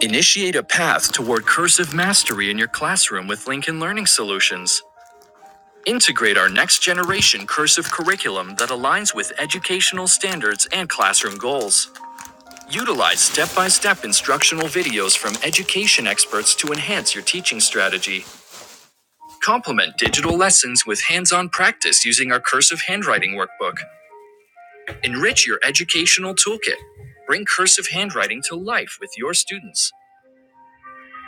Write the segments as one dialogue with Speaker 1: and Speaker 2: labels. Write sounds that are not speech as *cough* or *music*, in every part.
Speaker 1: Initiate a path toward cursive mastery in your classroom with Lincoln Learning Solutions. Integrate our next generation cursive curriculum that aligns with educational standards and classroom goals. Utilize step by step instructional videos from education experts to enhance your teaching strategy. Complement digital lessons with hands on practice using our cursive handwriting workbook. Enrich your educational toolkit. Bring cursive handwriting to life with your students.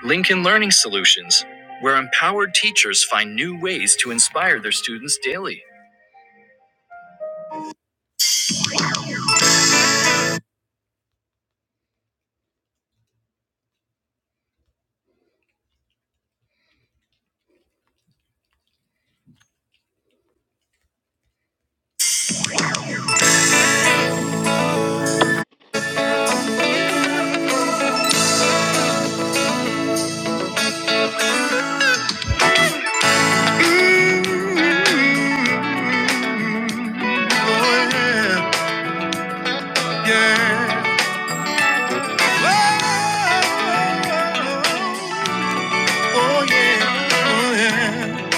Speaker 1: Lincoln Learning Solutions, where empowered teachers find new ways to inspire their students daily. Oh, yeah, yeah. Oh, yeah, oh, yeah.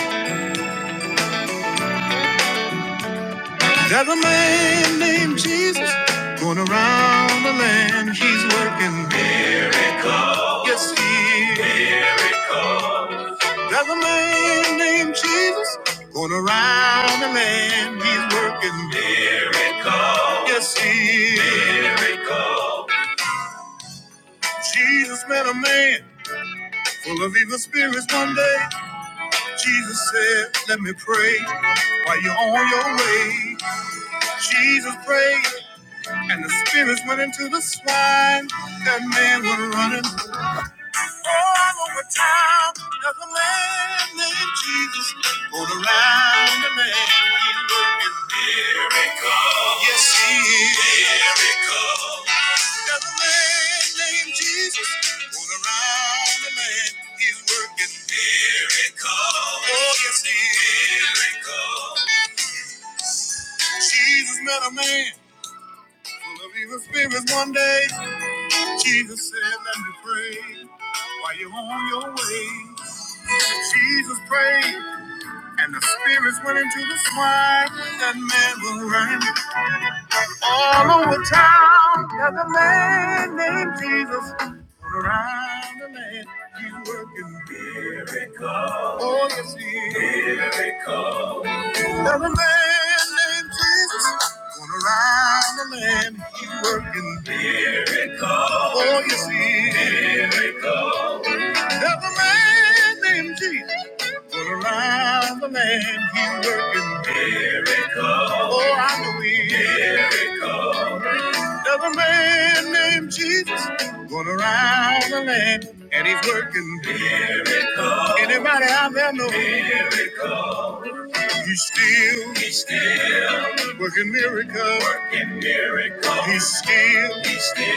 Speaker 1: There's a man named Jesus going around the land. He's working. miracles. Yes, he is. There's a man named Jesus going around the land. He's working miracles. Yes, he is. Miracles. Jesus met a man full of evil spirits one day. Jesus said, Let me pray while you're on your way. Jesus prayed, and the spirits went into the swine. That man was running all over town. There's a man named Jesus going around the land. Miracle. Yes, he is. Miracle. There's a man named Jesus going around the land. He's working miracle. Oh, yes, he is. Miracle. Jesus met a man full of evil spirits one day. Jesus said, let me pray while you're on your way. Jesus prayed, and the spirits went into the swine. That man was running. All over town, there's a man named Jesus. All around the land, he's working miracles. Oh, yes, he is. Miracles. There's a man named Jesus. going around the land, he's working miracles. Oh, yes, he is. Miracles. There's a man named Jesus. going around the land, he's working miracles. Oh, I know he is. Miracles. There's a man named Jesus going around the land, and he's working miracles. Anybody out there know miracles. he's still he's working miracles. Working. He's still he's still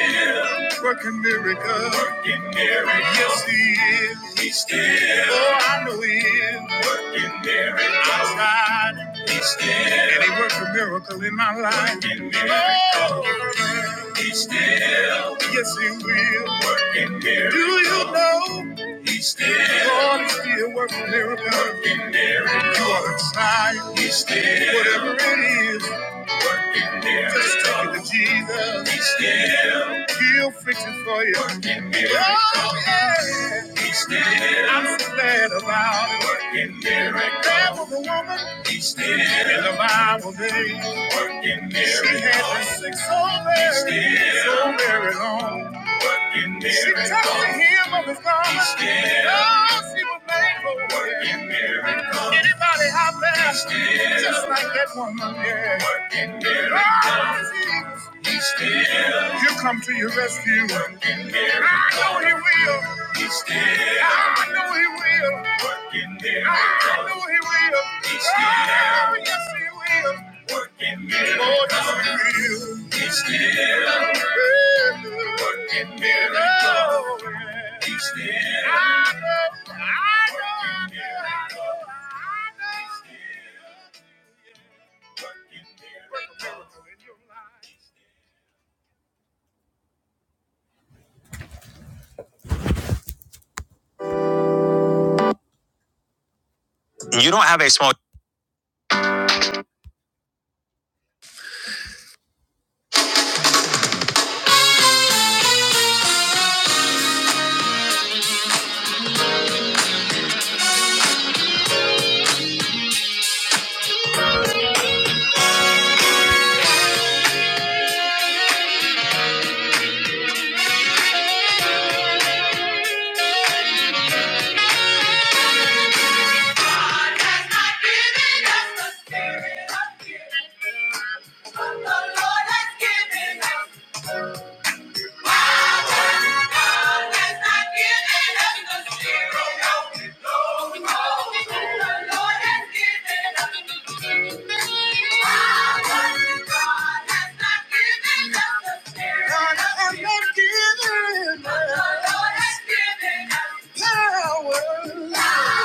Speaker 1: working miracles. Working. Yes, he is. He's still. Oh, I know he is. I tried. He's still. And he worked a miracle in my life. Working miracles. Yes, he will. Working miracles. Do you know? He's still. God is still working miracles. Working miracles. You are the child. He's still. Whatever it is. Working miracles. Just take it to Jesus. He's still. He'll fix it for you. Working miracles. Oh, yeah. He's still. I'm so glad about it. Working miracles. There was a woman. He's still. In the Bible days, working miracles. She had been sick so very, Still so very long. Working very She touched the miracles. hem of his garment. Still she was made for working miracles. Anybody out there, just like that woman, yeah. Working miracles. God, Jesus, He'll come to your rescue. And I know he will. He's still. I know he will. Working there. I know he will. He's still. Oh, yes, he will. Working there. Oh, yes, he will. He's still. Working there. Oh, yeah. He's still. I know. I know. I know. I know. working there. You don't have a small. But the Lord has given the Spirit oh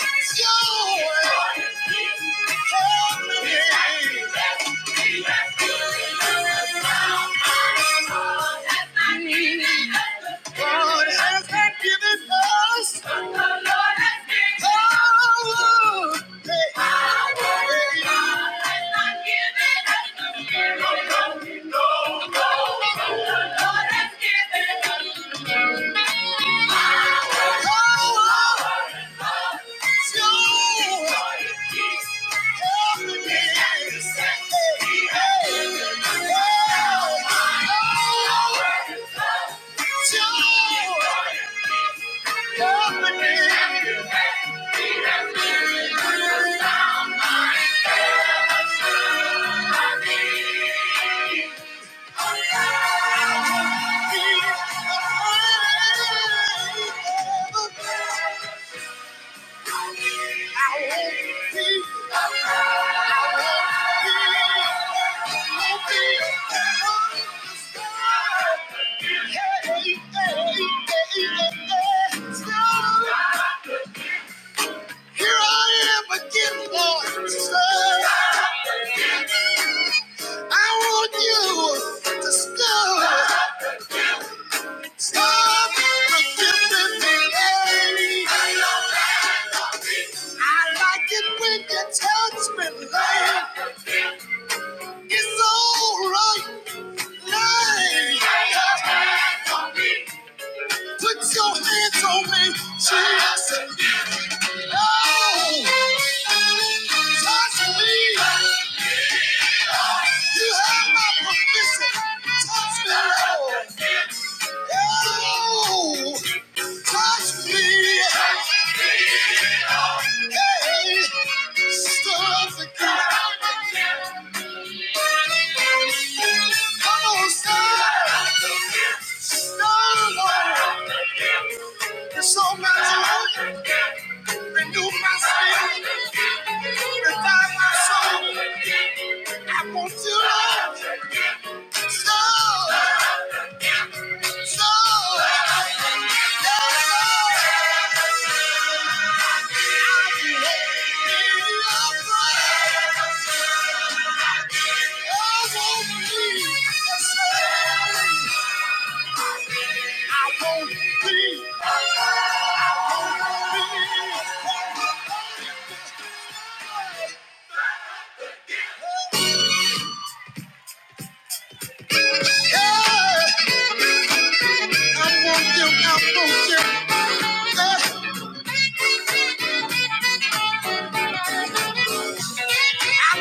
Speaker 1: it's your way. Help me. God has not given us all. Yeah. Here I am again, Lord. I want you to stop, stop forgiving me. baby. I like it when you touch me, babe. It's alright, babe. Put your hands on me, Jesus. Oh, touch me. You have my permission. Touch me, Lord. Oh, touch me. Hey, stir up the ground. Come on, stir. Stir, Lord. There's so much love. Renew my spirit. Revive my soul. I want you, Lord. Stir. Stir. I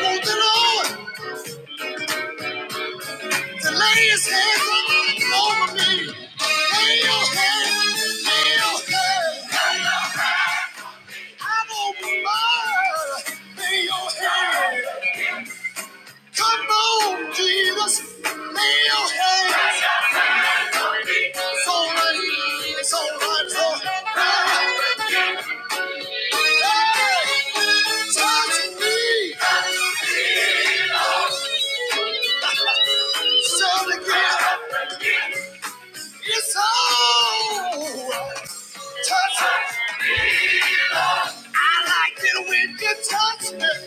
Speaker 1: want the Lord to lay his hands over me. Lay your hands, lay your hands. I don't mind. Lay your hand. Come on, Jesus. Lay your hand. It's all right. It's all right. It's all right. Hey, touch me. Shout it again. It's all right. Touch me. I like it when you touch me.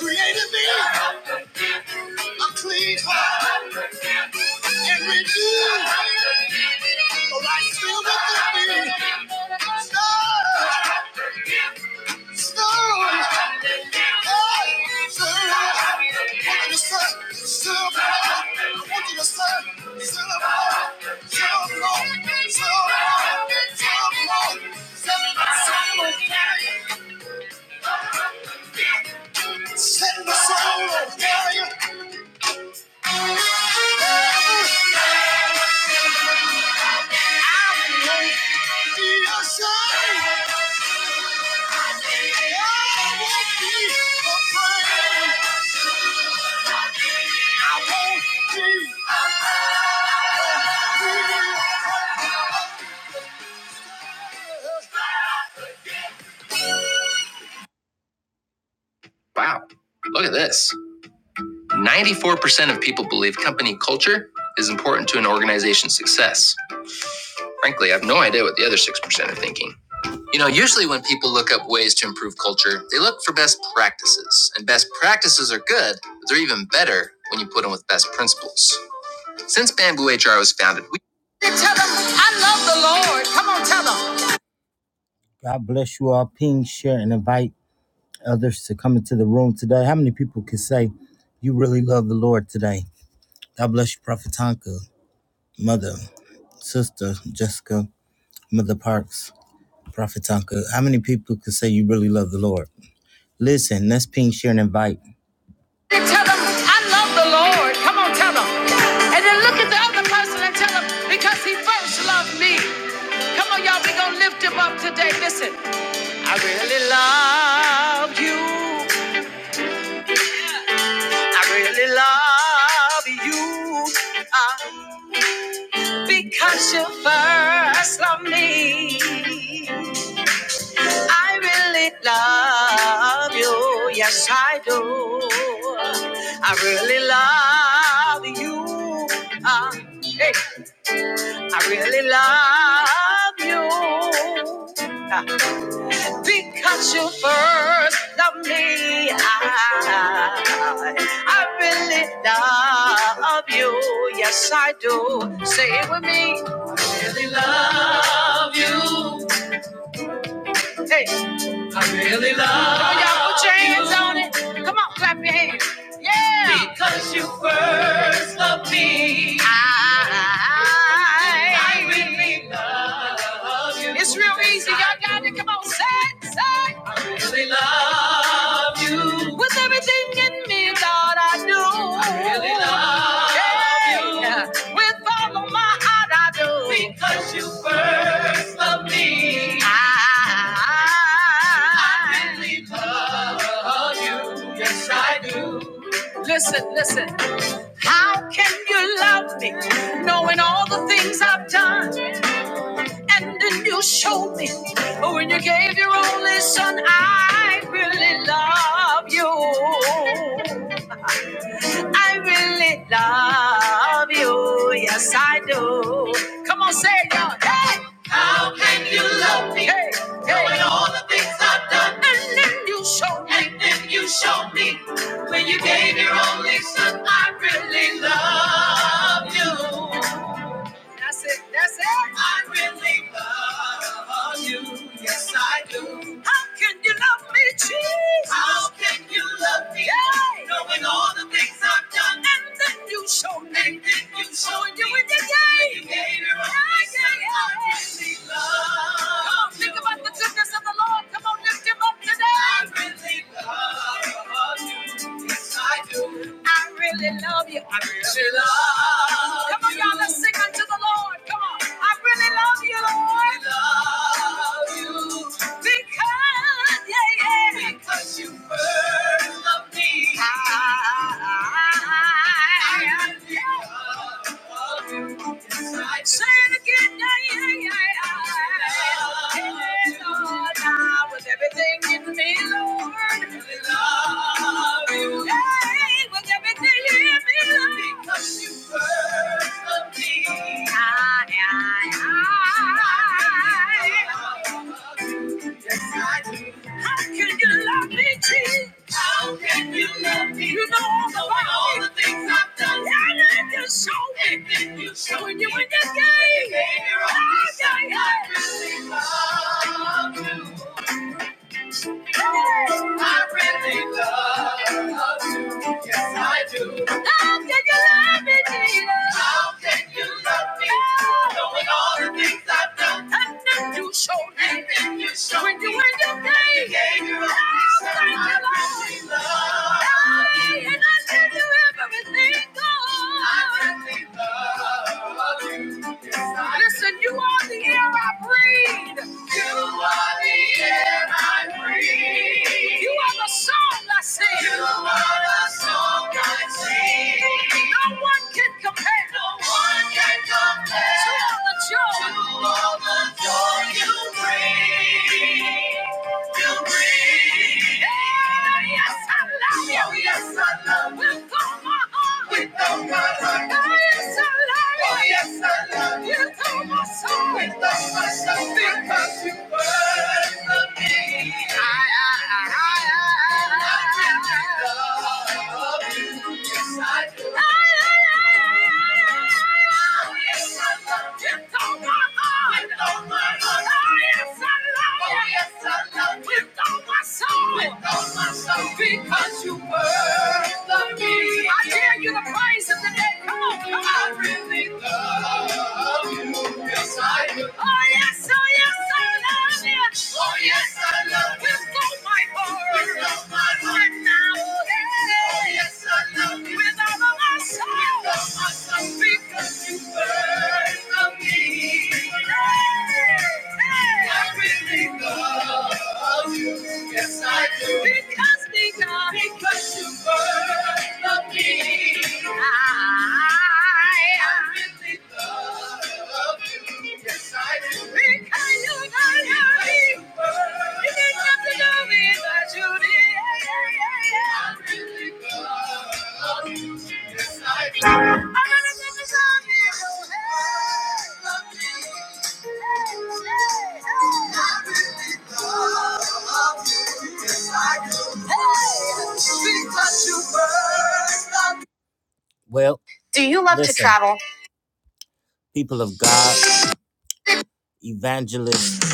Speaker 1: Created me. A clean heart and renew a right still within me. Stir, stir, hey, stir. I want you to stir, stir up. I want you to stir, stir up. Stir up, Lord. stir up, stir up, Lord. Send soul of fire. Send the soul of fire. Wow, look at this. 94% of people believe company culture is important to an organization's success. Frankly, I have no idea what the other 6% are thinking. You know, usually when people look up ways to improve culture, they look for best practices. And best practices are good, but they're even better when you put them with best principles. Since Bamboo HR was founded, we God bless you all. Ping, share, and invite others to come into the room today. How many people can say you really love the Lord today? God bless you, Prophet Tonka, Mother, Sister, Jessica, Mother Parks, Prophet Tonka. How many people can say you really love the Lord? Listen, let's ping, share, and invite. Today, because you first love me. I really love you. Yes, I do. I really love you. Ah, hey, I really love you. Ah, Because you first loved me, I, I really love you. Yes, I do. Say it with me. Hey. really love. Come on, y'all, put your hands on it. Come on, clap your hands. Yeah. Because you first loved me. I, I really love you. It's real easy. Y'all got it. Come on, say it, say it. I really love you. With everything in me, Lord, I do. I really love yeah. you. With all of my heart, I do. Because you first loved me. I, I I really love you. Yes, I do. Listen, listen. How can you love me knowing all the things I've done? And then you showed me when you gave your only son, I really love you. I really love you. Yes, I do. Come on, say it, y'all. Hey! How can you love me? Hey, hey. Knowing all the things I've done. And then you showed me. And then you showed me. When you gave your only son, I really love you. That's it, that's it. I really love you. How can you love me, Jesus? How can you love me? Yay. Knowing all I've done. And then you show me. And then you show me. You in your day. When you gave your only yeah, son, yeah, yeah. I really love Come, think about the goodness of the Lord. Come on, lift him up today. I really I really love you. I Come on, y'all. Let's sing unto the Lord. Come on. I really love you, Lord. I love you because, yeah, yeah. Because you first loved me. I love you. Say it again, yeah, yeah, yeah, yeah. Hey, Lord, I with everything in me, Lord. really Love you. Hey, with everything in me, Lord. Because you first loved me. Ah, yeah, yeah. How can you love me, Jesus? How can you love me? You know all the, all the things I've done. And then you show me. And then you show me. You when you gave me. Oh, yeah, yeah. I really love you. I really love you. Yes, I do. How can you love me, Jesus? How can you love me? Knowing all the things I've done. And then you showed me. And then you showed when you, me. When you came. You gave your only oh, son. I really Lord. love you. Hey, and I give you everything, God. I really love you. Listen, you are the air I breathe. You are the air I breathe. You are the song I sing. You are the song I sing. No one can compare. No one can compare to all the joy. To all the joy you bring. You bring. Yeah, yes, I love you. Oh, yes, I love you. With all my heart. With all my heart. Because you were the me. I dare you to praise him today. Come on, come on. I really love you. Yes, I do. Oh, yes, oh, yes, I love you. Oh, yes, I love you. With all my heart. With all my heart. Right now. Yeah. Oh, yes, I love you. With all of my soul. With all my soul. Because you first love me. Hey, hey. I really love you. Yes, I do. Because because. Because you were the me. I I really love you. Yes, I do. Because you were the me. You did nothing to me, but you did. I really love you. Yes, I do. I really love you. Hey, love me. Hey, hey, hey. I really love you. Yes, I do. Hey. Well, Do you love listen, to travel? people of God, evangelist,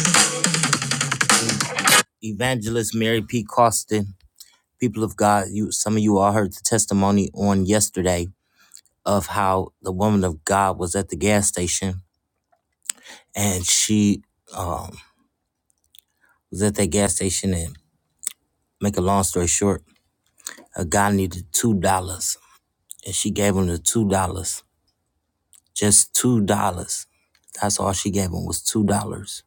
Speaker 1: evangelist Mary P. Costin, people of God, you some of you all heard the testimony on yesterday of how the woman of God was at the gas station and she um, was at that gas station and make a long story short, a guy needed two dollars and she gave him the two dollars, just two dollars. That's all she gave him was two dollars,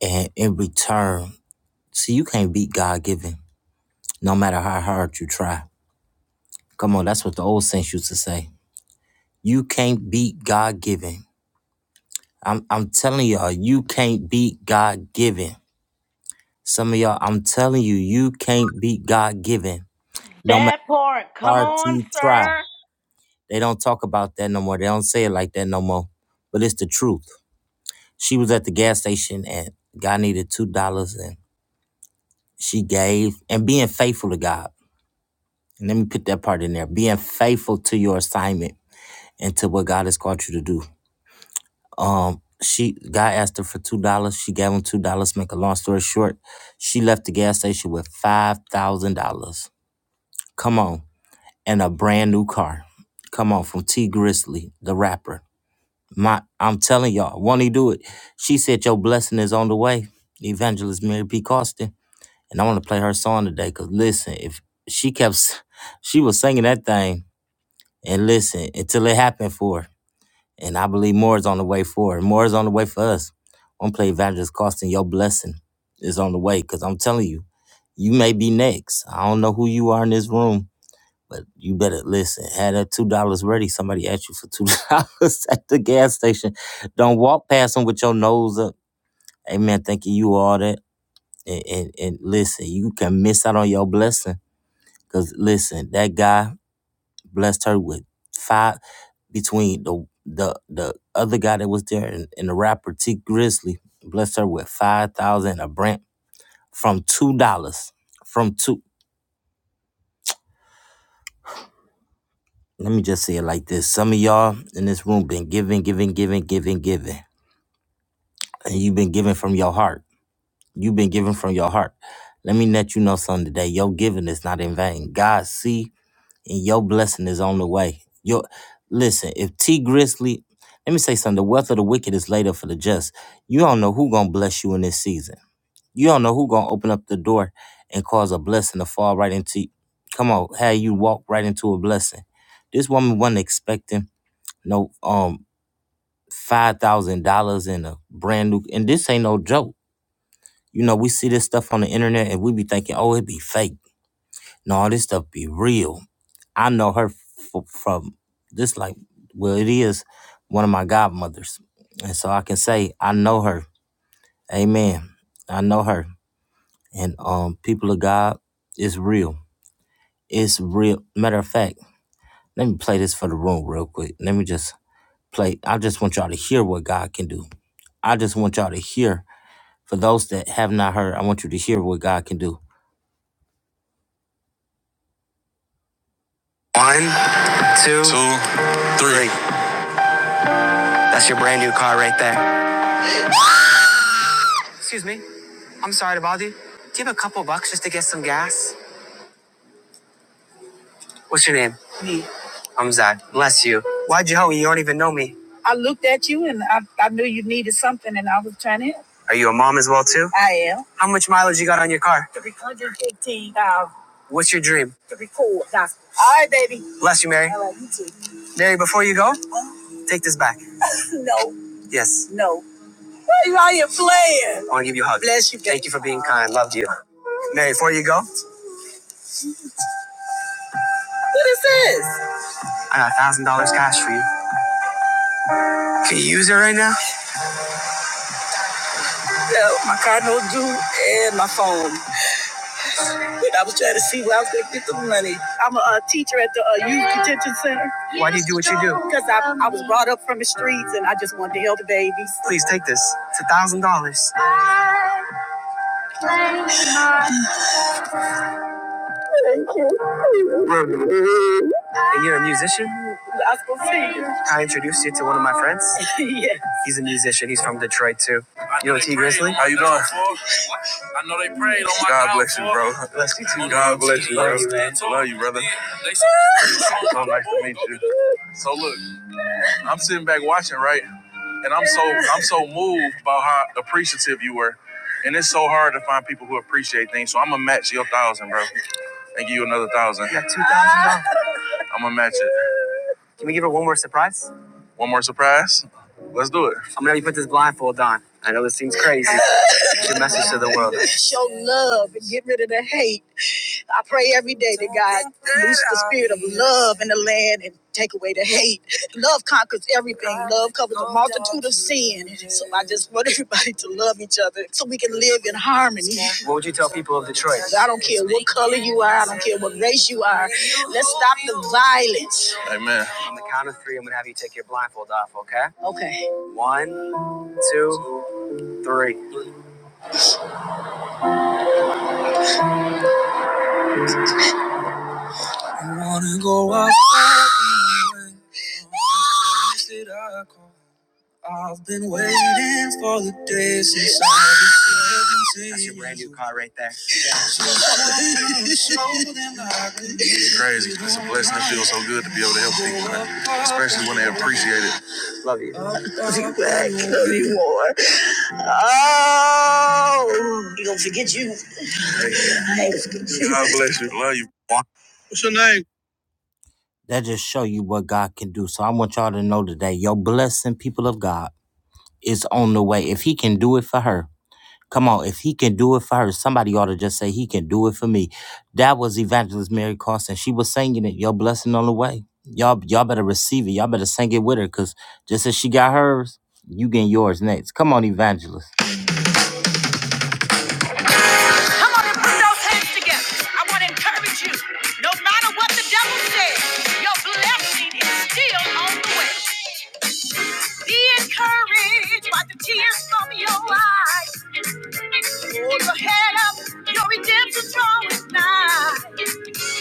Speaker 1: and in return, see, you can't beat God giving. no matter how hard you try. Come on, that's what the old saints used to say. You can't beat God given. I'm I'm telling y'all, you can't beat God given. Some of y'all, I'm telling you, you can't beat God given. No matter
Speaker 2: That part.
Speaker 1: how
Speaker 2: Come
Speaker 1: hard
Speaker 2: on,
Speaker 1: you try.
Speaker 2: sir.
Speaker 1: They don't talk about that no more. They don't say it like that no more. But it's the truth. She was at the gas station and God needed two dollars and she gave and being faithful to God. And let me put that part in there. Being faithful to your assignment and to what God has called you to do. Um, she guy asked her for two dollars. She gave him two dollars. Make a long story short, she left the gas station with five thousand dollars. Come on, and a brand new car. Come on, from T Grizzly, the rapper. My, I'm telling y'all, won't he do it? She said your blessing is on the way. Evangelist Mary P. Costin, and I want to play her song today. Cause listen, if she kept, s- she was singing that thing, and listen until it happened for her. And I believe more is on the way for it. More is on the way for us. One play evangelist costing your blessing is on the way. Cause I'm telling you, you may be next. I don't know who you are in this room, but you better listen. Had that two dollars ready. Somebody asked you for two dollars *laughs* at the gas station. Don't walk past them with your nose up. Amen. Thinking you all that. And, and and listen, you can miss out on your blessing. Cause listen, that guy blessed her with five between the the the other guy that was there and, and the rapper T Grizzly blessed her with five thousand a brand from two dollars from two. Let me just say it like this: Some of y'all in this room been giving, giving, giving, giving, giving, and you've been giving from your heart. You've been giving from your heart. Let me let you know something today. Your giving is not in vain. God see and your blessing is on the way. Your listen, if T Grizzly, let me say something. The wealth of the wicked is laid up for the just. You don't know who gonna bless you in this season. You don't know who gonna open up the door and cause a blessing to fall right into. Come on, have you walk right into a blessing. This woman wasn't expecting no um five thousand dollars in a brand new, and this ain't no joke. You know, we see this stuff on the internet and we be thinking, oh, it be fake no, this stuff be real. I know her f- from this, like, well, it is one of my godmothers. And so I can say, I know her. Amen. I know her. And um, people of God, it's real. It's real. Matter of fact, let me play this for the room real quick. Let me just play. I just want y'all to hear what God can do. I just want y'all to hear. For those that have not heard, I want you to hear what God can do. One, two, two, three. That's your brand new car right there. Excuse me. I'm sorry to bother you. Do you have a couple bucks just to get some gas? What's your name? I'm Zad. Bless you. Why'd you help me? You don't even know me. I looked at you and I, I knew you needed something and I was trying to help. Are you a mom as well too? I am. How much mileage you got on your car? 315,000. What's your dream? To record gospel. All right, baby. Bless you, Mary. I love you too. Mary, before you go, take this back. *laughs* no. Yes. No. Why are you playing? I want to give you a hug. Bless you. baby. Thank you for being kind. Loved you. Mary, before you go. What is this? I got a thousand dollars cash for you. Can you use it right now? I'm a, uh teacher, at a youth detention center. Why do you do what you do? Because I, I was brought up from the streets and I just wanted to help the babies. Please take this. It's a thousand dollars. Thank you. Too. You know T Grizzly? How you doing? I know they prayed on my God bless you, bro. God bless you, bro. Love you, brother. So nice to meet you. So look, I'm sitting back watching, right? and I'm so I'm so moved about how appreciative you were. And it's so hard to find people who appreciate things. So I'm gonna match your thousand, bro, and give you another thousand. I'm gonna match it. Can we give her one more surprise? One more surprise. Let's do it. I'm gonna have you put this blindfold on. I know this seems crazy. It's your message to the world. *laughs* Show love and get rid of the hate. I pray every day that God loose the spirit of love in the land and take away the hate. Love conquers everything. Love covers a multitude of sin. So I just want *laughs* everybody to love each other so we can live in harmony. What would you tell people of Detroit? I don't care what color you are. I don't care what race you are. Let's stop the violence. Amen. On the count of three, I'm gonna have you take your blindfold off. Okay? One, two, three. Been waiting for the day since I That's your brand new car right there. It's crazy. It's a blessing. It feels so good to be able to help people, man. Especially when they appreciate it. God bless you. Love you. That just show you what God can do. So I want y'all to know today, your blessing, people of God, is on the way. If He can do it for her. Come on, if he can do it for her, somebody ought to just say, He can do it for me. That was Evangelist Mary Carson. She was singing it, Your blessing on the way. Y'all, y'all better receive it. Y'all better sing it with her, because just as she got hers, you getting yours next. Come on, Evangelist. Come on and put those hands together. I want to encourage you. No matter what the devil says, your blessing is still on the way. Be encouraged by the tears from your eyes. Hold your head up, your redemption's drawing nigh.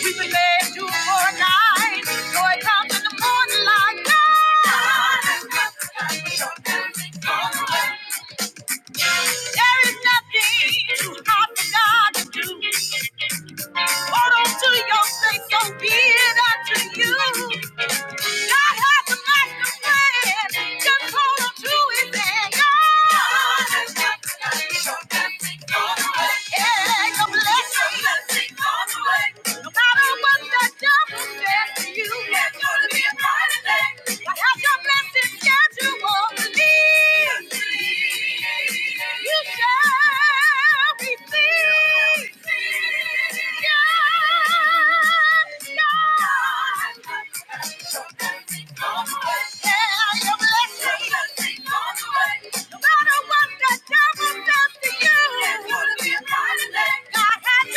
Speaker 1: We will led you for a night. Joy comes in the morning like night. There is nothing too hard for God to do. Hold on to your faith, so be it unto you. God has a master plan. Just hold on to His hand. God has got the Your blessing on the way. Yeah, your blessing. Your blessing on the way. No matter what the devil says to you, there's gonna be a brighter day. I have your blessed schedule for me. You shall receive. Yes, yes. Yeah, your blessing. No matter what the devil does to you, God has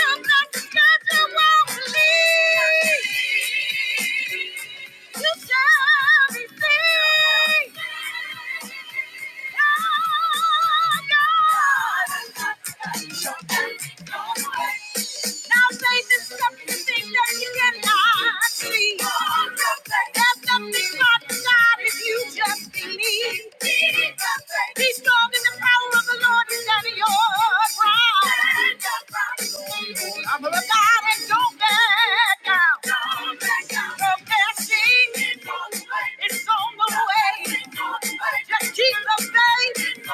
Speaker 1: your blessed schedule. He's strong in the power of the the Lord is at your pride. I'm gonna God and don't back down. The best thing is on the way. Just keep the faith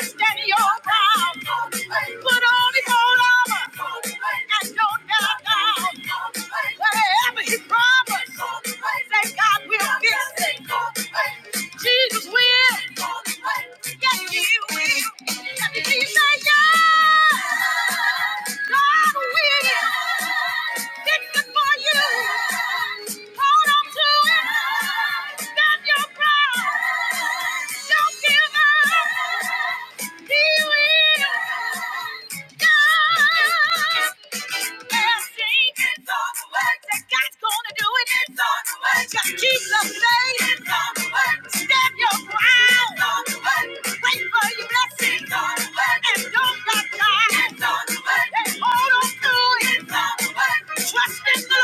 Speaker 1: and stand your ground. Put on the whole armor and don't back down. Whatever he promised, say God will give. Jesus will. Yes, He will. Let me yes. God will. It's for you. Hold on to it. Stand your ground. Don't give up. He will. God. Trust in the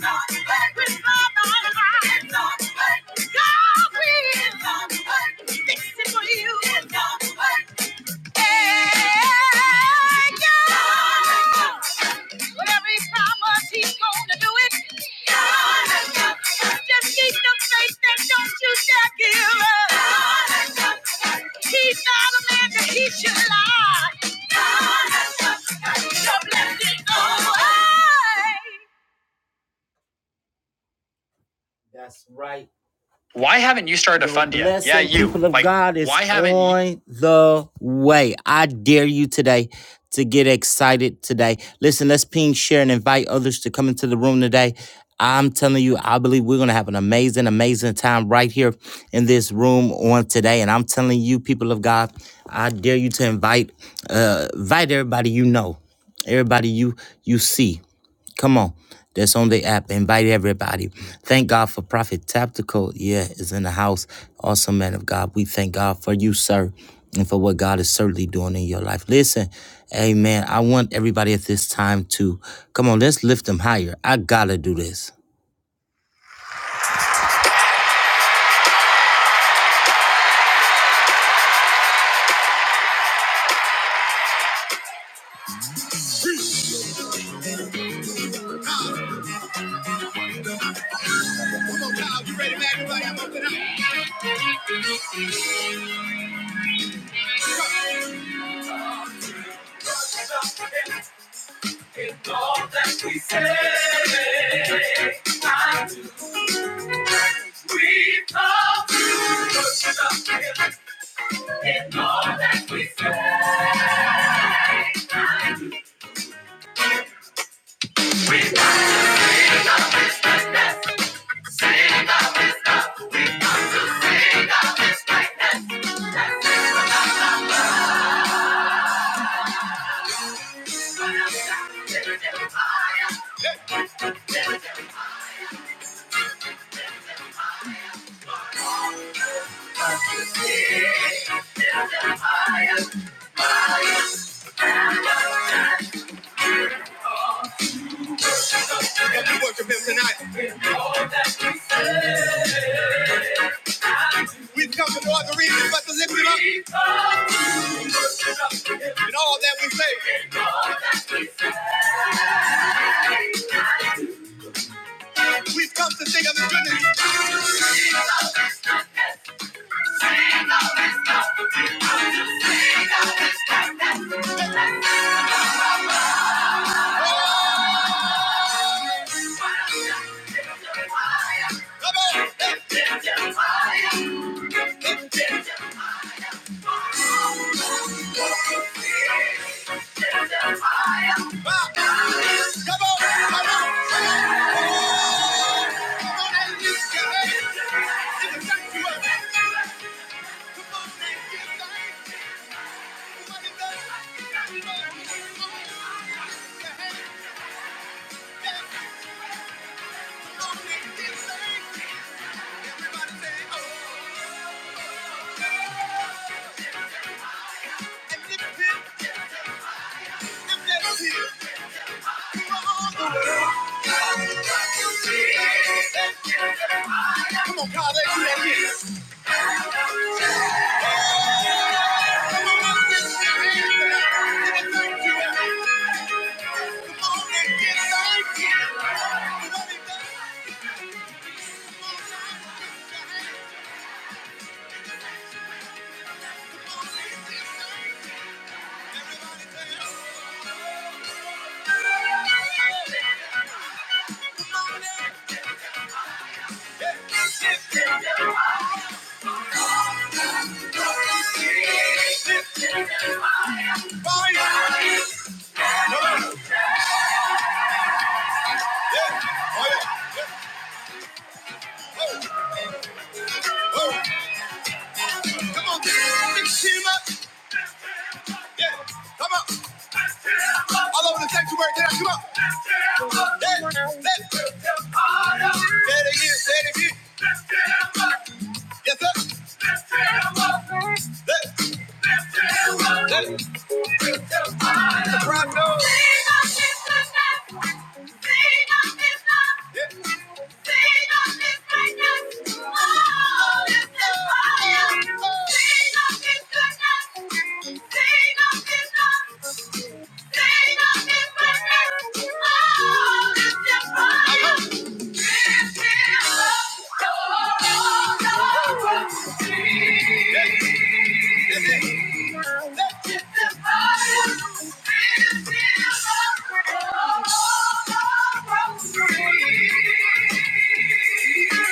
Speaker 1: Lord with my whole heart. God will fix it for you. So That's right. to The fund you. Yeah, you. people of Like, God, is why haven't you? on you? the way. I dare you today to get excited today. Listen, let's ping, share, and invite others to come into the room today. I'm telling you, I believe we're going to have an amazing, amazing time right here in this room on today. And I'm telling you, people of God, I dare you to invite, uh, invite everybody you know, everybody you you see. Come on. That's on the app. Invite everybody. Thank God for Prophet Tactical. Yeah, is in the house. Awesome man of God. We thank God for you, sir, and for what God is certainly doing in your life. Listen, amen. I want everybody at this time to come on, let's lift them higher. I gotta do this. It's all that we say, I do. We come to worship Him. It's all that we say, Can we worship Him tonight? We've come for no other reason but to lift Him up. In all that we say, we've come to sing of His goodness. Everybody say, oh. Come on, God, let's do that here. Come on, let's lift your hands and thank you. Come on, let's get thank you. Come on, let's Come on, oh, oh. Come on, get it. Big Shima. Yeah. Come on. All over the sanctuary tonight. Come on. Let, us get up. let. let's get up Say it again. Say it again. Let's get up. Yes, sir. Let's tear 'em up. Let's, let's tear 'em up. Let's, let's tear 'em apart. It's a pride dog. Sing of his goodness. Sing of his love. Yeah. Sing of his greatness. Oh, it's a fire. Sing of his goodness. Sing of his love. Sing of his greatness. Oh,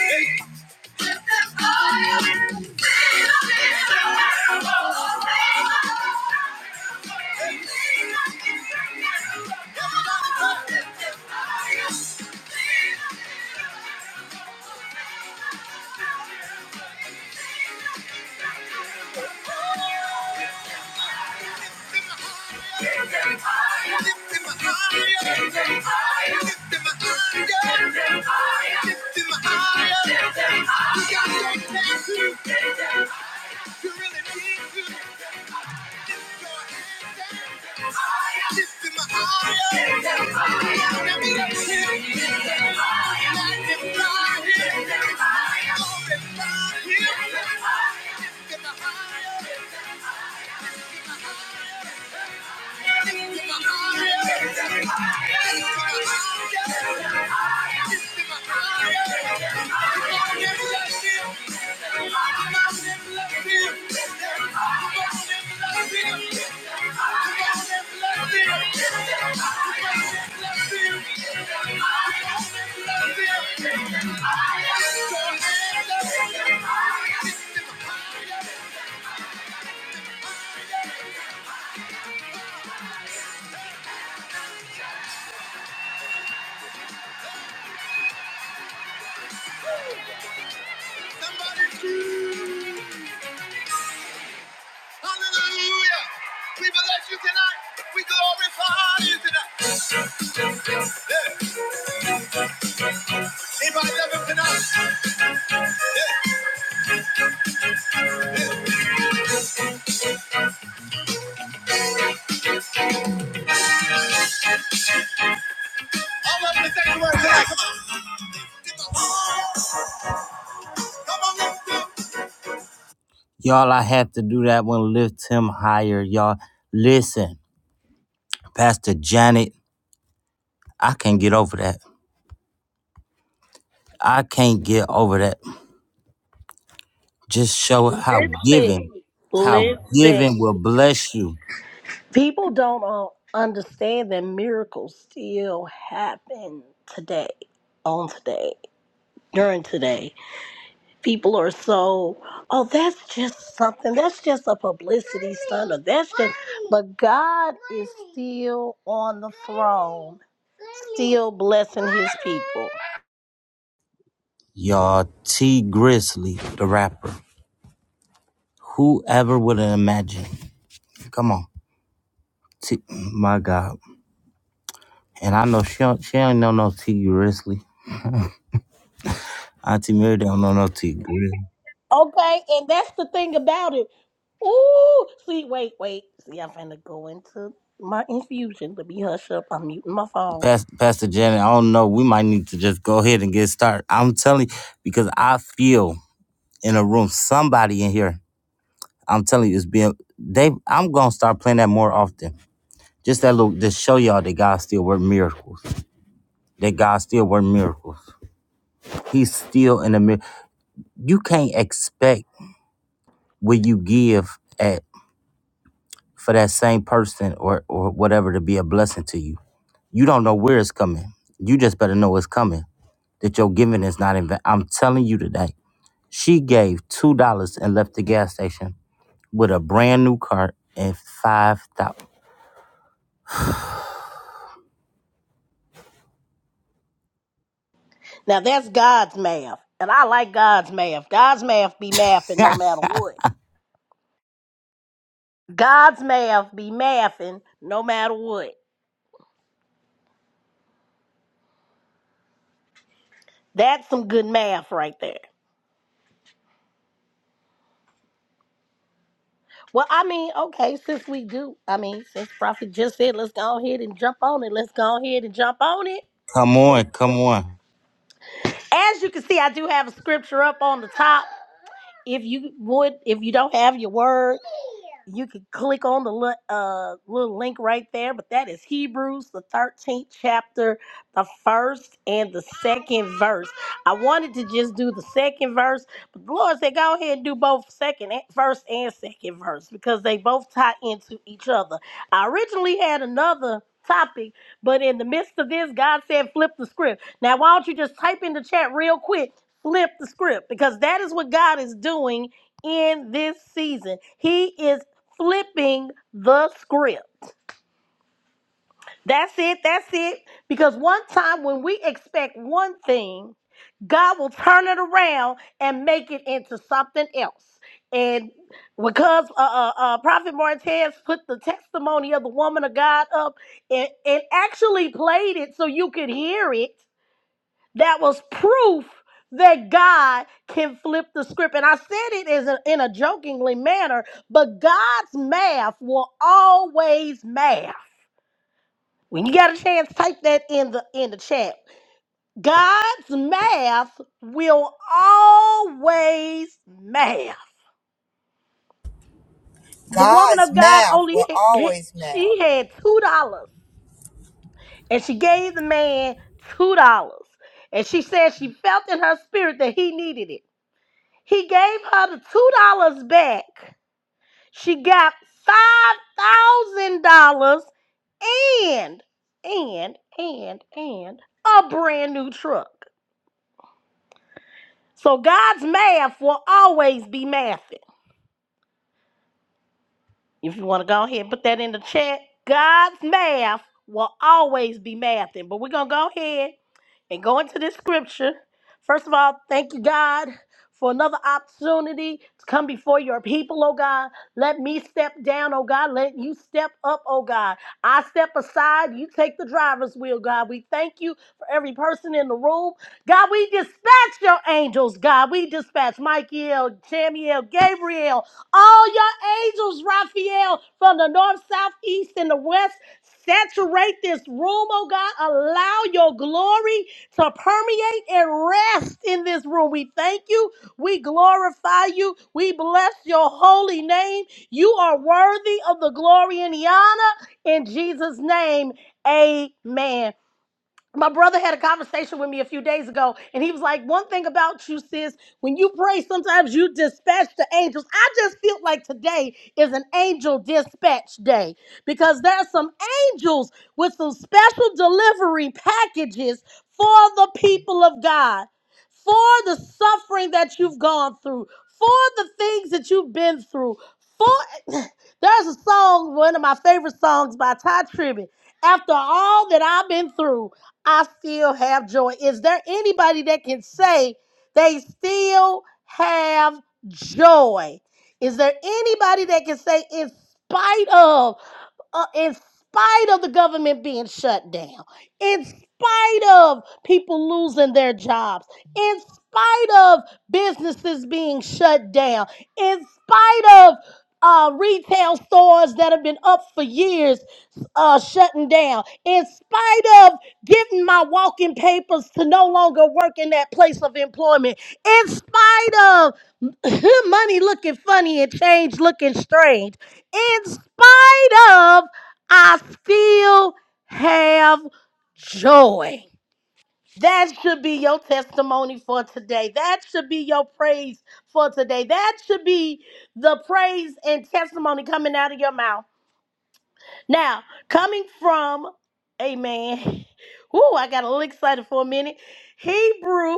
Speaker 1: Hey. Lift them higher. Lift them higher. We got that Higher. Hallelujah! We bless you tonight. We glorify you tonight. Yeah. We thank you, Lord. Y'all, I had to do that one. Lift him higher, y'all. Listen, Pastor Janet, I can't get over that. I can't get over that. Just show how
Speaker 2: Listen.
Speaker 1: giving, how
Speaker 2: Listen.
Speaker 1: giving will bless you.
Speaker 2: People don't uh, understand that miracles still happen today, on today, during today. People are so, oh, that's just something. That's just a publicity stunt. Or that's just, but God is still on the throne, still blessing his people.
Speaker 1: Y'all, T Grizzly, the rapper. Whoever would have imagined? Come on. T- my God. And I know she don't, she don't know no T Grizzly. Auntie Mary don't know no T Grizzly.
Speaker 2: Okay, and that's the thing about it. Ooh, see, wait, wait. See, I'm finna go into my infusion. Let me hush up. I'm muting my phone.
Speaker 1: Pas- Pastor Janet, I don't know. We might need to just go ahead and get started. I'm telling you, because I feel in a room, somebody in here, I'm telling you, it's being they I'm gonna start playing that more often. Just that little just show y'all that God still work miracles. That God still work miracles. He's still in the mirror. You can't expect what you give at for that same person or or whatever to be a blessing to you. You don't know where it's coming. You just better know it's coming. That your giving is not in vain. I'm telling you today. She gave two dollars and left the gas station with a brand new cart and five thousand.
Speaker 2: Now that's God's math, and I like God's math. God's math be mathing no
Speaker 1: *laughs*
Speaker 2: matter what. God's math be mathing no matter what. That's some good math right there. Well, I mean, okay, since we do, I mean, since Prophet just said, let's go ahead and jump on it. Let's go ahead and jump on it.
Speaker 1: come on, come on,
Speaker 2: As you can see, I do have a scripture up on the top. if you would, if you don't have your word, you can click on the li- uh, little link right there, but that is Hebrews, the 13th chapter, the first and the second verse. I wanted to just do the second verse, but the Lord said, go ahead and do both second and, first and second verse because they both tie into each other. I originally had another topic, but in the midst of this, God said, flip the script. Now, why don't you just type in the chat real quick, flip the script, because that is what God is doing in this season. He is flipping the script. That's it. That's it. Because one time when we expect one thing, God will turn it around and make it into something else. And because uh, uh, uh, Prophet Martez put the testimony of the woman of God up and, and actually played it so you could hear it, that was proof that God can flip the script. And I said it as a, in a jokingly manner, but God's math will always math. When you got a chance, type that in the in the chat. God's math will always math. The woman
Speaker 3: God's
Speaker 2: of God
Speaker 3: mouth
Speaker 2: only
Speaker 3: will
Speaker 2: had-
Speaker 3: always
Speaker 2: she
Speaker 3: mouth.
Speaker 2: had two dollars, and she gave the man two dollars, and she said she felt in her spirit that he needed it. He gave her the two dollars back. She got five thousand dollars and and and and a brand new truck. So God's math will always be mathing. If you want to go ahead and put that in the chat, God's math will always be mathing. But we're going to go ahead and go into this scripture. First of all, thank you, God, for another opportunity to come before your people, oh God. Let me step down, oh God. Let you step up, oh God. I step aside, you take the driver's wheel, God. We thank you for every person in the room. God, we dispatch your angels, God. We dispatch Michael, Jamiel, Gabriel. All your angels, Raphael, from the north, south, east, and the west, saturate this room, oh God. Allow your glory to permeate and rest in this room. We thank you. We glorify you. We bless your holy name. You are worthy of the glory and the honor. In Jesus' name, amen my brother had a conversation with me a few days ago, and he was like, One thing about you, sis, when you pray, sometimes you dispatch the angels. I just feel like today is an angel dispatch day because there's some angels with some special delivery packages for the people of God, for the suffering that you've gone through, for the things that you've been through. For *clears throat* there's a song, one of my favorite songs by Ty Tribbett. After all that I've been through. I still have joy. Is there anybody that can say they still have joy? Is there anybody that can say in spite of uh, in spite of the government being shut down, in spite of people losing their jobs, in spite of businesses being shut down, in spite of uh, retail stores that have been up for years, uh, shutting down, in spite of getting my walking papers to no longer work in that place of employment, in spite of *laughs* *clears throat* money looking funny and change looking strange, in spite of, I still have joy. That should be your testimony for today. That should be your praise for today. That should be the praise and testimony coming out of your mouth now, coming from, amen. *laughs* Ooh, I got a little excited for a minute. Hebrew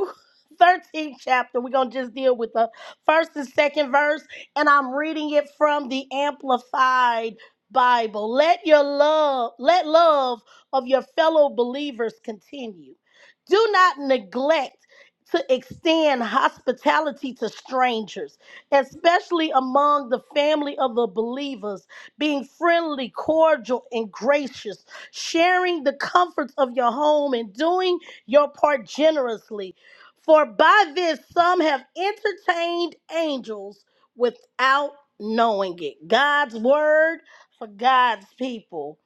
Speaker 2: 13th chapter. We're going to just deal with the first and second verse, and I'm reading it from the Amplified Bible. Let your love, let love of your fellow believers continue. Do not neglect to extend hospitality to strangers, especially among the family of the believers being friendly, cordial, and gracious, sharing the comforts of your home, and doing your part generously. For by this, some have entertained angels without knowing it. God's word for God's people.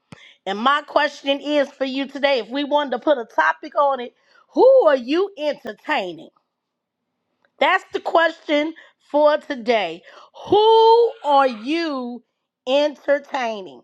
Speaker 2: And my question is for you today if we wanted to put a topic on it, who are you entertaining? That's the question for today. Who are you entertaining?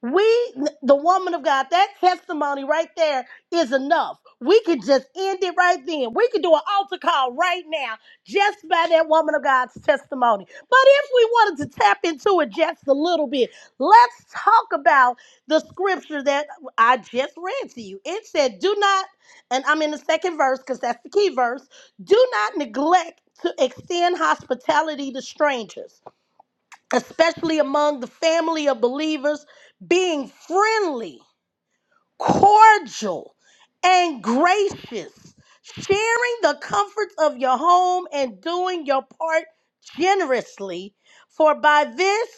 Speaker 2: We, the woman of God, that testimony right there is enough. We could just end it right then. We could do an altar call right now just by that woman of God's testimony. But if we wanted to tap into it just a little bit, let's talk about the scripture that I just read to you. It said, Do not, and I'm in the second verse because that's the key verse, do not neglect to extend hospitality to strangers especially among the family of believers, being friendly cordial, and gracious, sharing the comforts of your home and doing your part generously. For by this,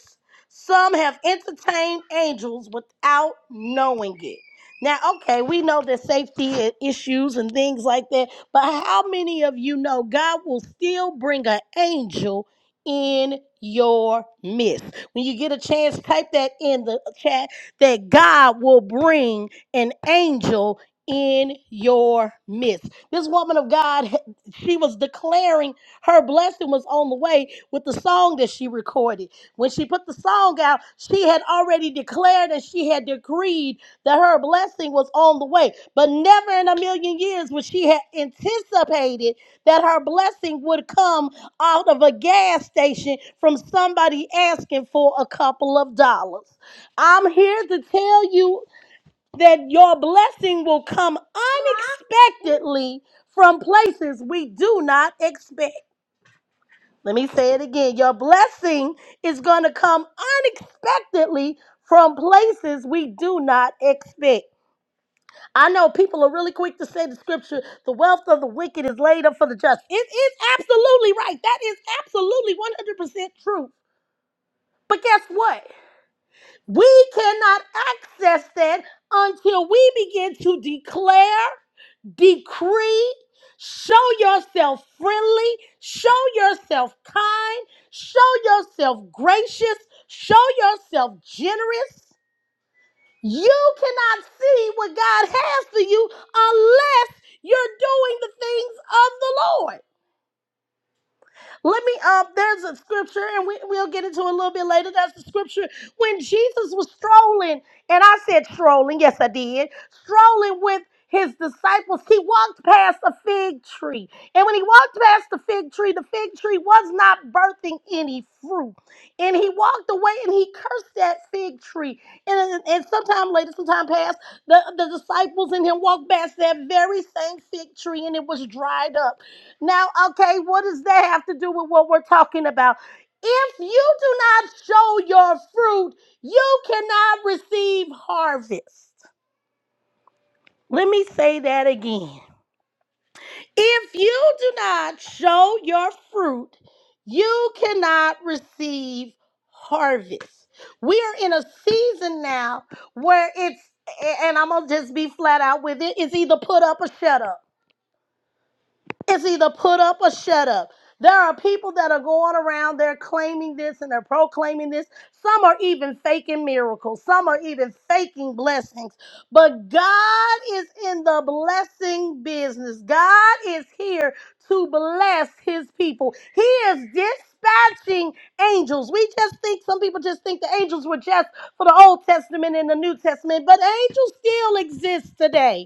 Speaker 2: some have entertained angels without knowing it. Now, okay, we know that safety i- issues and things like that, but how many of you know God will still bring an angel in your midst? When you get a chance, type that in the chat that God will bring an angel in your midst. This woman of God, she was declaring her blessing was on the way with the song that she recorded. When she put the song out, she had already declared and she had decreed that her blessing was on the way. But never in a million years would she have anticipated that her blessing would come out of a gas station from somebody asking for a couple of dollars. I'm here to tell you that your blessing will come unexpectedly from places we do not expect. Let me say it again. Your blessing is going to come unexpectedly from places we do not expect. I know people are really quick to say the scripture, the wealth of the wicked is laid up for the just. It is absolutely right. That is absolutely 100% true. But guess what? We cannot access that until we begin to declare. decree, show yourself friendly, show yourself kind, show yourself gracious, show yourself generous. You cannot see what God has for you unless you're doing the things of the Lord. Let me um there's a scripture and we, we'll get into it a little bit later. That's the scripture when Jesus was strolling, and I said strolling, yes I did, strolling with his disciples, he walked past a fig tree. And when he walked past the fig tree, the fig tree was not birthing any fruit. And he walked away and he cursed that fig tree. And, and sometime later, sometime past, the, the disciples and him walked past that very same fig tree and it was dried up. Now, okay, what does that have to do with what we're talking about? If you do not show your fruit, you cannot receive harvest. Let me say that again. If you do not show your fruit, you cannot receive harvest. We are in a season now where it's, and I'm going to just be flat out with it, it's either put up or shut up. It's either put up or shut up. There are people that are going around, they're claiming this and they're proclaiming this. Some are even faking miracles, some are even faking blessings. But God is in the blessing business. God is here to bless his people. He is dispatching angels. We just think, some people just think the angels were just for the Old Testament and the New Testament, but angels still exist today.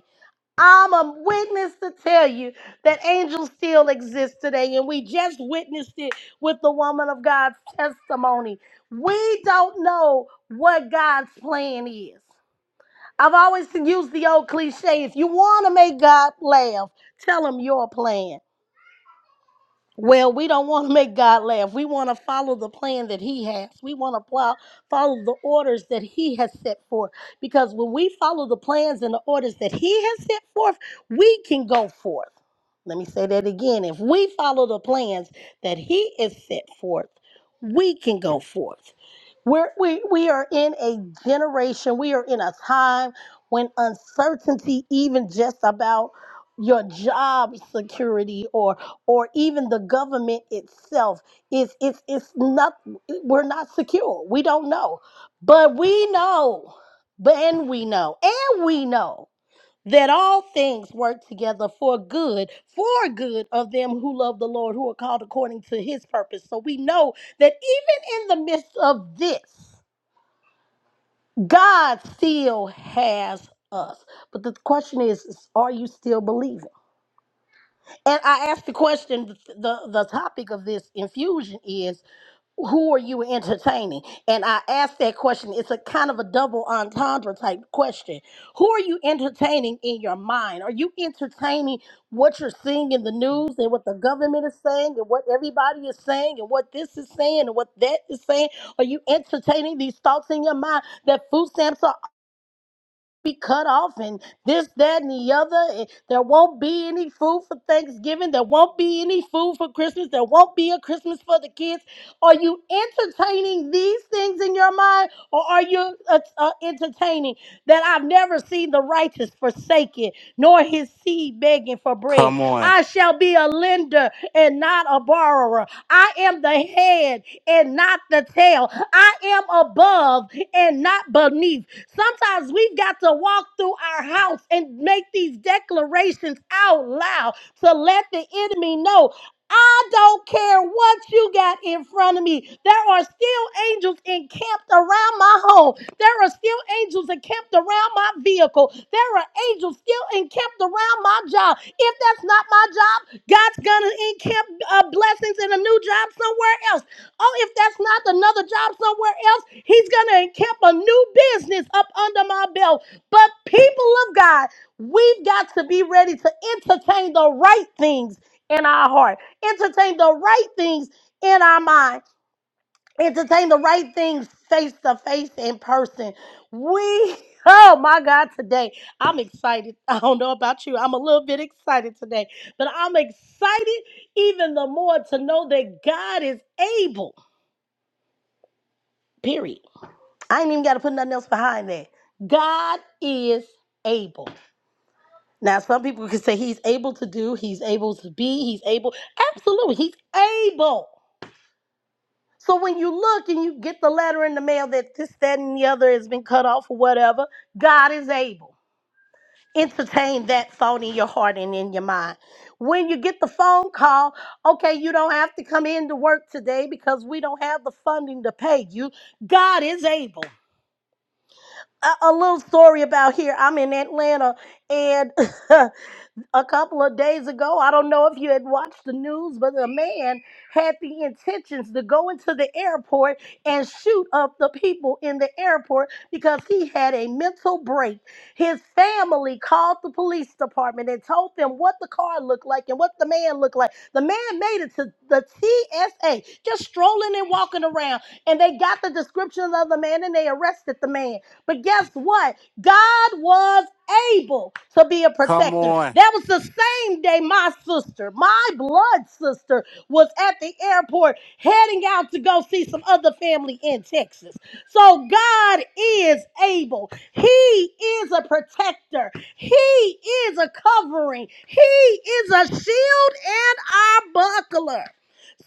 Speaker 2: I'm a witness to tell you that angels still exist today, and we just witnessed it with the woman of God's testimony. We don't know what God's plan is. I've always used the old cliche if you want to make God laugh, tell him your plan. Well, we don't want to make God laugh. We want to follow the plan that He has. We want to plow, follow the orders that He has set forth. Because when we follow the plans and the orders that He has set forth, we can go forth. Let me say that again. If we follow the plans that He has set forth, we can go forth. We're, we, we are in a generation, we are in a time when uncertainty, even just about your job security or or even the government itself is it's it's not we're not secure we don't know but we know But and we know and we know that all things work together for good, for good of them who love the Lord, who are called according to his purpose. So we know that even in the midst of this, God still has us. But the question is, is are you still believing? And I asked the question, the, the topic of this infusion is who are you entertaining? And I asked that question. It's a kind of a double entendre type question. Who are you entertaining in your mind? Are you entertaining what you're seeing in the news and what the government is saying and what everybody is saying and what this is saying and what that is saying? Are you entertaining these thoughts in your mind that food stamps are? be cut off and this, that, and the other. and There won't be any food for Thanksgiving. There won't be any food for Christmas. There won't be a Christmas for the kids. Are you entertaining these things in your mind or are you uh, uh, entertaining that I've never seen the righteous forsaken nor his seed begging for bread?
Speaker 1: come on,
Speaker 2: I shall be a lender and not a borrower. I am the head and not the tail. I am above and not beneath. Sometimes we've got to walk through our house and make these declarations out loud to let the enemy know. I don't care what you got in front of me. There are still angels encamped around my home. There are still angels encamped around my vehicle. There are angels still encamped around my job. If that's not my job, God's gonna encamp uh, blessings in a new job somewhere else. Oh, if that's not another job somewhere else, he's going to encamp a new business up under my belt. But people of God, we've got to be ready to entertain the right things in our heart, entertain the right things in our mind, entertain the right things face to face in person. We, *laughs* oh my God, today I'm excited. *laughs* I don't know about you. I'm a little bit excited today, but I'm excited even the more to know that God is able. Period. I ain't even got to put nothing else behind that. God is able. Now, some people can say he's able to do, he's able to be, he's able. Absolutely, he's able. So when you look and you get the letter in the mail that this, that, and the other has been cut off or whatever, God is able. Entertain that thought in your heart and in your mind. When you get the phone call, okay, you don't have to come in to work today because we don't have the funding to pay you. God is able. a, a little story about here. I'm in Atlanta and *laughs* a couple of days ago. I don't know if you had watched the news, but a man had the intentions to go into the airport and shoot up the people in the airport because he had a mental break. His family called the police department and told them what the car looked like and what the man looked like. The man made it to the TSA, just strolling and walking around, and they got the description of the man and they arrested the man. But guess what? God was able to be a
Speaker 1: come
Speaker 2: protector.
Speaker 1: on.
Speaker 2: That was the same day my sister, my blood sister, was at the airport heading out to go see some other family in Texas. So God is able. He is a protector. He is a covering. He is a shield and our buckler.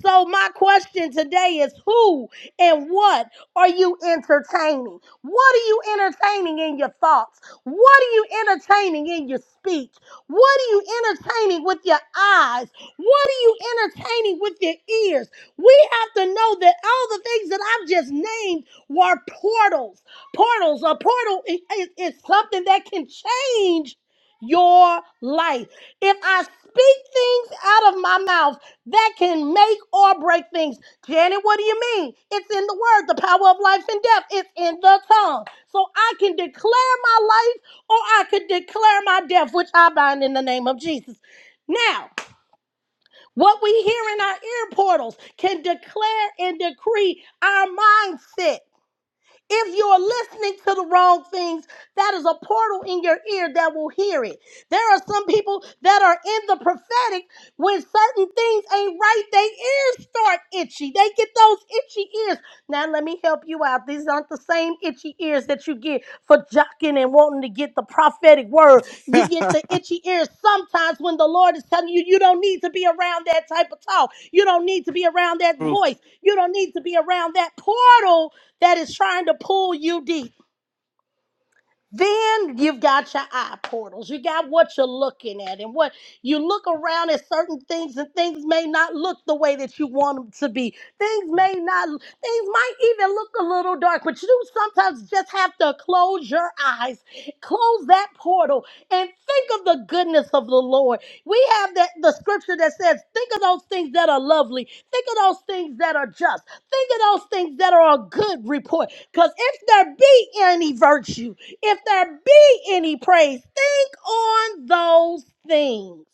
Speaker 2: So my question today is who and what are you entertaining? What are you entertaining in your thoughts? What are you entertaining in your speech? What are you entertaining with your eyes? What are you entertaining with your ears? We have to know that all the things that I've just named were portals. Portals. A portal i- i- is, something that can change your life. If I speak things out of my mouth, that can make or break things. Janet, what do you mean? It's in the word, the power of life and death. It's in the tongue. So I can declare my life or I can declare my death, which I bind in the name of Jesus. Now, what we hear in our ear portals can declare and decree our mindset. If you're listening to the wrong things, that is a portal in your ear that will hear it. There are some people that are in the prophetic when certain things ain't right, their ears start itchy. They get those itchy ears. Now, let me help you out. These aren't the same itchy ears that you get for jocking and wanting to get the prophetic word. You get the itchy ears sometimes when the Lord is telling you, you don't need to be around that type of talk. You don't need to be around that
Speaker 1: Proof,
Speaker 2: voice. You don't need to be around that portal that is trying to pull you deep. Then you've got your eye portals. You got what you're looking at, and what you look around at certain things, and things may not look the way that you want them to be. Things may not, things might even look a little dark, but you sometimes just have to close your eyes, close that portal, and think of the goodness of the Lord. We have that the scripture that says, Think of those things that are lovely, think of those things that are just, think of those things that are a good report. Because if there be any virtue, if there be any praise, think on those things.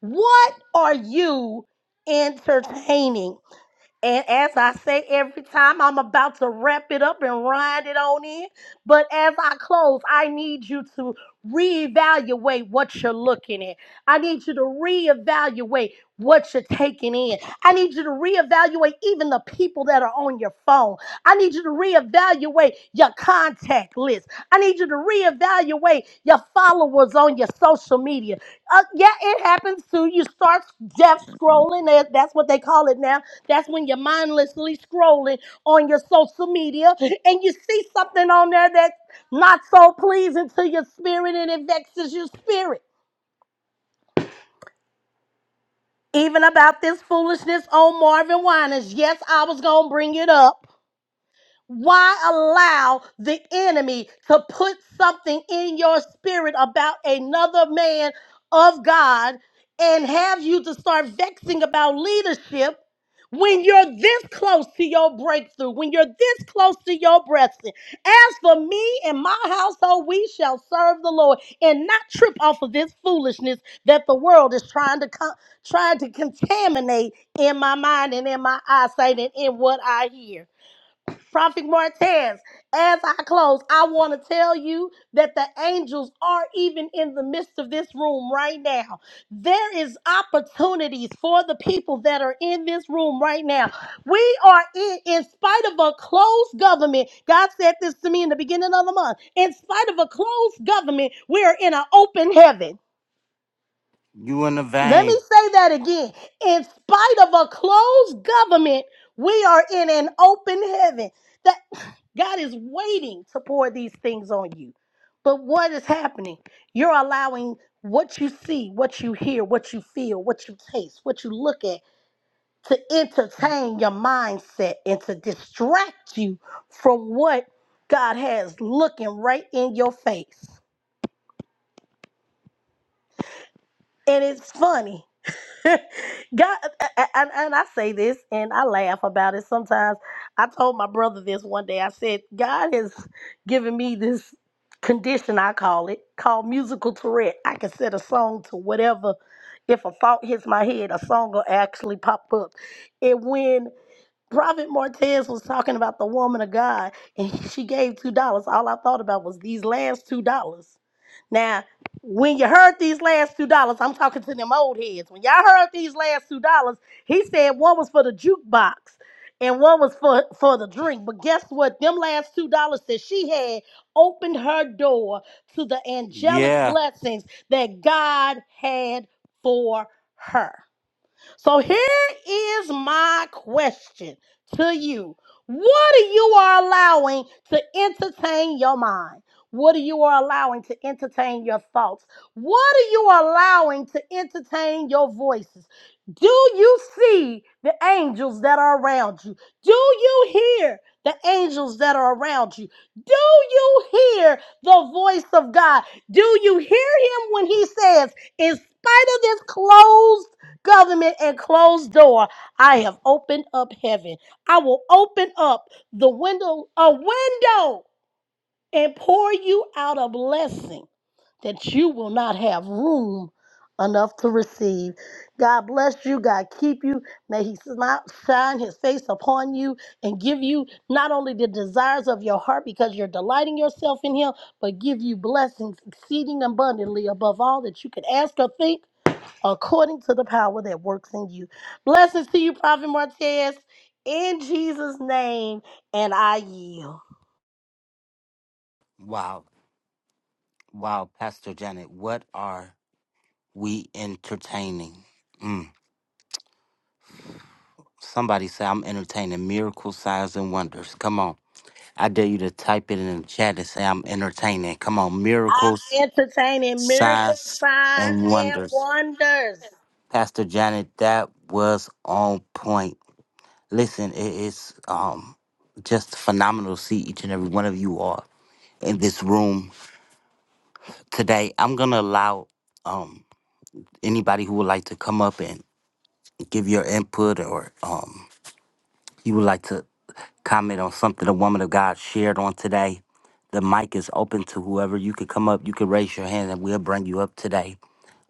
Speaker 2: What are you entertaining? And as I say every time, I'm about to wrap it up and run it on in. But as I close, I need you to reevaluate what you're looking at. I need you to reevaluate what you're taking in. I need you to reevaluate even the people that are on your phone. I need you to reevaluate your contact list. I need you to reevaluate your followers on your social media. Uh, yeah, it happens too. You start death scrolling. that- That's what they call it now that's when you're mindlessly scrolling on your social media and you see something on there that's not so pleasing to your spirit and it vexes your spirit. Even about this foolishness on Marvin Winans. Yes, I was going to bring it up Why allow the enemy to put something in your spirit about another man of God and have you to start vexing about leadership when you're this close to your breakthrough, when you're this close to your blessing? As for me and my household, we shall serve the Lord and not trip off of this foolishness that the world is trying to co- trying to contaminate in my mind and in my eyesight and in what I hear. Prophet Martez, as I close, I want to tell you that the angels are even in the midst of this room right now. There is opportunities for the people that are in this room right now. We are in, in spite of a closed government. God said this to me in the beginning of the month. In spite of a closed government, we are in an open heaven.
Speaker 1: you in the
Speaker 2: Let me
Speaker 1: vein.
Speaker 2: say that again. In spite of a closed government, we are in an open heaven. The God is waiting to pour these things on you. But what is happening? You're allowing what you see, what you hear, what you feel, what you taste, what you look at to entertain your mindset and to distract you from what God has looking right in your face. And it's funny *laughs* God, and, and I say this and I laugh about it sometimes. I told my brother this one day. I said, God has given me this condition, I call it, called musical Tourette. I can set a song to whatever. If a thought hits my head, a song will actually pop up. And when Prophet Martez was talking about the woman of God and she gave $2, all I thought about was these last $2. Now, when you heard these last two dollars, I'm talking to them old heads. When y'all heard these last two dollars, he said one was for the jukebox and one was for for the drink. But guess what? Them last two dollars that she had opened her door to the angelic
Speaker 1: Yeah.
Speaker 2: blessings that God had for her. So here is my question to you. What are you are allowing to entertain your mind? What are you are allowing to entertain your thoughts? What are you allowing to entertain your voices? Do you see the angels that are around you? Do you hear the angels that are around you? Do you hear the voice of God? Do you hear him when he says, in spite of this closed government and closed door, I have opened up heaven. I will open up the window, a window, and pour you out a blessing that you will not have room enough to receive. God bless you. God keep you. May He smile, shine His face upon you and give you not only the desires of your heart because you're delighting yourself in Him, but give you blessings exceeding abundantly above all that you could ask or think according to the power that works in you. Blessings to you, Prophet Martez, in Jesus' name, and I yield.
Speaker 1: Wow, wow, Pastor Janet, what are we entertaining? Mm. Somebody say I'm entertaining miracle signs and wonders. Come on, I dare you to type it in the chat and say I'm entertaining. Come on,
Speaker 2: I'm
Speaker 1: miracles,
Speaker 2: entertaining miracles,
Speaker 1: signs,
Speaker 2: signs,
Speaker 1: and
Speaker 2: and
Speaker 1: wonders.
Speaker 2: wonders.
Speaker 1: Pastor Janet, that was on point. Listen, it is um just phenomenal to see each and every one of you all in this room today. I'm gonna allow um anybody who would like to come up and give your input or um you would like to comment on something the woman of God shared on today. The mic is open to whoever. You could come up, you could raise your hand and we'll bring you up today.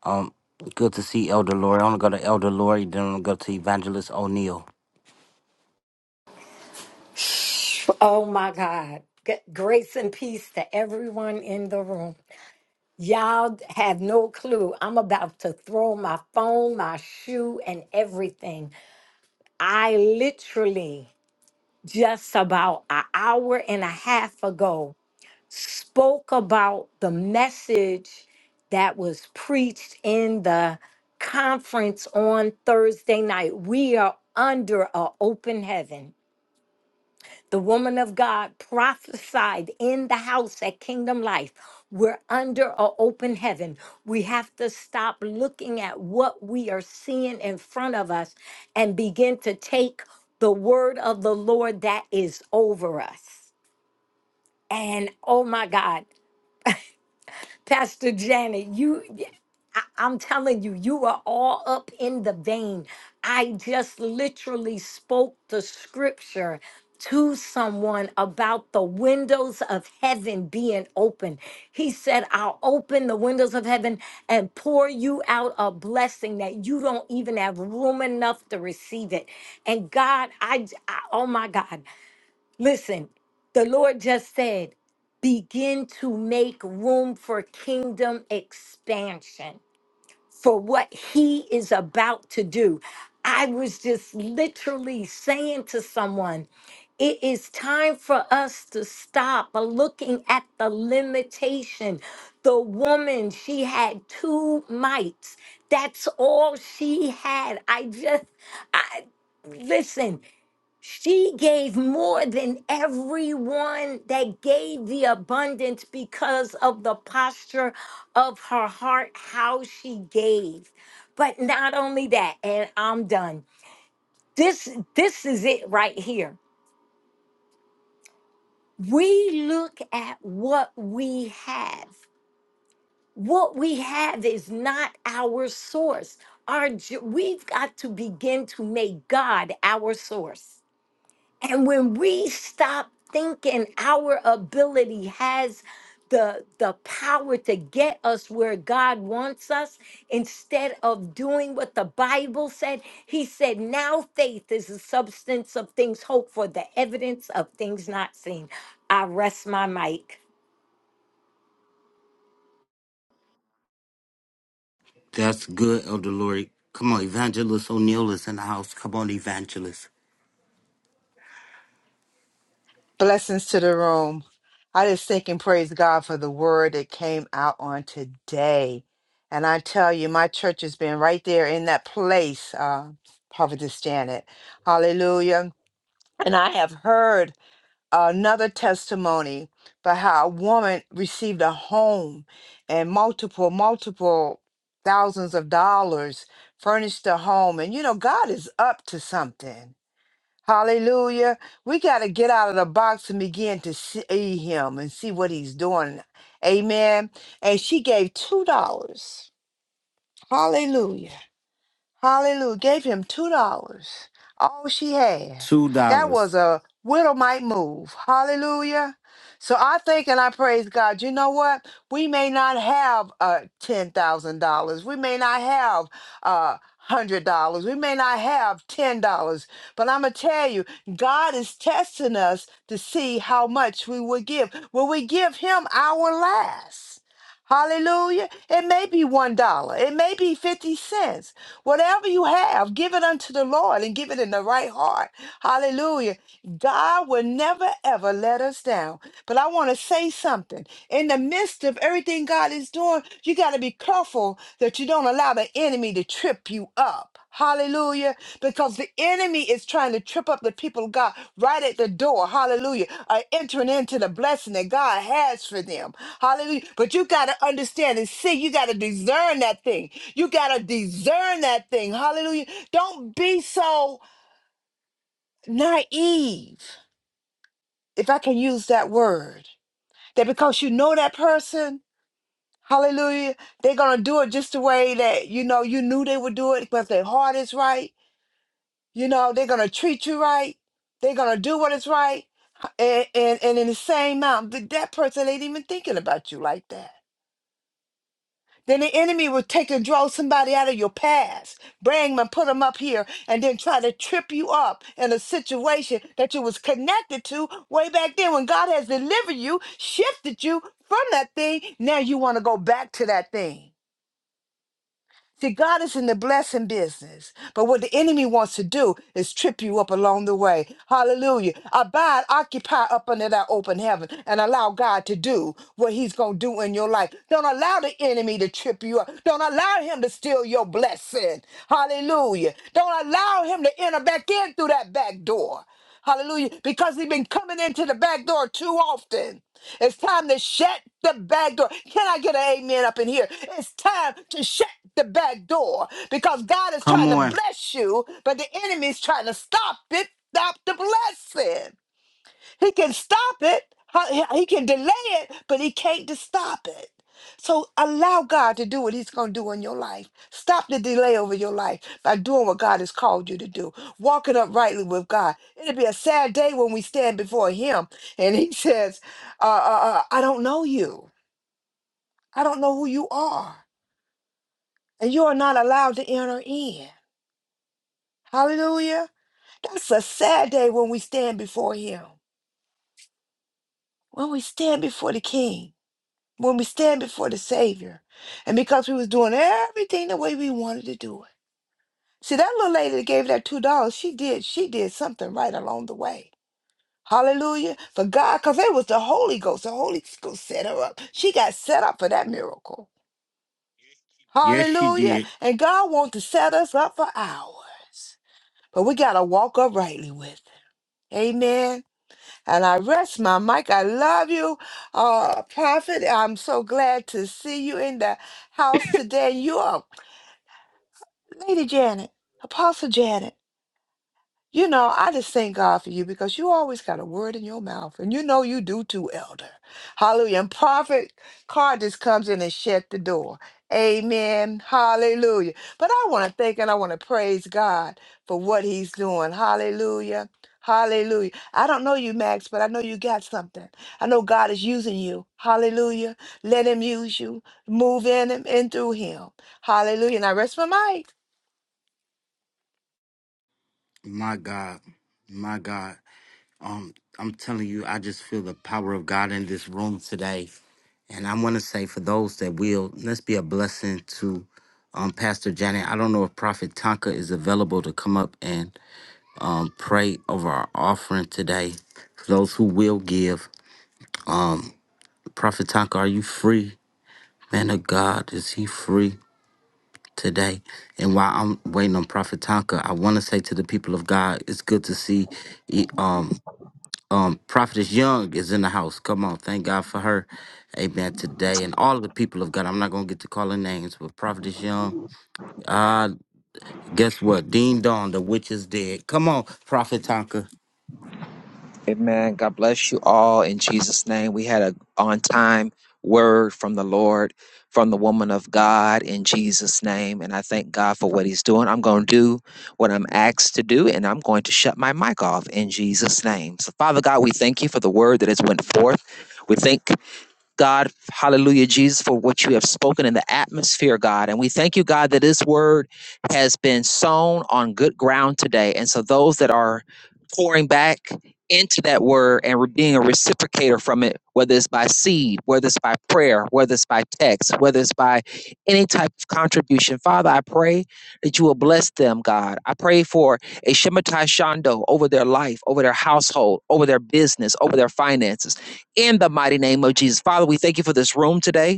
Speaker 1: Um good to see Elder Lori. I'm gonna go to Elder Lori, then I'm gonna go to Evangelist O'Neill.
Speaker 4: Oh my God. G- Grace and peace to everyone in the room. Y'all have no clue. I'm about to throw my phone, my shoe, and everything. I literally just about an hour and a half ago spoke about the message that was preached in the conference on Thursday night. We are under an open heaven. The woman of God prophesied in the house at Kingdom Life. We're under an open heaven. We have to stop looking at what we are seeing in front of us and begin to take the word of the Lord that is over us. And oh my God, Pastor Janet, you, I, I'm telling you, you are all up in the vein. I just literally spoke the scripture to someone about the windows of heaven being open. He said, I'll open the windows of heaven and pour you out a blessing that you don't even have room enough to receive it. And God, I, I oh my God. Listen, the Lord just said, begin to make room for kingdom expansion for what He is about to do. I was just literally saying to someone, it is time for us to stop looking at the limitation. The woman, she had two mites. That's all she had. I just, I listen. She gave more than everyone that gave the abundance because of the posture of her heart, how she gave. But not only that, and I'm done. This this is it right here. We look at what we have. What we have is not our source. Our jo- we've got to begin to make God our source. And when we stop thinking our ability has the the power to get us where God wants us instead of doing what the Bible said, he said, "Now faith is the substance of things hoped for, the evidence of things not seen." I rest my mic.
Speaker 1: That's good, Elder Lori. Come on, Evangelist O'Neill is in the house. Come on, Evangelist.
Speaker 3: Blessings to the room. I just thank and praise God for the word that came out on today. And I tell you, my church has been right there in that place, uh, Prophetess Janet. Hallelujah. And I have heard another testimony about how a woman received a home and multiple, multiple thousands of dollars furnished a home. And you know, God is up to something. Hallelujah. We got to get out of the box and begin to see him and see what he's doing. Amen. And she gave $2. Hallelujah. Hallelujah. Gave him two dollars. All she had.
Speaker 1: Two
Speaker 3: That
Speaker 1: dollars.
Speaker 3: was a widow might move. Hallelujah. So I think and I praise God. You know what? We may not have uh ten thousand dollars. We may not have uh hundred dollars. We may not have ten dollars. But I'm gonna tell you, God is testing us to see how much we will give. Will we give him our last? Hallelujah. It may be one dollar. It may be fifty cents. Whatever you have, give it unto the Lord and give it in the right heart. Hallelujah. God will never ever let us down. But I want to say something. In the midst of everything God is doing, you got to be careful that you don't allow the enemy to trip you up. Hallelujah. Because the enemy is trying to trip up the people of God right at the door. Hallelujah. Are entering into the blessing that God has for them. Hallelujah. But you got to understand and see. You got to discern that thing. You got to discern that thing. Hallelujah. Don't be so naive, if I can use that word, that because you know that person, Hallelujah. They're going to do it just the way that, you know, you knew they would do it because their heart is right You know, they're gonna treat you right. They're gonna do what is right. And and, and in the same amount, th- that person ain't even thinking about you like that. Then the enemy will take and draw somebody out of your past, bring them and put them up here, and then try to trip you up in a situation that you was connected to way back then when God has delivered you, shifted you from that thing. Now you want to go back to that thing. See, God is in the blessing business, but what the enemy wants to do is trip you up along the way. Hallelujah. Abide, occupy up under that open heaven and allow God to do what he's going to do in your life. Don't allow the enemy to trip you up. Don't allow him to steal your blessing. Hallelujah. Don't allow him to enter back in through that back door. Hallelujah. Because he's been coming into the back door too often. It's time to shut the back door. Can I get an amen up in here? It's time to shut the back door because God is
Speaker 1: Come
Speaker 3: trying to
Speaker 1: on.
Speaker 3: bless you, but the enemy is trying to stop it, stop the blessing. He can stop it. Huh, He he can delay it, but he can't to stop it. So allow God to do what he's going to do in your life. Stop the delay over your life by doing what God has called you to do. Walking uprightly with God. It'll be a sad day when we stand before him and he *laughs* says, uh, uh, uh, I don't know you. I don't know who you are. And you are not allowed to enter in. Hallelujah. That's a sad day when we stand before him. When we stand before the king. when we stand before the Savior, and because we was doing everything the way we wanted to do it. See, that little lady that gave that two dollars, she did, she did something right along the way. Hallelujah. For God, because it was the Holy Ghost. The Holy Ghost set her up. She got set up for that miracle.
Speaker 1: Yes, she
Speaker 3: Hallelujah.
Speaker 1: did.
Speaker 3: And God wants to set us up for ours. But we gotta walk uprightly with it. Amen. And I rest my mic. I love you, uh, Prophet. I'm so glad to see you in the house today. You are Lady Janet, Apostle Janet. You know, I just thank God for you because you always got a word in your mouth, and you know you do too, Elder. Hallelujah. And Prophet Carr just comes in and shut the door. Amen. Hallelujah. But I want to thank and I want to praise God for what He's doing. Hallelujah. Hallelujah. I don't know you, Max, but I know you got something. I know God is using you. Hallelujah. Let Him use you. Move in Him and through Him. Hallelujah. And I rest my mic.
Speaker 1: My God. My God. Um, I'm telling you, I just feel the power of God in this room today. And I want to say for those that will, let's be a blessing to um, Pastor Janet. I don't know if Prophet Tonka is available to come up and um, pray over our offering today. For those who will give, um, Prophet Tonka, are you free? Man of God, is he free today? And while I'm waiting on Prophet Tonka, I want to say to the people of God, it's good to see e- um um Prophetess Young is in the house. Come on, thank God for her. Amen. Today and all of the people of God. I'm not gonna get to calling names, but Prophetess Young. Uh guess what? Dean Dawn, the witch is dead. Come on, Prophet Tonka.
Speaker 5: Amen. God bless you all in Jesus' name. We had a on time word from the Lord, from the woman of God in Jesus' name. And I thank God for what he's doing. I'm going to do what I'm asked to do, and I'm going to shut my mic off in Jesus' name. So, Father God, we thank you for the word that has went forth. We thank God, hallelujah, Jesus, for what you have spoken in the atmosphere, God. And we thank you, God, that this word has been sown on good ground today. And so those that are pouring back into that word and re- being a reciprocator from it, whether it's by seed, whether it's by prayer, whether it's by text, whether it's by any type of contribution, Father, I pray that you will bless them, God. I pray for a Shematai Shondo over their life, over their household, over their business, over their finances in the mighty name of Jesus. Father, we thank you for this room today.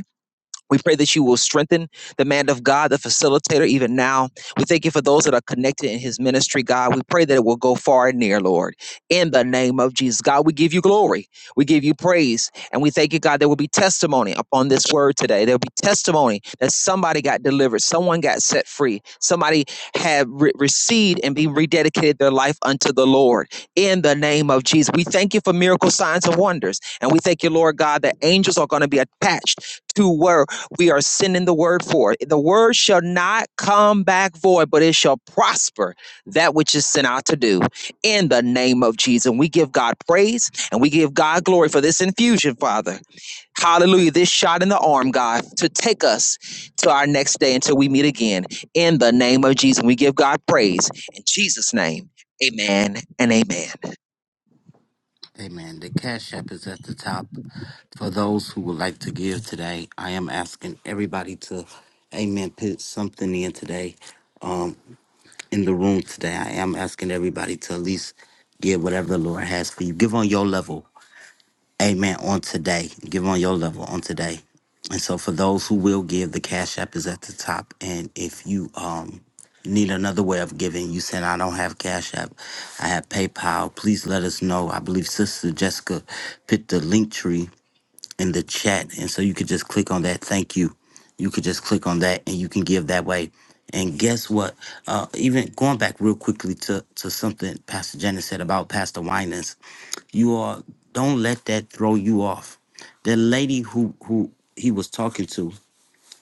Speaker 5: We pray that you will strengthen the man of God, the facilitator, even now. We thank you for those that are connected in his ministry, God. We pray that it will go far and near, Lord. In the name of Jesus, God, we give you glory. We give you praise. And we thank you, God, there will be testimony upon this word today. There will be testimony that somebody got delivered, someone got set free, somebody had re- received and be rededicated their life unto the Lord. In the name of Jesus, we thank you for miracle signs and wonders. And we thank you, Lord God, that angels are going to be attached to where we are sending the word forth. The word shall not come back void, but it shall prosper that which is sent out to do in the name of Jesus. And we give God praise and we give God glory for this infusion, Father. Hallelujah. This shot in the arm, God, to take us to our next day until we meet again in the name of Jesus. We give God praise in Jesus' name. Amen and amen.
Speaker 1: Amen. The Cash App is at the top. For those who would like to give today, I am asking everybody to, amen, put something in today. Um, in the room today, I am asking everybody to at least give whatever the Lord has for you. Give on your level. Amen. On today, give on your level on today. And so, for those who will give, the Cash App is at the top. And if you um need another way of giving, you said, I don't have Cash App, I have PayPal, please let us know. I believe Sister Jessica put the link tree in the chat. And so, you could just click on that. Thank you. You could just click on that and you can give that way. And guess what? Uh, even going back real quickly to, to something Pastor Janet said about Pastor Winans you are don't let that throw you off. The lady who who he was talking to,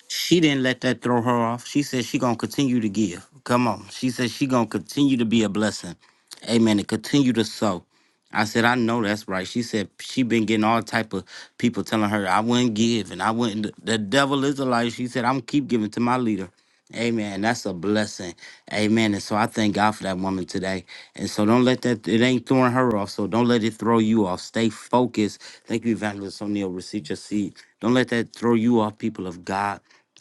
Speaker 1: she didn't let that throw her off. She said she gonna continue to give. Come on. She said she gonna continue to be a blessing. Amen. And continue to sow. I said, I know that's right. She said she been getting all type of people telling her I wouldn't give and I wouldn't the devil is a liar. She said, I'm keep giving to my leader. Amen. That's a blessing. Amen. And so I thank God for that woman today. And so don't let that, it ain't throwing her off. So don't let it throw you off. Stay focused. Thank you, Evangelist O'Neill. Receive your seed. Don't let that throw you off, people of God.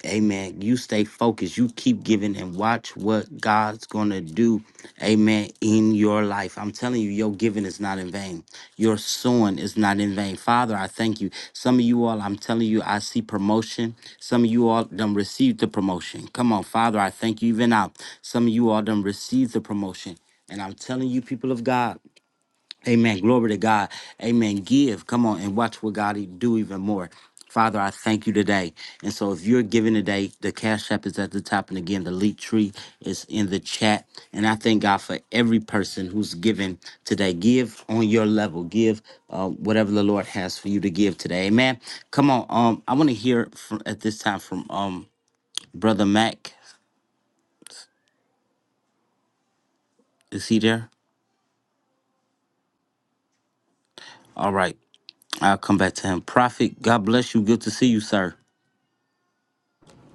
Speaker 1: Amen. You stay focused. You keep giving and watch what God's going to do. Amen. In your life. I'm telling you, your giving is not in vain. Your sowing is not in vain. Father, I thank you. Some of you all, I'm telling you, I see promotion. Some of you all done received the promotion. Come on, Father, I thank you even now. Some of you all done received the promotion. And I'm telling you, people of God. Amen. Glory to God. Amen. Give. Come on and watch what God do even more. Father, I thank you today. And so if you're giving today, the Cash App is at the top. And again, the leak tree is in the chat. And I thank God for every person who's giving today. Give on your level. Give uh, whatever the Lord has for you to give today. Amen. Come on. Um, I want to hear from, at this time from um Brother Mac. Is he there? All right. I'll come back to him. Prophet, God bless you. Good to see you, sir.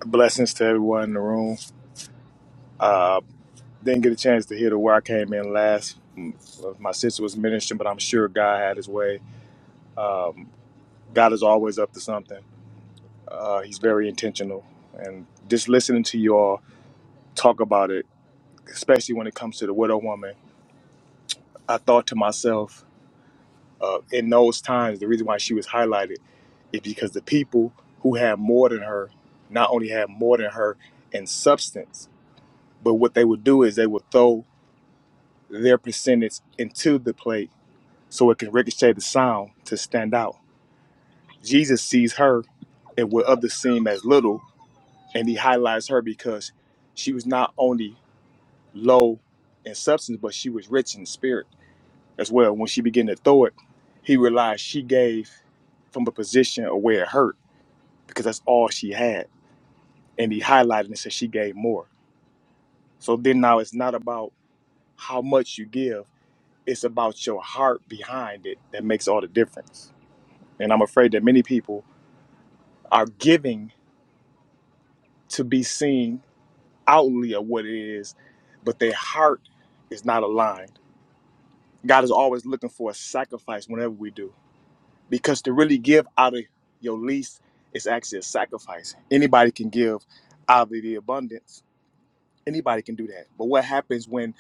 Speaker 6: Blessings to everyone in the room. Didn't get a chance to hear the where I came in last. Mm, My sister was ministering, but I'm sure God had his way. Um, God is always up to something. Uh, he's very intentional. And just listening to you all talk about it, especially when it comes to the widow woman, I thought to myself, uh, in those times, the reason why she was highlighted is because the people who had more than her not only had more than her in substance, but what they would do is they would throw their percentage into the plate so it can ricochet the sound to stand out. Jesus sees her and what others seem as little, and he highlights her because she was not only low in substance, but she was rich in spirit as well. When she began to throw it, he realized she gave from a position of where it hurt because that's all she had. And he highlighted and said she gave more. So then now it's not about how much you give, it's about your heart behind it that makes all the difference. And I'm afraid that many people are giving to be seen outwardly of what it is, but their heart is not aligned. God is always looking for a sacrifice whenever we do, because to really give out of your least is actually a sacrifice. Anybody can give out of the abundance, anybody can do that. But what happens when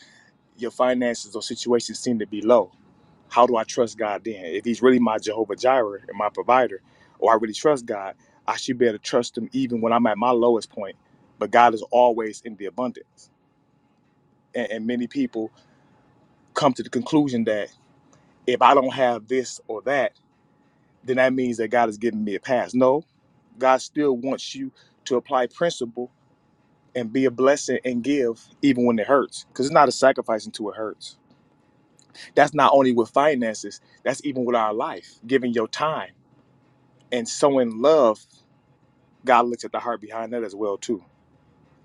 Speaker 6: your finances or situations seem to be low? how do I trust God then? If He's really my Jehovah Jireh and my provider, or I really trust God, I should be able to trust Him even when I'm at my lowest point. But God is always in the abundance. And, and many people come to the conclusion that if I don't have this or that, then that means that God is giving me a pass. No, God still wants you to apply principle and be a blessing and give even when it hurts because it's not a sacrifice until it hurts. That's not only with finances, that's even with our life, giving your time and sowing love, God looks at the heart behind that as well too.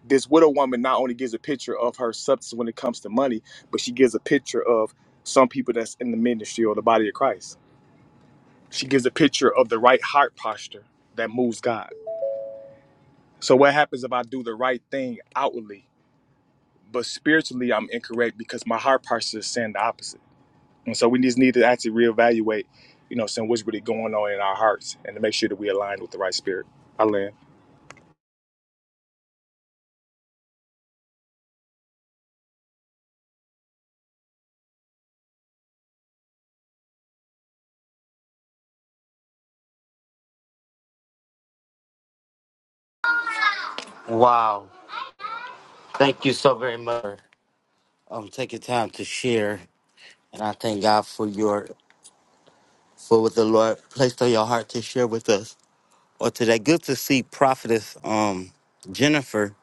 Speaker 6: This widow woman not only gives a picture of her substance when it comes to money, but she gives a picture of some people that's in the ministry or the body of Christ. She gives a picture of the right heart posture that moves God. So what happens if I do the right thing outwardly, but spiritually I'm incorrect because my heart posture is saying the opposite. And so we just need to actually reevaluate, you know, saying what's really going on in our hearts and to make sure that we align with the right spirit. I land.
Speaker 1: Wow. Thank you so very much for um, taking time to share. And I thank God for your for what the Lord placed on your heart to share with us. Or today, good to see Prophetess um, Jennifer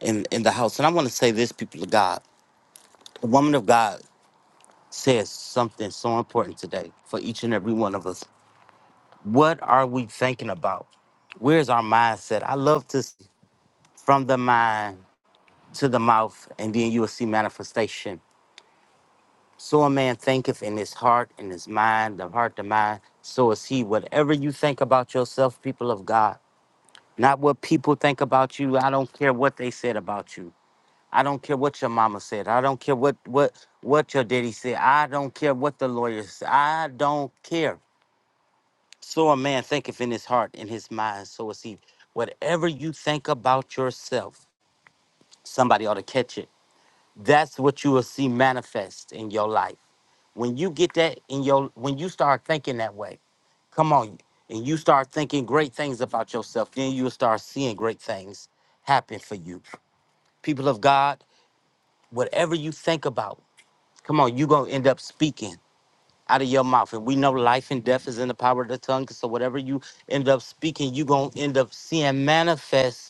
Speaker 1: in, in the house. And I want to say this, people of God. The woman of God says something so important today for each and every one of us. What are we thinking about? Where's our mindset? I love to see from the mind to the mouth, and then you will see manifestation So a man thinketh in his heart, in his mind, the heart, the mind, so is he. Whatever you think about yourself, people of God, not what people think about you. I don't care what they said about you. I don't care what your mama said. I don't care what what what your daddy said. I don't care what the lawyer said. I don't care. So a man thinketh in his heart, in his mind, so is he. Whatever you think about yourself, somebody ought to catch it. That's what you will see manifest in your life. When you get that in your, when you start thinking that way, come on, and you start thinking great things about yourself, then you'll start seeing great things happen for you. People of God, whatever you think about, come on, you're going to end up speaking out of your mouth. And we know life and death is in the power of the tongue. So whatever you end up speaking, you're going to end up seeing manifest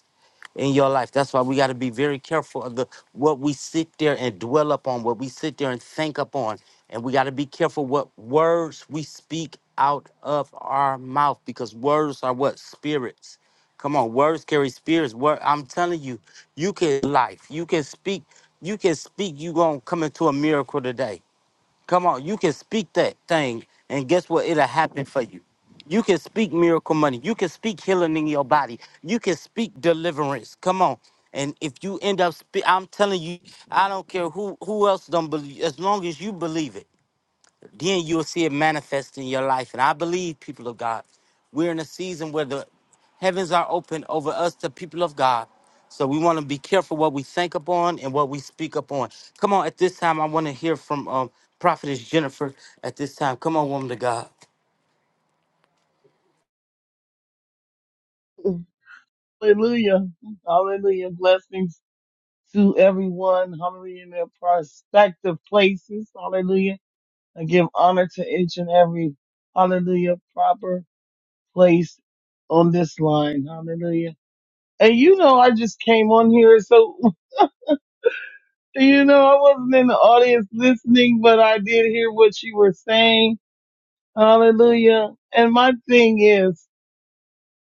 Speaker 1: in your life. That's why we got to be very careful of the what we sit there and dwell upon, what we sit there and think upon. And we got to be careful what words we speak out of our mouth because words are what spirits. Come on, words carry spirits. Word, I'm telling you, you can life. You can speak. You can speak. You gonna come into a miracle today. Come on, you can speak that thing, and guess what? It'll happen for you. You can speak miracle money. You can speak healing in your body. You can speak deliverance. Come on. And if you end up, spe- I'm telling you, I don't care who who else don't believe. As long as you believe it, then you'll see it manifest in your life. And I believe, people of God, we're in a season where the heavens are open over us, the people of God. So we want to be careful what we think upon and what we speak upon. Come on, at this time, I want to hear from um, Prophetess Jennifer. At this time, come on, woman of God.
Speaker 7: Hallelujah. Hallelujah. Blessings to everyone. Hallelujah. In their prospective places. Hallelujah. I give honor to each and every hallelujah proper place on this line. Hallelujah. And you know, I just came on here. So, *laughs* you know, I wasn't in the audience listening, but I did hear what you were saying. Hallelujah. And my thing is,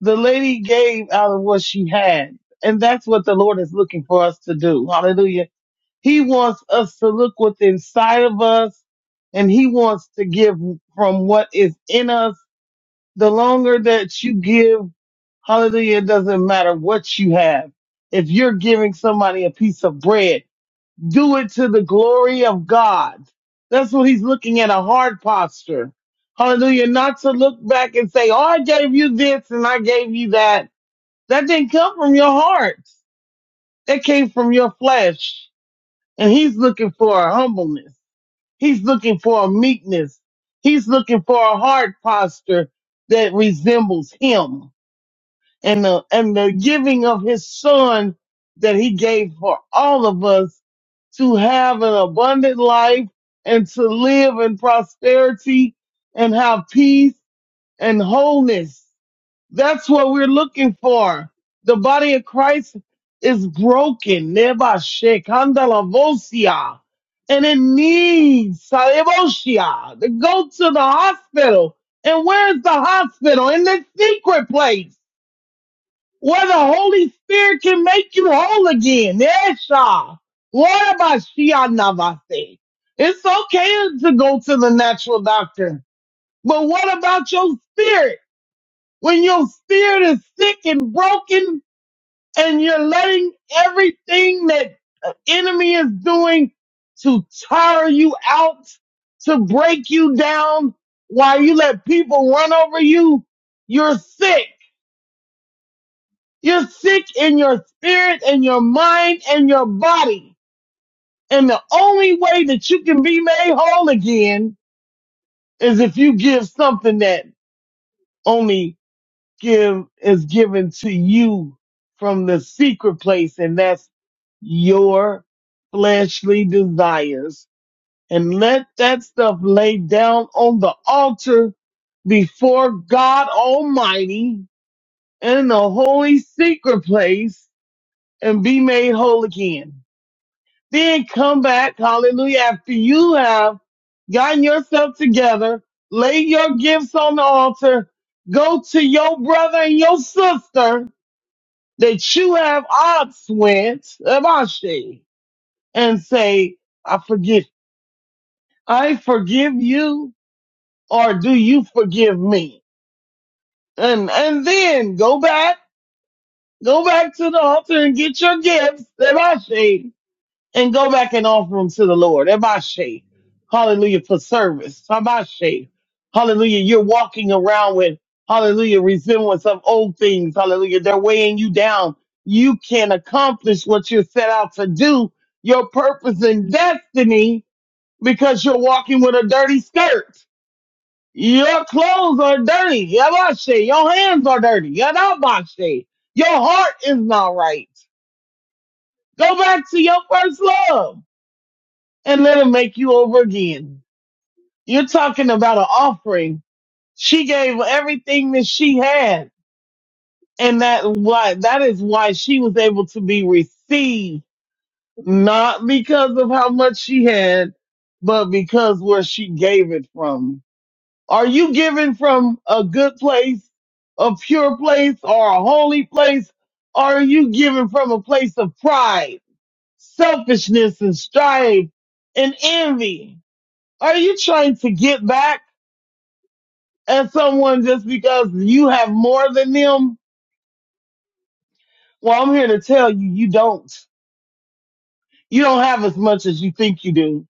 Speaker 7: The lady gave out of what she had. And that's what the Lord is looking for us to do. Hallelujah. He wants us to look what's inside of us and he wants to give from what is in us. The longer that you give, hallelujah, it doesn't matter what you have. If you're giving somebody a piece of bread, do it to the glory of God. That's what he's looking at, a hard posture. Hallelujah. Not to look back and say, oh, I gave you this and I gave you that that didn't come from your heart. That came from your flesh. And he's looking for a humbleness. He's looking for a meekness. He's looking for a heart posture that resembles him and the, and the giving of his son that he gave for all of us to have an abundant life and to live in prosperity and have peace and wholeness. That's what we're looking for. The body of Christ is broken. Neba shekanda lavosia. And it needs salvosia to go to the hospital. And where's the hospital? In the secret place where the Holy Spirit can make you whole again. Esha. What about Shia Navase? It's okay to go to the natural doctor, but what about your spirit? when your spirit is sick and broken and you're letting everything that the enemy is doing to tire you out, to break you down, while you let people run over you, you're sick. You're sick in your spirit and your mind and your body. And the only way that you can be made whole again is if you give something that only give is given to you from the secret place, and that's your fleshly desires. And let that stuff lay down on the altar before God Almighty in the holy secret place and be made whole again. Then come back, hallelujah, after you have gotten yourself together, lay your gifts on the altar, go to your brother and your sister that you have odds with Avashi and say, I forgive, I forgive you, or do you forgive me? And, and then go back, go back to the altar and get your gifts, Avashi, and go back and offer them to the Lord. Emashe. Hallelujah for service. Hamashe. Hallelujah. You're walking around with hallelujah resemblance of old things. Hallelujah. They're weighing you down. You can accomplish what you're set out to do, your purpose and destiny, because you're walking with a dirty skirt. Your clothes are dirty. Yamashe. Your hands are dirty. Yadabashe. Your heart is not right. Go back to your first love and let him make you over again. You're talking about an offering. She gave everything that she had. And that why that is why she was able to be received, not because of how much she had, but because where she gave it from. Are you giving from a good place, a pure place, or a holy place? Or are you giving from a place of pride, selfishness, and strife and envy? Are you trying to get back at someone just because you have more than them? Well, I'm here to tell you, you don't. You don't have as much as you think you do.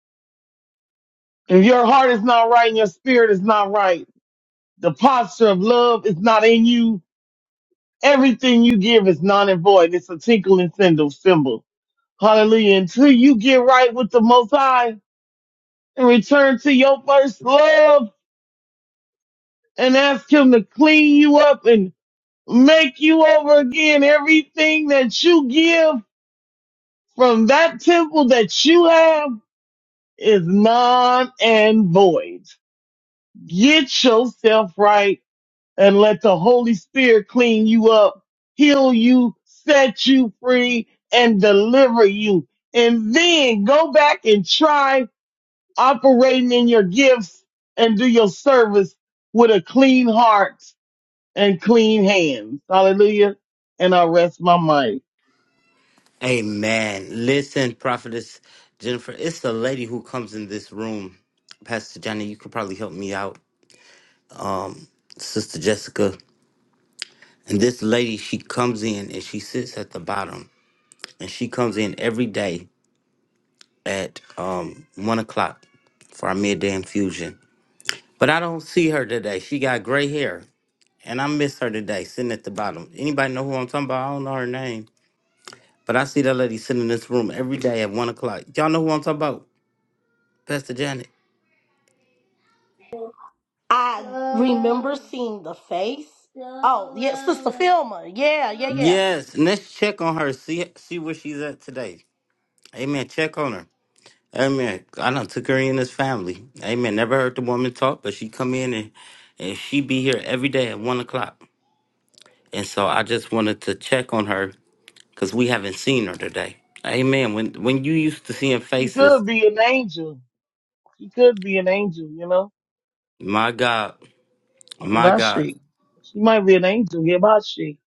Speaker 7: If your heart is not right and your spirit is not right, the posture of love is not in you. Everything you give is non and void. It's a tinkling cymbal. symbol. Hallelujah. Until you get right with the Most High and return to your first love and ask Him to clean you up and make you over again. Everything that you give from that temple that you have is non and void. Get yourself right and let the Holy Spirit clean you up, heal you, set you free, and deliver you. And then go back and try operating in your gifts and do your service with a clean heart and clean hands. Hallelujah. And I rest my mind.
Speaker 1: Amen. Listen, Prophetess Jennifer, it's a lady who comes in this room. Pastor Johnny, you could probably help me out. Sister Jessica. And this lady, she comes in and she sits at the bottom and she comes in every day at um one o'clock for our midday infusion. But I don't see her today. She got gray hair, and I miss her today, sitting at the bottom. Anybody know who I'm talking about? I don't know her name, but I see that lady sitting in this room every day at one o'clock. Y'all know who I'm talking about? Pastor Janet.
Speaker 2: I remember seeing the face. Oh, yeah, Sister Filma. Yeah, yeah, yeah.
Speaker 1: Yes, and let's check on her. See see where she's at today. Amen. Check on her. Amen. I done took her in this family. Amen. Never heard the woman talk, but she come in and and she be here every day at one o'clock. And so I just wanted to check on her because we haven't seen her today. Amen. When when you used to seeing
Speaker 7: She
Speaker 1: faces,
Speaker 7: could be an angel. She could be an angel, you know?
Speaker 1: my God, my
Speaker 7: About
Speaker 1: God,
Speaker 7: she? She might be an angel. Yeah, about she?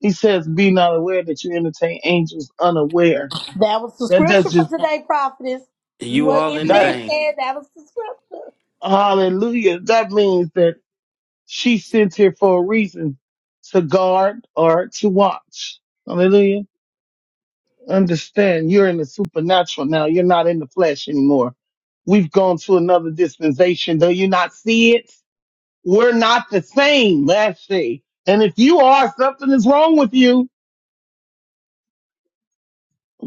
Speaker 7: He says, be not aware that you entertain angels unaware.
Speaker 2: That was the
Speaker 7: That does
Speaker 2: scripture for
Speaker 7: just,
Speaker 2: today, prophetess. You
Speaker 1: you
Speaker 2: wasn't
Speaker 1: all in
Speaker 2: even
Speaker 1: the
Speaker 7: that,
Speaker 2: in
Speaker 1: vein.
Speaker 2: here. That was the scripture.
Speaker 7: hallelujah. That means that she sent here for a reason to guard or to watch. Hallelujah. Understand you're in the supernatural now. You're not in the flesh anymore. We've gone to another dispensation. Though you not see it? We're not the same, let's she. And if you are, something is wrong with you.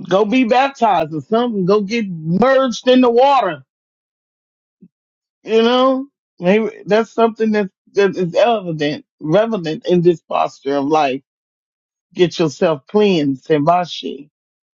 Speaker 7: Go be baptized or something. Go get merged in the water. You know, maybe that's something that, that is evident, relevant in this posture of life get yourself cleansed and washi.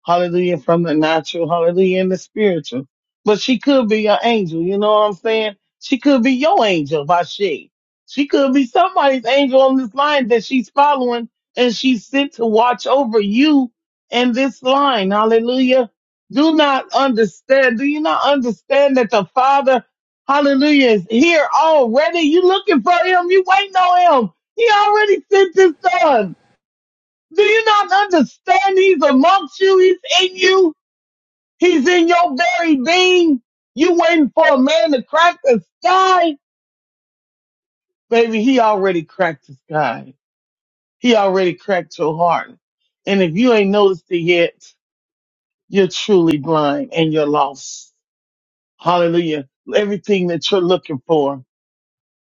Speaker 7: Hallelujah from the natural, hallelujah in the spiritual. But she could be your angel, you know what I'm saying? She could be your angel, washi. She could be somebody's angel on this line that she's following and she's sent to watch over you and this line. Hallelujah. Do not understand. Do you not understand that the Father, hallelujah, is here already? You looking for him. You waiting on him. He already sent his son. Do you not understand he's amongst you? He's in you. He's in your very being. You waiting for a man to crack the sky? Baby, he already cracked the sky. He already cracked your heart. And if you ain't noticed it yet, you're truly blind and you're lost. Hallelujah. Everything that you're looking for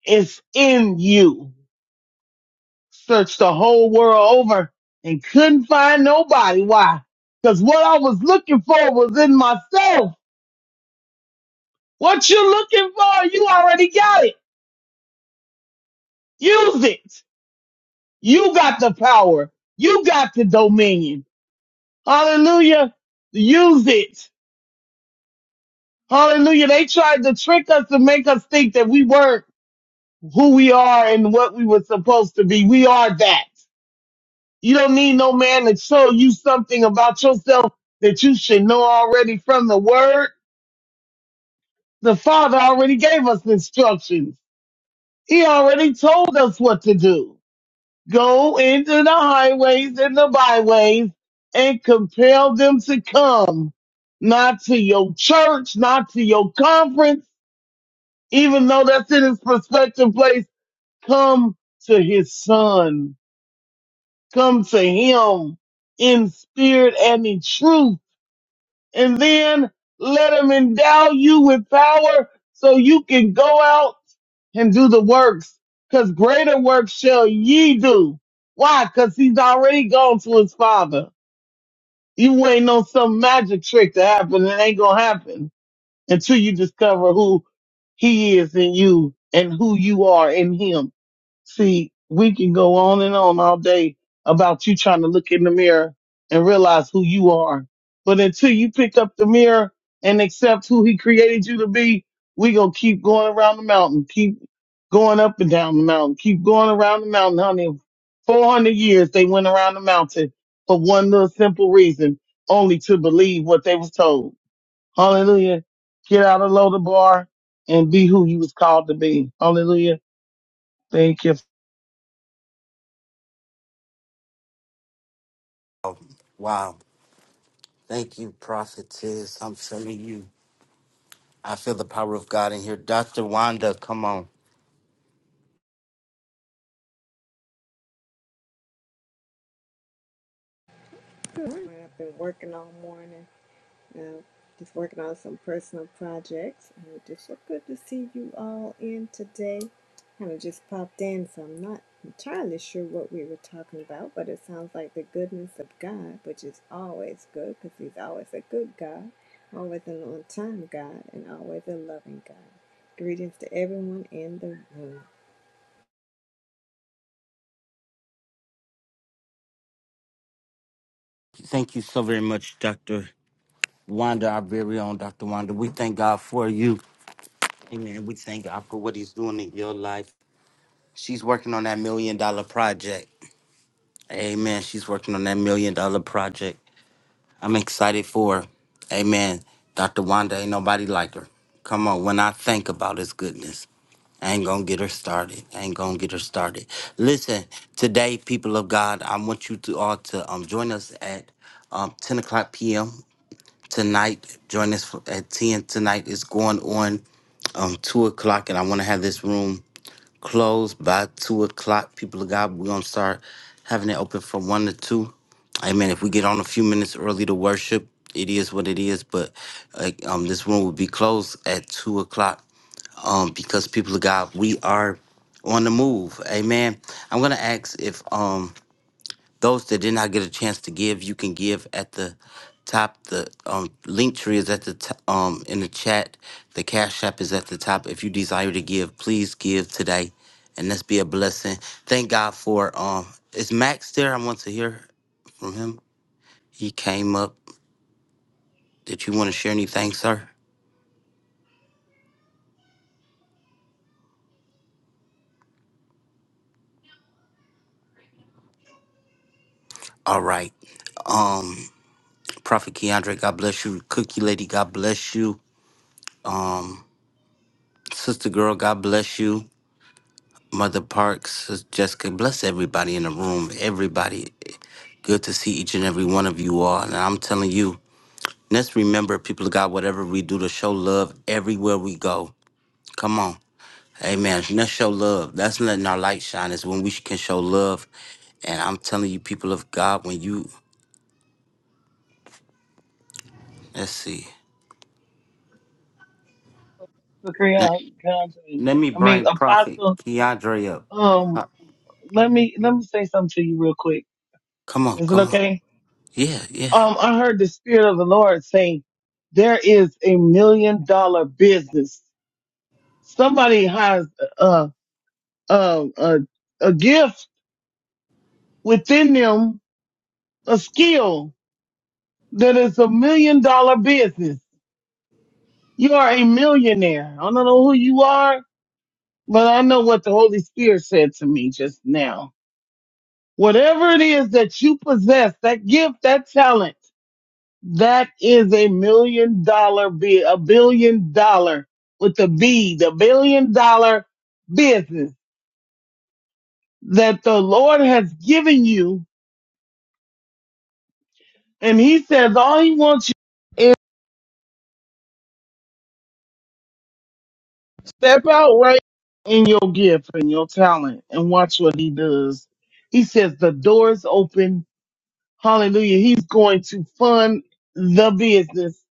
Speaker 7: is in you. Searched the whole world over and couldn't find nobody. Why? Because what I was looking for was in myself. What you are looking for, you already got it. Use it. You got the power. You got the dominion. Hallelujah. Use it. Hallelujah. They tried to trick us to make us think that we weren't who we are and what we were supposed to be. We are that. You don't need no man to show you something about yourself that you should know already from the word. The Father already gave us instructions. He already told us what to do. Go into the highways and the byways and compel them to come, not to your church, not to your conference, even though that's in his prospective place. Come to his son. Come to him in spirit and in truth. And then let him endow you with power so you can go out and do the works, because greater works shall ye do. Why? Because he's already gone to his father. You waiting on some magic trick to happen. It ain't going to happen until you discover who he is in you and who you are in him. See, we can go on and on all day about you trying to look in the mirror and realize who you are. But until you pick up the mirror and accept who he created you to be, we gonna keep going around the mountain, keep going up and down the mountain, keep going around the mountain, honey. 400 years they went around the mountain for one little simple reason, only to believe what they was told. Hallelujah. Get out of the bar and be who you was called to be. Hallelujah. Thank you.
Speaker 1: Wow. Thank you, prophetess. I'm telling you, I feel the power of God in here. Dr. Wanda, come on.
Speaker 8: I've been working all morning. Uh, just working on some personal projects. And it's just so good to see you all in today. Kind of just popped in, so I'm not entirely sure what we were talking about, but it sounds like the goodness of God, which is always good because He's always a good God, always an on time God, and always a loving God. Greetings to everyone in the room.
Speaker 1: Thank you so very much, Dr. Wanda, our very own Dr. Wanda. We thank God for you. Amen. We thank God for what He's doing in your life. She's working on that million dollar project. Amen. She's working on that million dollar project. I'm excited for, her. amen. Dr. Wanda, ain't nobody like her. Come on, when I think about his goodness, I ain't gonna get her started. I ain't gonna get her started. Listen, today, people of God, I want you to all to um, join us at um, 10 o'clock p.m. tonight. Join us for, at 10 tonight. It's going on um, 2 o'clock, and I wanna have this room closed by two o'clock. People of God, we're gonna start having it open from one to two. Amen. If we get on a few minutes early to worship, it is what it is. But uh, um, this room will be closed at two o'clock. Um, because people of God, we are on the move. Amen. I'm gonna ask if um those that did not get a chance to give, you can give at the top. The um, link tree is at the t- um in the chat. The cash app is at the top. If you desire to give, please give today, and let's be a blessing. Thank God for um. Is Max there? I want to hear from him. He came up. Did you want to share anything, sir? All right. Um, Prophet Keandre, God bless you. Cookie Lady, God bless you. Um, Sister Girl, God bless you. Mother Parks, Sister Jessica, bless everybody in the room. Everybody, good to see each and every one of you all. And I'm telling you, let's remember, people of God, whatever we do to show love everywhere we go. Come on. Amen. Let's show love. That's letting our light shine, is when we can show love. And I'm telling you, people of God, when you, let's see.
Speaker 7: for
Speaker 1: Let,
Speaker 7: Creon Country.
Speaker 1: let me
Speaker 7: I mean,
Speaker 1: bring Prophet
Speaker 7: Apostle.
Speaker 1: Keandre up.
Speaker 7: Um, let me let me say something to you real quick.
Speaker 1: Come on,
Speaker 7: Is it
Speaker 1: come on.
Speaker 7: okay?
Speaker 1: Yeah, yeah.
Speaker 7: Um, I heard the Spirit of the Lord saying there is a million dollar business. Somebody has a a a, a gift within them, a skill that is a million dollar business. You are a millionaire. I don't know who you are, but I know what the Holy Spirit said to me just now Whatever it is that you possess, that gift, that talent, that is a million dollar, bi- a billion dollar with the B, the billion dollar business that the Lord has given you. And he says all he wants you is step out right in your gift and your talent and watch what he does. He says the door's open. Hallelujah. He's going to fund the business.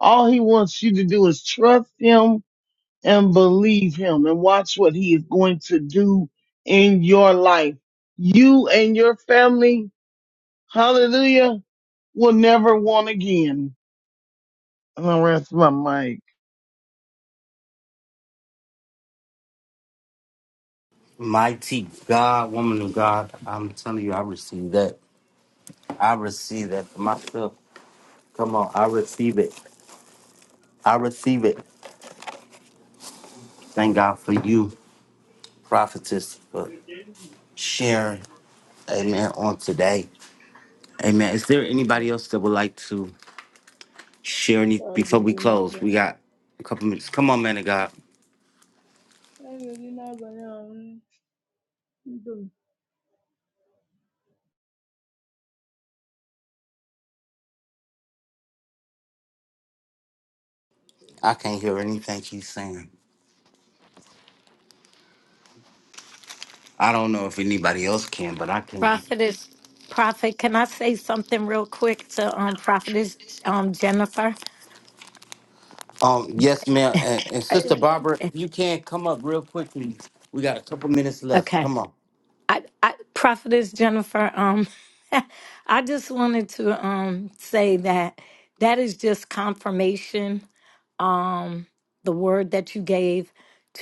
Speaker 7: All he wants you to do is trust him and believe him and watch what he is going to do in your life. You and your family, hallelujah, will never want again. And I rest my mic.
Speaker 1: Mighty God, woman of God, I'm telling you, I received that. I receive that for myself. Come on, I receive it. I receive it. Thank God for you, prophetess,
Speaker 9: Ọ
Speaker 1: for sharing. Amen. On today. Amen. Is there anybody else that would like to share any before we
Speaker 9: ga-eri
Speaker 1: close? We
Speaker 9: n'abalị a
Speaker 1: got a couple minutes. Come on, man of God.
Speaker 9: ọ ga-eri n'abalị a um ndomi.
Speaker 1: I can't hear anything he's saying. I don't know if anybody else can, but I can.
Speaker 4: Prophetess Prophet, can I say something real quick to um Prophetess um Jennifer?
Speaker 1: Um, yes, ma'am.
Speaker 4: *laughs*
Speaker 1: And, and Sister Barbara, if you can come up real quickly. We got a couple minutes left.
Speaker 4: Okay.
Speaker 1: Come on.
Speaker 4: I, I prophetess Jennifer, um, *laughs* I just wanted to um say that that is just confirmation. Um, the word that you gave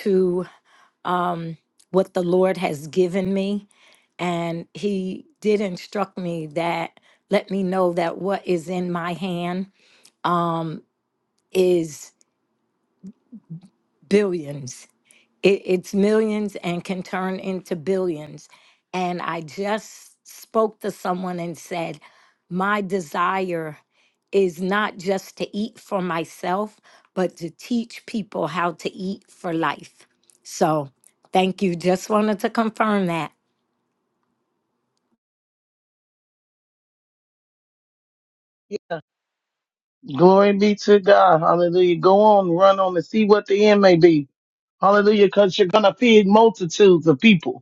Speaker 4: to um what the Lord has given me, and He did instruct me that let me know that what is in my hand um is billions It, it's millions and can turn into billions. And I just spoke to someone and said, My desire is not just to eat for myself, but to teach people how to eat for life. So thank you. Just wanted to confirm that.
Speaker 7: Glory be to God. Hallelujah. Go on, run on and see what the end may be. hallelujah, because you're going to feed multitudes of people.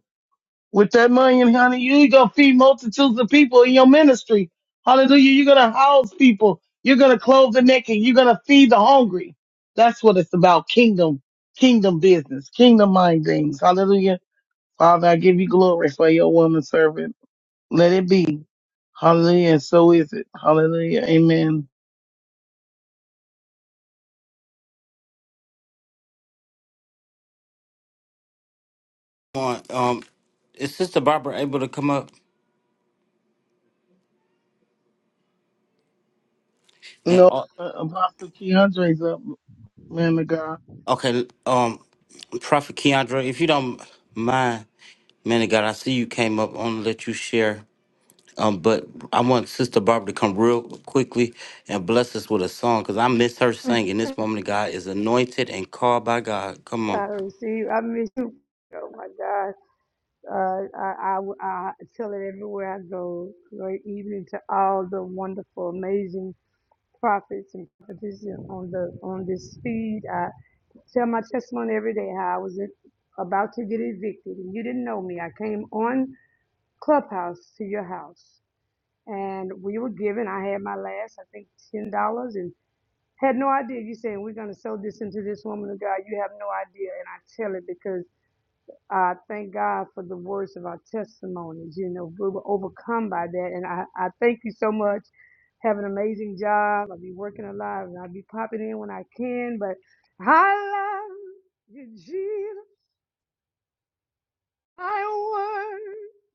Speaker 7: With that money, honey, you're going to feed multitudes of people in your ministry. Hallelujah. You're going to house people. You're going to clothe the naked. You're going to feed the hungry. That's what it's about. Kingdom, kingdom business, kingdom mind things. Hallelujah. Father, I give you glory for your woman servant. Let it be. Hallelujah. And so is it. Hallelujah. Amen.
Speaker 1: Come on. Um, is Sister Barbara able to come up?
Speaker 7: You
Speaker 1: And,
Speaker 7: know,
Speaker 1: uh,
Speaker 7: uh, Apostle Keandre's up, man of God.
Speaker 1: okay, um, Prophet Keandre, if you don't mind, man of God, I see you came up. I want to let you share. Um, but I want Sister Barbara to come real quickly and bless us with a song because I miss her singing. This woman of God is anointed and called by God. Come on.
Speaker 10: I receive. I miss you. Oh my God. Uh, I, I, I tell it everywhere I go. Great evening to all the wonderful, amazing prophets and prophetesses on the on this feed. I tell my testimony every day how I was in, about to get evicted and you didn't know me. I came on Clubhouse to your house and we were given. I had my last, I think, ten dollars and had no idea. You saying we're gonna sow this into this woman of God. You have no idea, and I tell it because. I thank God for the words of our testimonies. You know, we were overcome by that. And I, I thank you so much. Have an amazing job. I'll be working a lot and I'll be popping in when I can. But I love you, Jesus. I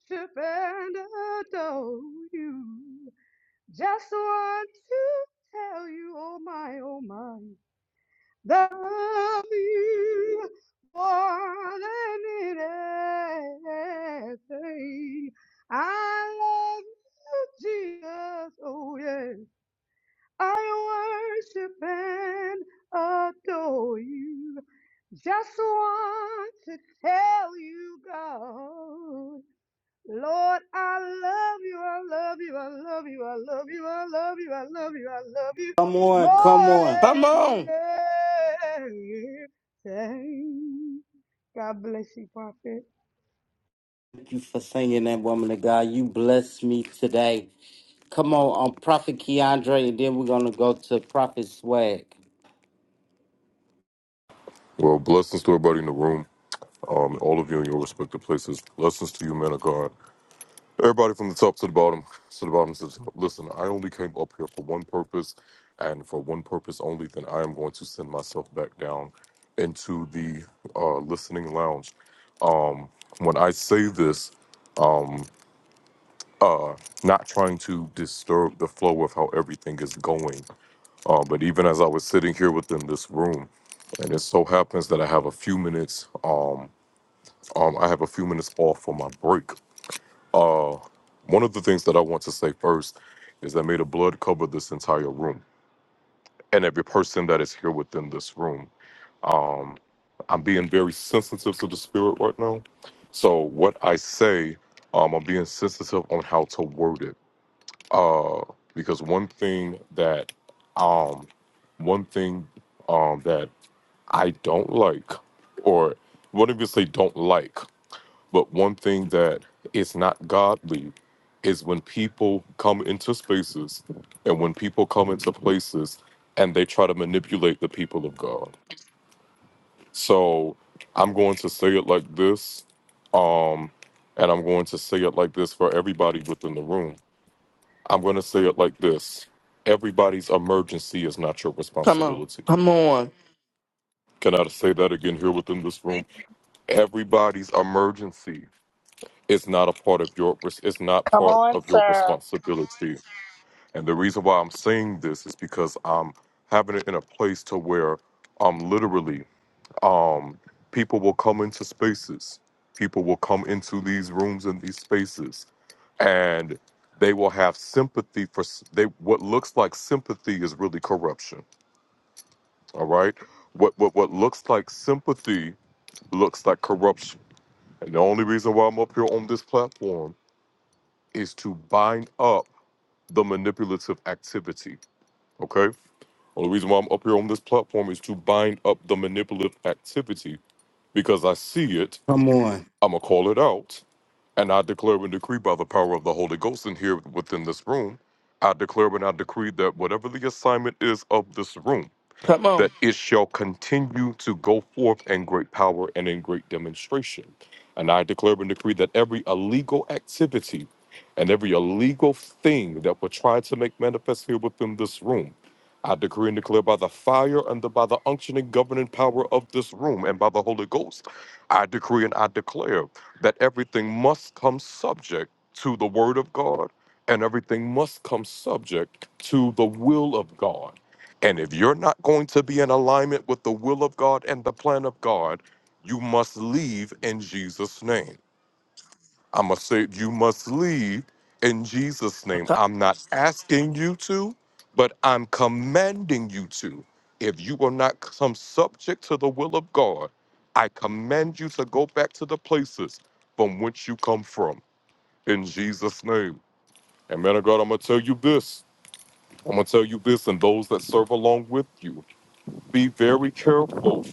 Speaker 10: worship and adore you. Just want to tell you, oh my, oh my. Love you more than anything. I love you, Jesus. Oh, yes. I worship and adore you. Just want to tell you, God. Lord, I love you, I love you, I love you, I love you, I love you, I love you, I love you
Speaker 1: Come on. Come
Speaker 10: more
Speaker 1: on.
Speaker 11: Come
Speaker 10: than
Speaker 11: on.
Speaker 10: anything. God bless you, prophet.
Speaker 1: Thank you for singing that woman of God. You blessed me today. Come on, um, Prophet Keandre, and then we're going to go to Prophet Swag.
Speaker 12: Well, blessings to everybody in the room, um, and all of you in your respective places. Blessings to you, man of God. Everybody from the top to the bottom, to the bottom says, listen, I only came up here for one purpose, and for one purpose only, then I am going to send myself back down into the uh, listening lounge. When I say this, not trying to disturb the flow of how everything is going, uh, but even as I was sitting here within this room, and it so happens that I have a few minutes, um, um, I have a few minutes off for my break Uh, one of the things that I want to say first is that may the blood cover this entire room and every person that is here within this room. Um, I'm being very sensitive to the spirit right now. So what I say, um, I'm being sensitive on how to word it. Uh, because one thing that, um, one thing, um, that I don't like, or what if you say don't like? But one thing that is not godly is when people come into spaces and when people come into places and they try to manipulate the people of God. So I'm going to say it like this, um, and I'm going to say it like this for everybody within the room. I'm going to say it like this everybody's emergency is not your
Speaker 11: Come on.
Speaker 12: responsibility.
Speaker 11: Come on.
Speaker 12: Can I say that again here within this
Speaker 13: man.
Speaker 12: room? Everybody's emergency it's not a part of your it's not
Speaker 2: Come
Speaker 12: part
Speaker 2: on,
Speaker 12: of your
Speaker 2: sir.
Speaker 12: responsibility and the reason why i'm saying this is because i'm having it in a place to where I'm literally um people will come into spaces people will come into these rooms and these spaces and they will have sympathy for s- they what looks like sympathy is really corruption all right what what what looks like sympathy looks like corruption and the only reason why i'm up here on this platform is to bind up the manipulative activity. Okay. Well, the reason why I'm up here on this platform is to bind up the manipulative activity because I see it,
Speaker 1: Come on.
Speaker 12: I'm going to call it out, and I declare and decree by the power of the Holy Ghost in here within this room. I declare and I decree that whatever the assignment is of this room,
Speaker 11: Come on.
Speaker 12: that it shall continue to go forth in great power and in great demonstration. And I declare and decree that every illegal activity and every illegal thing that we're trying to make manifest here within this room, I decree and declare by the fire and the, by the unctioning governing power of this room and by the Holy Ghost, I decree and I declare that everything must come subject to the word of God and everything must come subject to the will of God and if you're not going to be in alignment with the will of God and the plan of God, you must leave in Jesus' name. I'm going to say, you must leave in Jesus' name.
Speaker 11: Come
Speaker 12: I'm not asking you to, but I'm commanding you to. If you will not come subject to the will of God, I command you to go back to the places from which you come from in Jesus' name. And man of God, I'm going to tell you this. I'm going to tell you this, and those that serve along with you be very careful.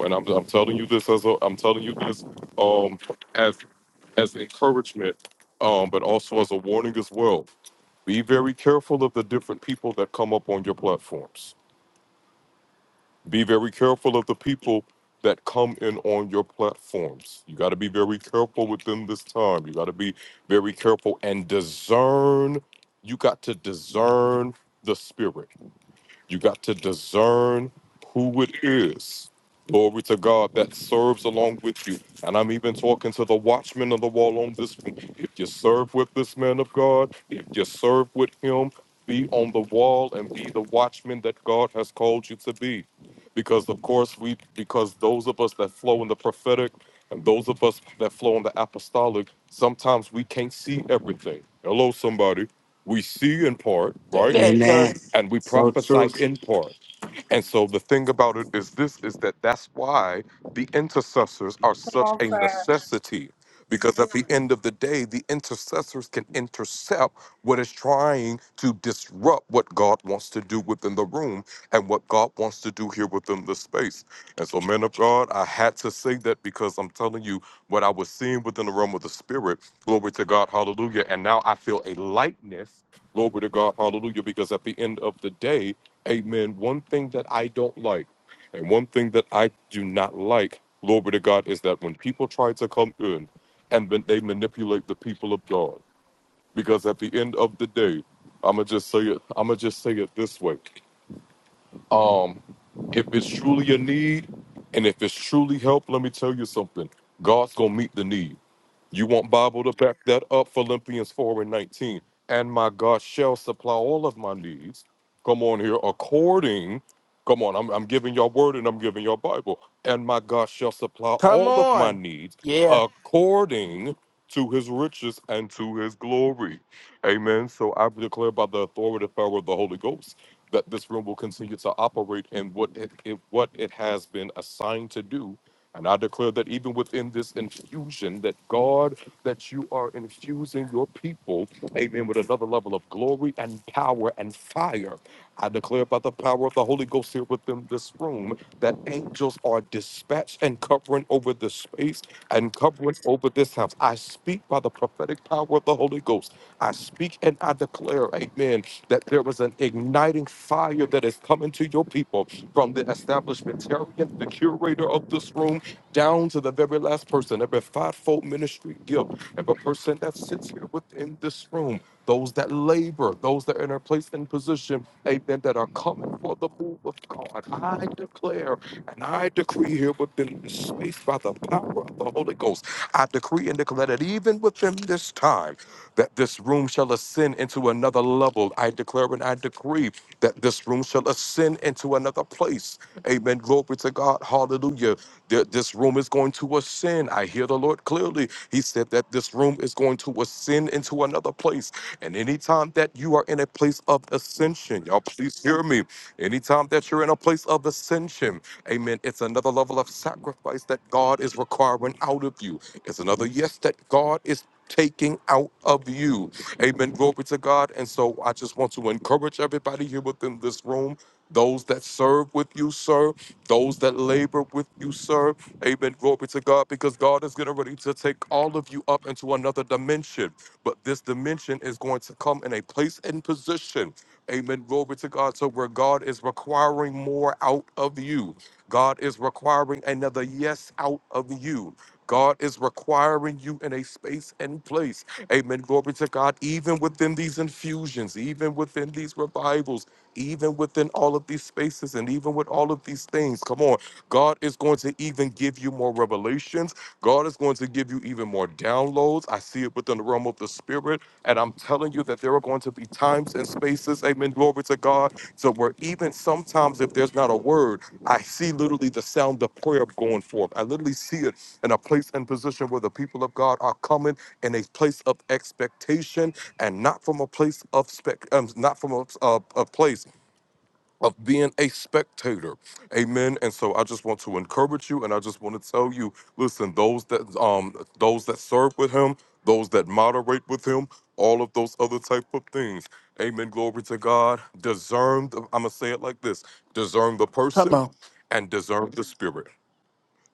Speaker 12: And I'm, I'm telling you this as a, I'm telling you this um, as as encouragement, um, but also as a warning as well. Be very careful of the different people that come up on your platforms. Be very careful of the people that come in on your platforms. You got to be very careful with them this time. You got to be very careful and discern. You got to discern the spirit. You got to discern who it is. Glory to God that serves along with you. And I'm even talking to the watchman of the wall on this one. If you serve with this man of God, if you serve with him, be on the wall and be the watchman that God has called you to be. Because of course we because those of us that flow in the prophetic and those of us that flow in the apostolic, sometimes we can't see everything. Hello, somebody. We see in part,
Speaker 11: say
Speaker 12: right?
Speaker 11: that, sir.
Speaker 12: and we prophesy import. And so the thing about it is this is that that's why the intercessors are
Speaker 2: Come
Speaker 12: such
Speaker 2: on,
Speaker 12: a
Speaker 2: sir.
Speaker 12: necessity because at the end of the day the intercessors can intercept what is trying to disrupt what God wants to do within the room and what God wants to do here within the space. And so men of God, I had to say that because I'm telling you what I was seeing within the realm of the spirit. Glory to God. Hallelujah. And now I feel a lightness Glory to God, hallelujah. Because at the end of the day, Amen. One thing that I don't like, and one thing that I do not like, glory to God, is that when people try to come in and then they manipulate the people of God. Because at the end of the day, I'ma just say it, I'ma just say it this way. Um, if it's truly a need and if it's truly help, let me tell you something. God's gonna meet the need. You want Bible to back that up? Philippians 4 and 19. And my God shall supply all of my needs. Come on here, according. Come on, I'm, I'm giving y'all word and I'm giving y'all Bible. And my God shall supply
Speaker 11: Come
Speaker 12: all of my
Speaker 11: on.
Speaker 12: needs
Speaker 11: Yeah.
Speaker 12: according to his riches and to his glory. Amen. So I declare by the authority and power of the Holy Ghost that this room will continue to operate in what it, it what it has been assigned to do and I declare that even within this infusion, that God, that you are infusing your people, amen, with another level of glory and power and fire. I declare by the power of the Holy Ghost here within this room that angels are dispatched and covering over this space and covering over this house. I speak by the prophetic power of the Holy Ghost. I speak and I declare, amen, that there is an igniting fire that is coming to your people from the establishmentarian, the curator of this room, down to the very last person, every fivefold ministry gift, every person that sits here within this room, those that labor, those that are in a place and position, amen, that are coming for the move of God. I declare and I decree here within this space by the power of the Holy Ghost. I decree and declare that even within this time, that this room shall ascend into another level. I declare and I decree that this room shall ascend into another place. Amen. Glory to God. Hallelujah Th- This room is going to ascend. I hear the Lord clearly. He said that this room is going to ascend into another place. And anytime that you are in a place of ascension, y'all please hear me. Anytime that you're in a place of ascension, amen, it's another level of sacrifice that God is requiring out of you. It's another yes that God is taking out of you. Amen. Glory to God. And so I just want to encourage everybody here within this room. Those that serve with you, sir. Those that labor with you, sir. Amen. Glory to God, because God is getting ready to take all of you up into another dimension. But this dimension is going to come in a place and position. Amen. Glory to God. So where God is requiring more out of you. God is requiring another yes out of you. God is requiring you in a space and place. Amen. Glory to God. Even within these infusions, even within these revivals, even within all of these spaces, and even with all of these things, come on. God is going to even give you more revelations. God is going to give you even more downloads. I see it within the realm of the spirit. And I'm telling you that there are going to be times and spaces, amen, glory to God, so where even sometimes if there's not a word, I see literally the sound of prayer going forth. I literally see it in a place and position where the people of God are coming in a place of expectation and not from a place of spec, um, not from a, a, a place of being a spectator. Amen. And so I just want to encourage you and I just want to tell you, listen, those that um those that serve with him, those that moderate with him, all of those other type of things. Amen. Glory to God. Discern the, I'm gonna say it like this: discern the
Speaker 11: Come
Speaker 12: person
Speaker 11: on.
Speaker 12: and discern the spirit.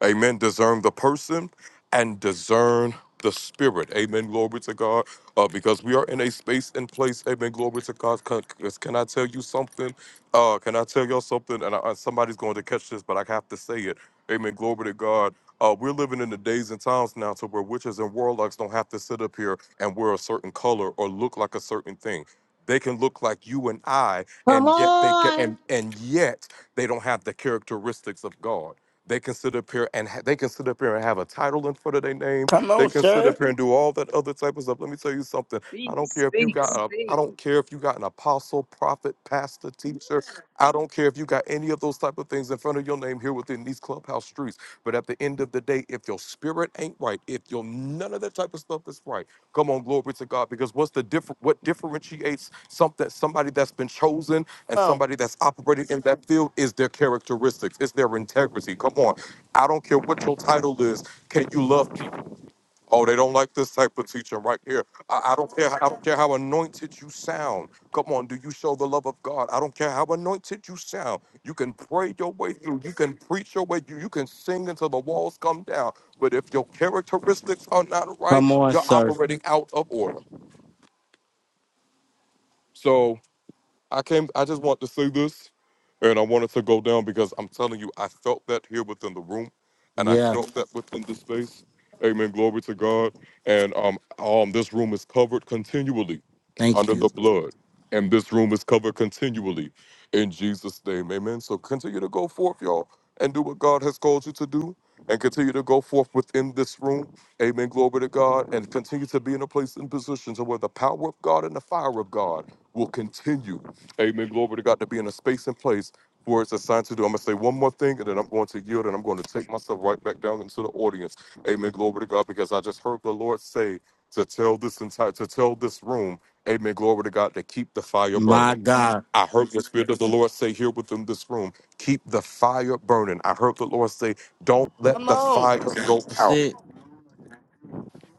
Speaker 12: Amen. Discern the person and discern the spirit. Amen. Glory to God. Uh, because we are in a space and place. Amen. Glory to God. Can, can I tell you something? Uh, can I tell y'all something? And I, somebody's going to catch this, but I have to say it. Amen. Glory to God. Uh, we're living in the days and times now to where witches and warlocks don't have to sit up here and wear a certain color or look like a certain thing. They can look like you and I,
Speaker 2: Come
Speaker 12: and yet they get
Speaker 2: on.
Speaker 12: and and yet they don't have the characteristics of God. They can sit up here and ha- they can sit up here and have a title in front of their name.
Speaker 11: Come
Speaker 12: They
Speaker 11: on,
Speaker 12: can sit
Speaker 11: sir.
Speaker 12: up here *laughs* and do all that other type of stuff. Let me tell you something. I
Speaker 13: Speak,
Speaker 12: don't care if you
Speaker 13: speak,
Speaker 12: got a, I
Speaker 13: speak.
Speaker 12: don't care if you got an apostle, prophet, pastor, teacher. I don't care if you got any of those type of things in front of your name here within these clubhouse streets. But at the end of the day, if your spirit ain't right, if your none of that type of stuff is right, Come on, glory to God. Because what's the different? What differentiates something somebody that's been chosen and
Speaker 11: Come on.
Speaker 12: somebody that's operated in that field is their characteristics. It's their integrity. Come on, I don't care what your title is. Can you love people? Oh, they don't like this type of teaching right here. I, I don't care. I don't care how anointed you sound. Come on, do you show the love of God? I don't care how anointed you sound. You can pray your way through. You can preach your way through. You can sing until the walls come down. But if your characteristics are not right,
Speaker 1: Come on,
Speaker 12: you're
Speaker 1: sir.
Speaker 12: operating out of order. So. I came. I just want to say this, and I wanted to go down because I'm telling you, I felt that here within the room, and I
Speaker 1: Yeah.
Speaker 12: felt that within the space. Amen. Glory to God. And um, um, this room is covered continually
Speaker 1: Thank
Speaker 12: under
Speaker 1: you.
Speaker 12: the blood, and this room is covered continually in Jesus' name. Amen. So continue to go forth, y'all, and do what God has called you to do, and continue to go forth within this room. Amen. Glory to God, and continue to be in a place and position to where the power of God and the fire of God will continue Amen. Glory to God to be in a space and place where it's assigned to do. I'm going to say one more thing and then I'm going to yield and I'm going to take myself right back down into the audience. Amen. Glory to God because I just heard the Lord say to tell this entire, to tell this room, Amen. Glory to God to keep the fire
Speaker 1: My
Speaker 12: burning.
Speaker 1: God.
Speaker 12: I heard the Spirit of the Lord say here within this room, keep the fire burning. I heard the Lord say, don't let
Speaker 11: Come
Speaker 12: the
Speaker 11: on.
Speaker 12: fire go
Speaker 1: That's
Speaker 12: out.
Speaker 1: it.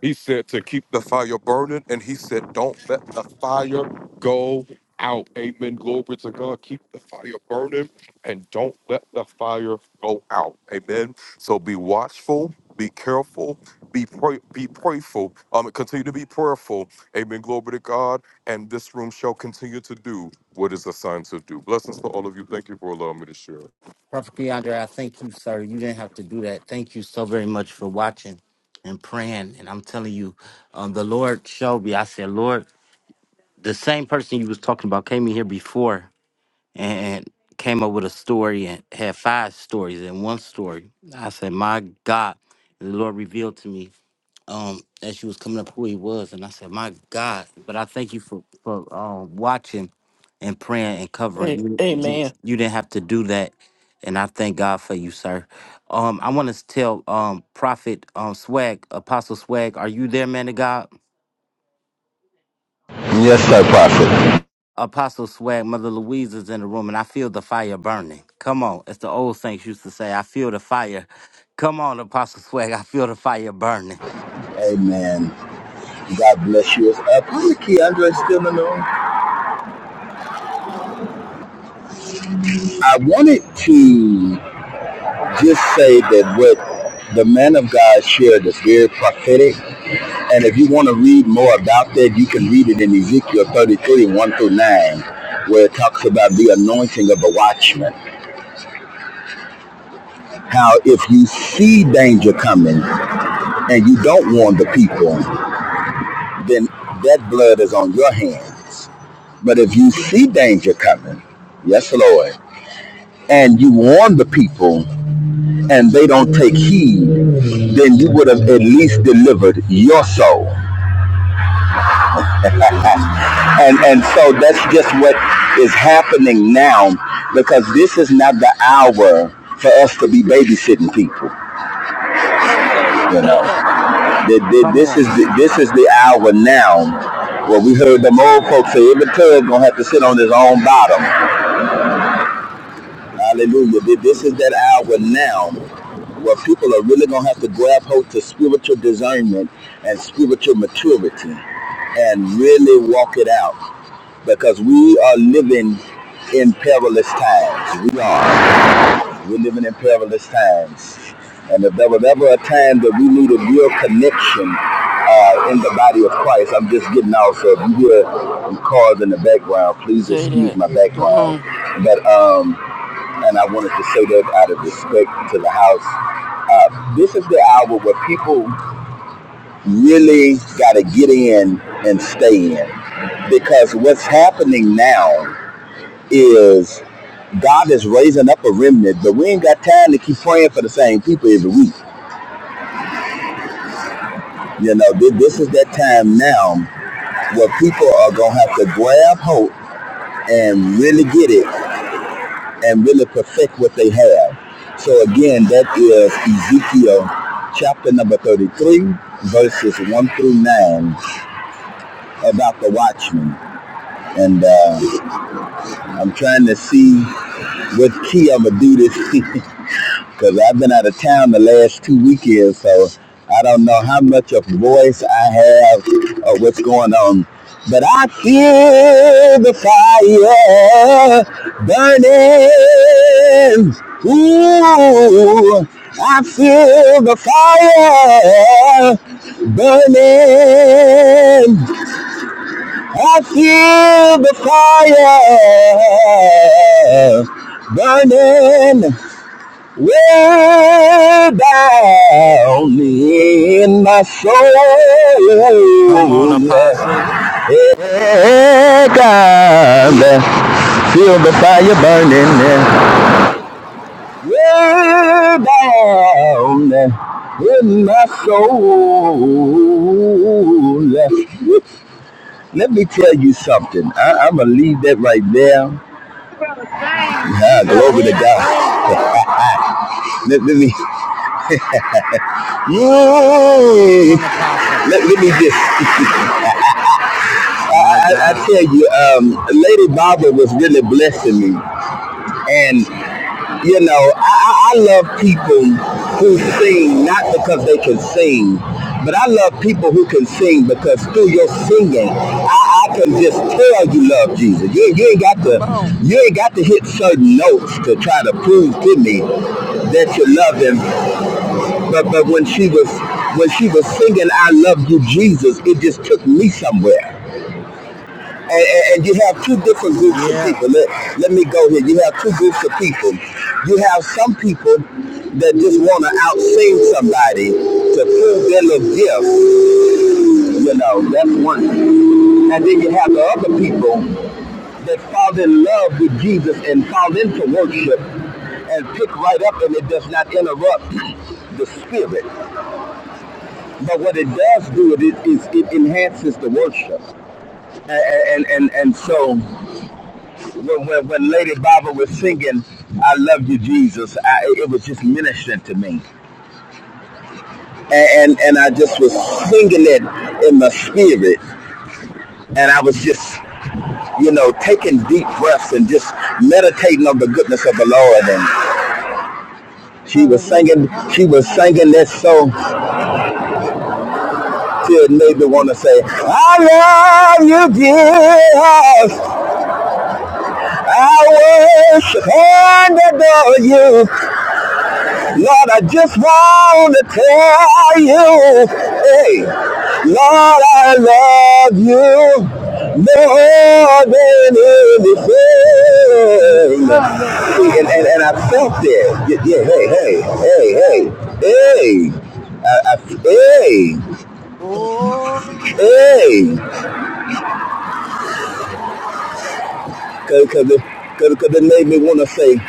Speaker 12: He said to keep the fire burning, and he said, Don't let the fire go out. Amen. Glory to God. Keep the fire burning, and don't let the fire go out. Amen. So be watchful, be careful, be pray, be prayerful. Um, continue to be prayerful. Amen. Glory to God. And this room shall continue to do what is assigned to do. Blessings to all of you. Thank you for allowing me to share.
Speaker 1: Prophet Keandre, I thank you, sir. You didn't have to do that. Thank you so very much for watching and praying. And I'm telling you, um, the Lord showed me. I said, Lord, the same person you was talking about came in here before and came up with a story and had five stories in one story. I said, my God. And the Lord revealed to me. um as you was coming up who he was and I said, My God, but I thank you for, for um watching and praying and covering.
Speaker 11: Hey,
Speaker 1: You,
Speaker 11: hey
Speaker 1: you
Speaker 11: man.
Speaker 1: you didn't have to do that. And I thank God for you, sir. Um I want to tell um Prophet um Swag, Apostle Swag, are you there, man of God?
Speaker 14: Yes, sir, Prophet.
Speaker 1: Apostle Swag, Mother Louise is in the room, and I feel the fire burning. Come on, as the old saints used to say, I feel the fire. Come on, Apostle Swag, I feel the fire burning.
Speaker 14: Amen. God bless you. Uh, Pastor Keandre still in the room? I wanted to just say that what the man of God shared is very prophetic. And if you want to read more about that, you can read it in Ezekiel 33, 1 through 9, where it talks about the anointing of a watchman. How if you see danger coming and you don't warn the people, then that blood is on your hands. But if you see danger coming, yes, Lord, and you warn the people and they don't take heed, then you would have at least delivered your soul. *laughs* and and so that's just what is happening now because this is not the hour for us to be babysitting people,
Speaker 11: Come on, sir.
Speaker 14: you
Speaker 11: Say
Speaker 14: know.
Speaker 11: that.
Speaker 14: The- the-
Speaker 1: Come
Speaker 14: This
Speaker 1: on,
Speaker 14: is the, this is the hour now. Well, we heard them old folks say every tub gonna have to sit on his own bottom. Hallelujah. This is that hour now where people are really going to have to grab hold to spiritual discernment and spiritual maturity and really walk it out because we are living in perilous times. We are. We're living in perilous times. And if there was ever a time that we needed real connection uh, in the body of Christ, I'm just getting out. So if you hear cars in the background, please
Speaker 11: Say
Speaker 14: excuse
Speaker 11: that.
Speaker 14: my
Speaker 11: Come
Speaker 14: background.
Speaker 11: on.
Speaker 14: But um, and I wanted to say that out of respect to the house. Uh, this is the hour where people really got to get in and stay in because what's happening now is God is raising up a remnant, but we ain't got time to keep praying for the same people every week. You know, thi- this is that time now where people are going to have to grab hope and really get it and really perfect what they have. So again, that is Ezekiel chapter number 33, verses 1 through 9 about the watchman. And uh, I'm trying to see what key I'm going to do this. *laughs* because I've been out of town the last two weekends, so I don't know how much of voice I have or what's going on. But I feel the fire burning. Ooh, I feel the fire burning. I feel the fire burning. Way down in my soul,
Speaker 1: come on,
Speaker 14: yeah.
Speaker 1: Apostle,
Speaker 14: Hey, God, yeah. feel the fire burning yeah. way down in my soul. yeah. Let me tell you something. I, I'm gonna leave that right there.
Speaker 15: You better sing. You
Speaker 14: Ah,
Speaker 11: Go
Speaker 15: better
Speaker 14: glory to
Speaker 11: ahead,
Speaker 15: sing this
Speaker 11: sing,
Speaker 14: God.
Speaker 11: sir.
Speaker 15: morning.
Speaker 14: Let, let me, yeah.
Speaker 1: come on, Apostle.
Speaker 14: Let, let me just
Speaker 1: My
Speaker 14: I, I
Speaker 1: God.
Speaker 14: tell you, um, Lady Barbara was really blessing me. And, you know, I, I I love people who sing not because they can sing, but I love people who can sing because through your singing, I, I can just tell you love Jesus. You, you ain't got
Speaker 11: Come
Speaker 14: to
Speaker 11: on.
Speaker 14: you ain't got to hit certain notes to try to prove to me that you love him. But but when she was when she was singing I love you Jesus, it just took me somewhere and, and, and you have two different groups of
Speaker 1: Yeah.
Speaker 14: people. Let, let me go here. You have two groups of people. You have some people that just want to outsing somebody to prove their little gift. You know, that's one. And then you have the other people that fall in love with Jesus and fall into worship and pick right up and it does not interrupt the spirit. But what it does do it is it, it enhances the worship. And, and, and, and so when, when, when Lady Baba was singing, I love you, Jesus, I, it was just ministering to me. And, and, and I just was singing it in my spirit. And I was just, you know, taking deep breaths and just meditating on the goodness of the Lord. And she was
Speaker 10: Hallelujah,
Speaker 14: singing, she was
Speaker 10: hallelujah,
Speaker 14: singing that song
Speaker 10: hallelujah, hallelujah.
Speaker 14: till it made
Speaker 10: Thank
Speaker 14: me
Speaker 10: you.
Speaker 14: want to say, I love you, Jesus. I worship and adore you. Lord, I just want to tell you, hey, Lord, I love you more than
Speaker 10: Yes,
Speaker 14: anything.
Speaker 10: sir, yes,
Speaker 14: See,
Speaker 10: sir,
Speaker 14: and, and,
Speaker 10: yes,
Speaker 14: and I
Speaker 10: sir.
Speaker 14: felt that. Yeah, yeah, hey,
Speaker 10: Woo!
Speaker 14: hey, hey, hey,
Speaker 10: Hey! Ah,
Speaker 14: hey. I,
Speaker 10: my God.
Speaker 14: I, hey, hey, cause, cause, it, cause, cause it made me wanna say,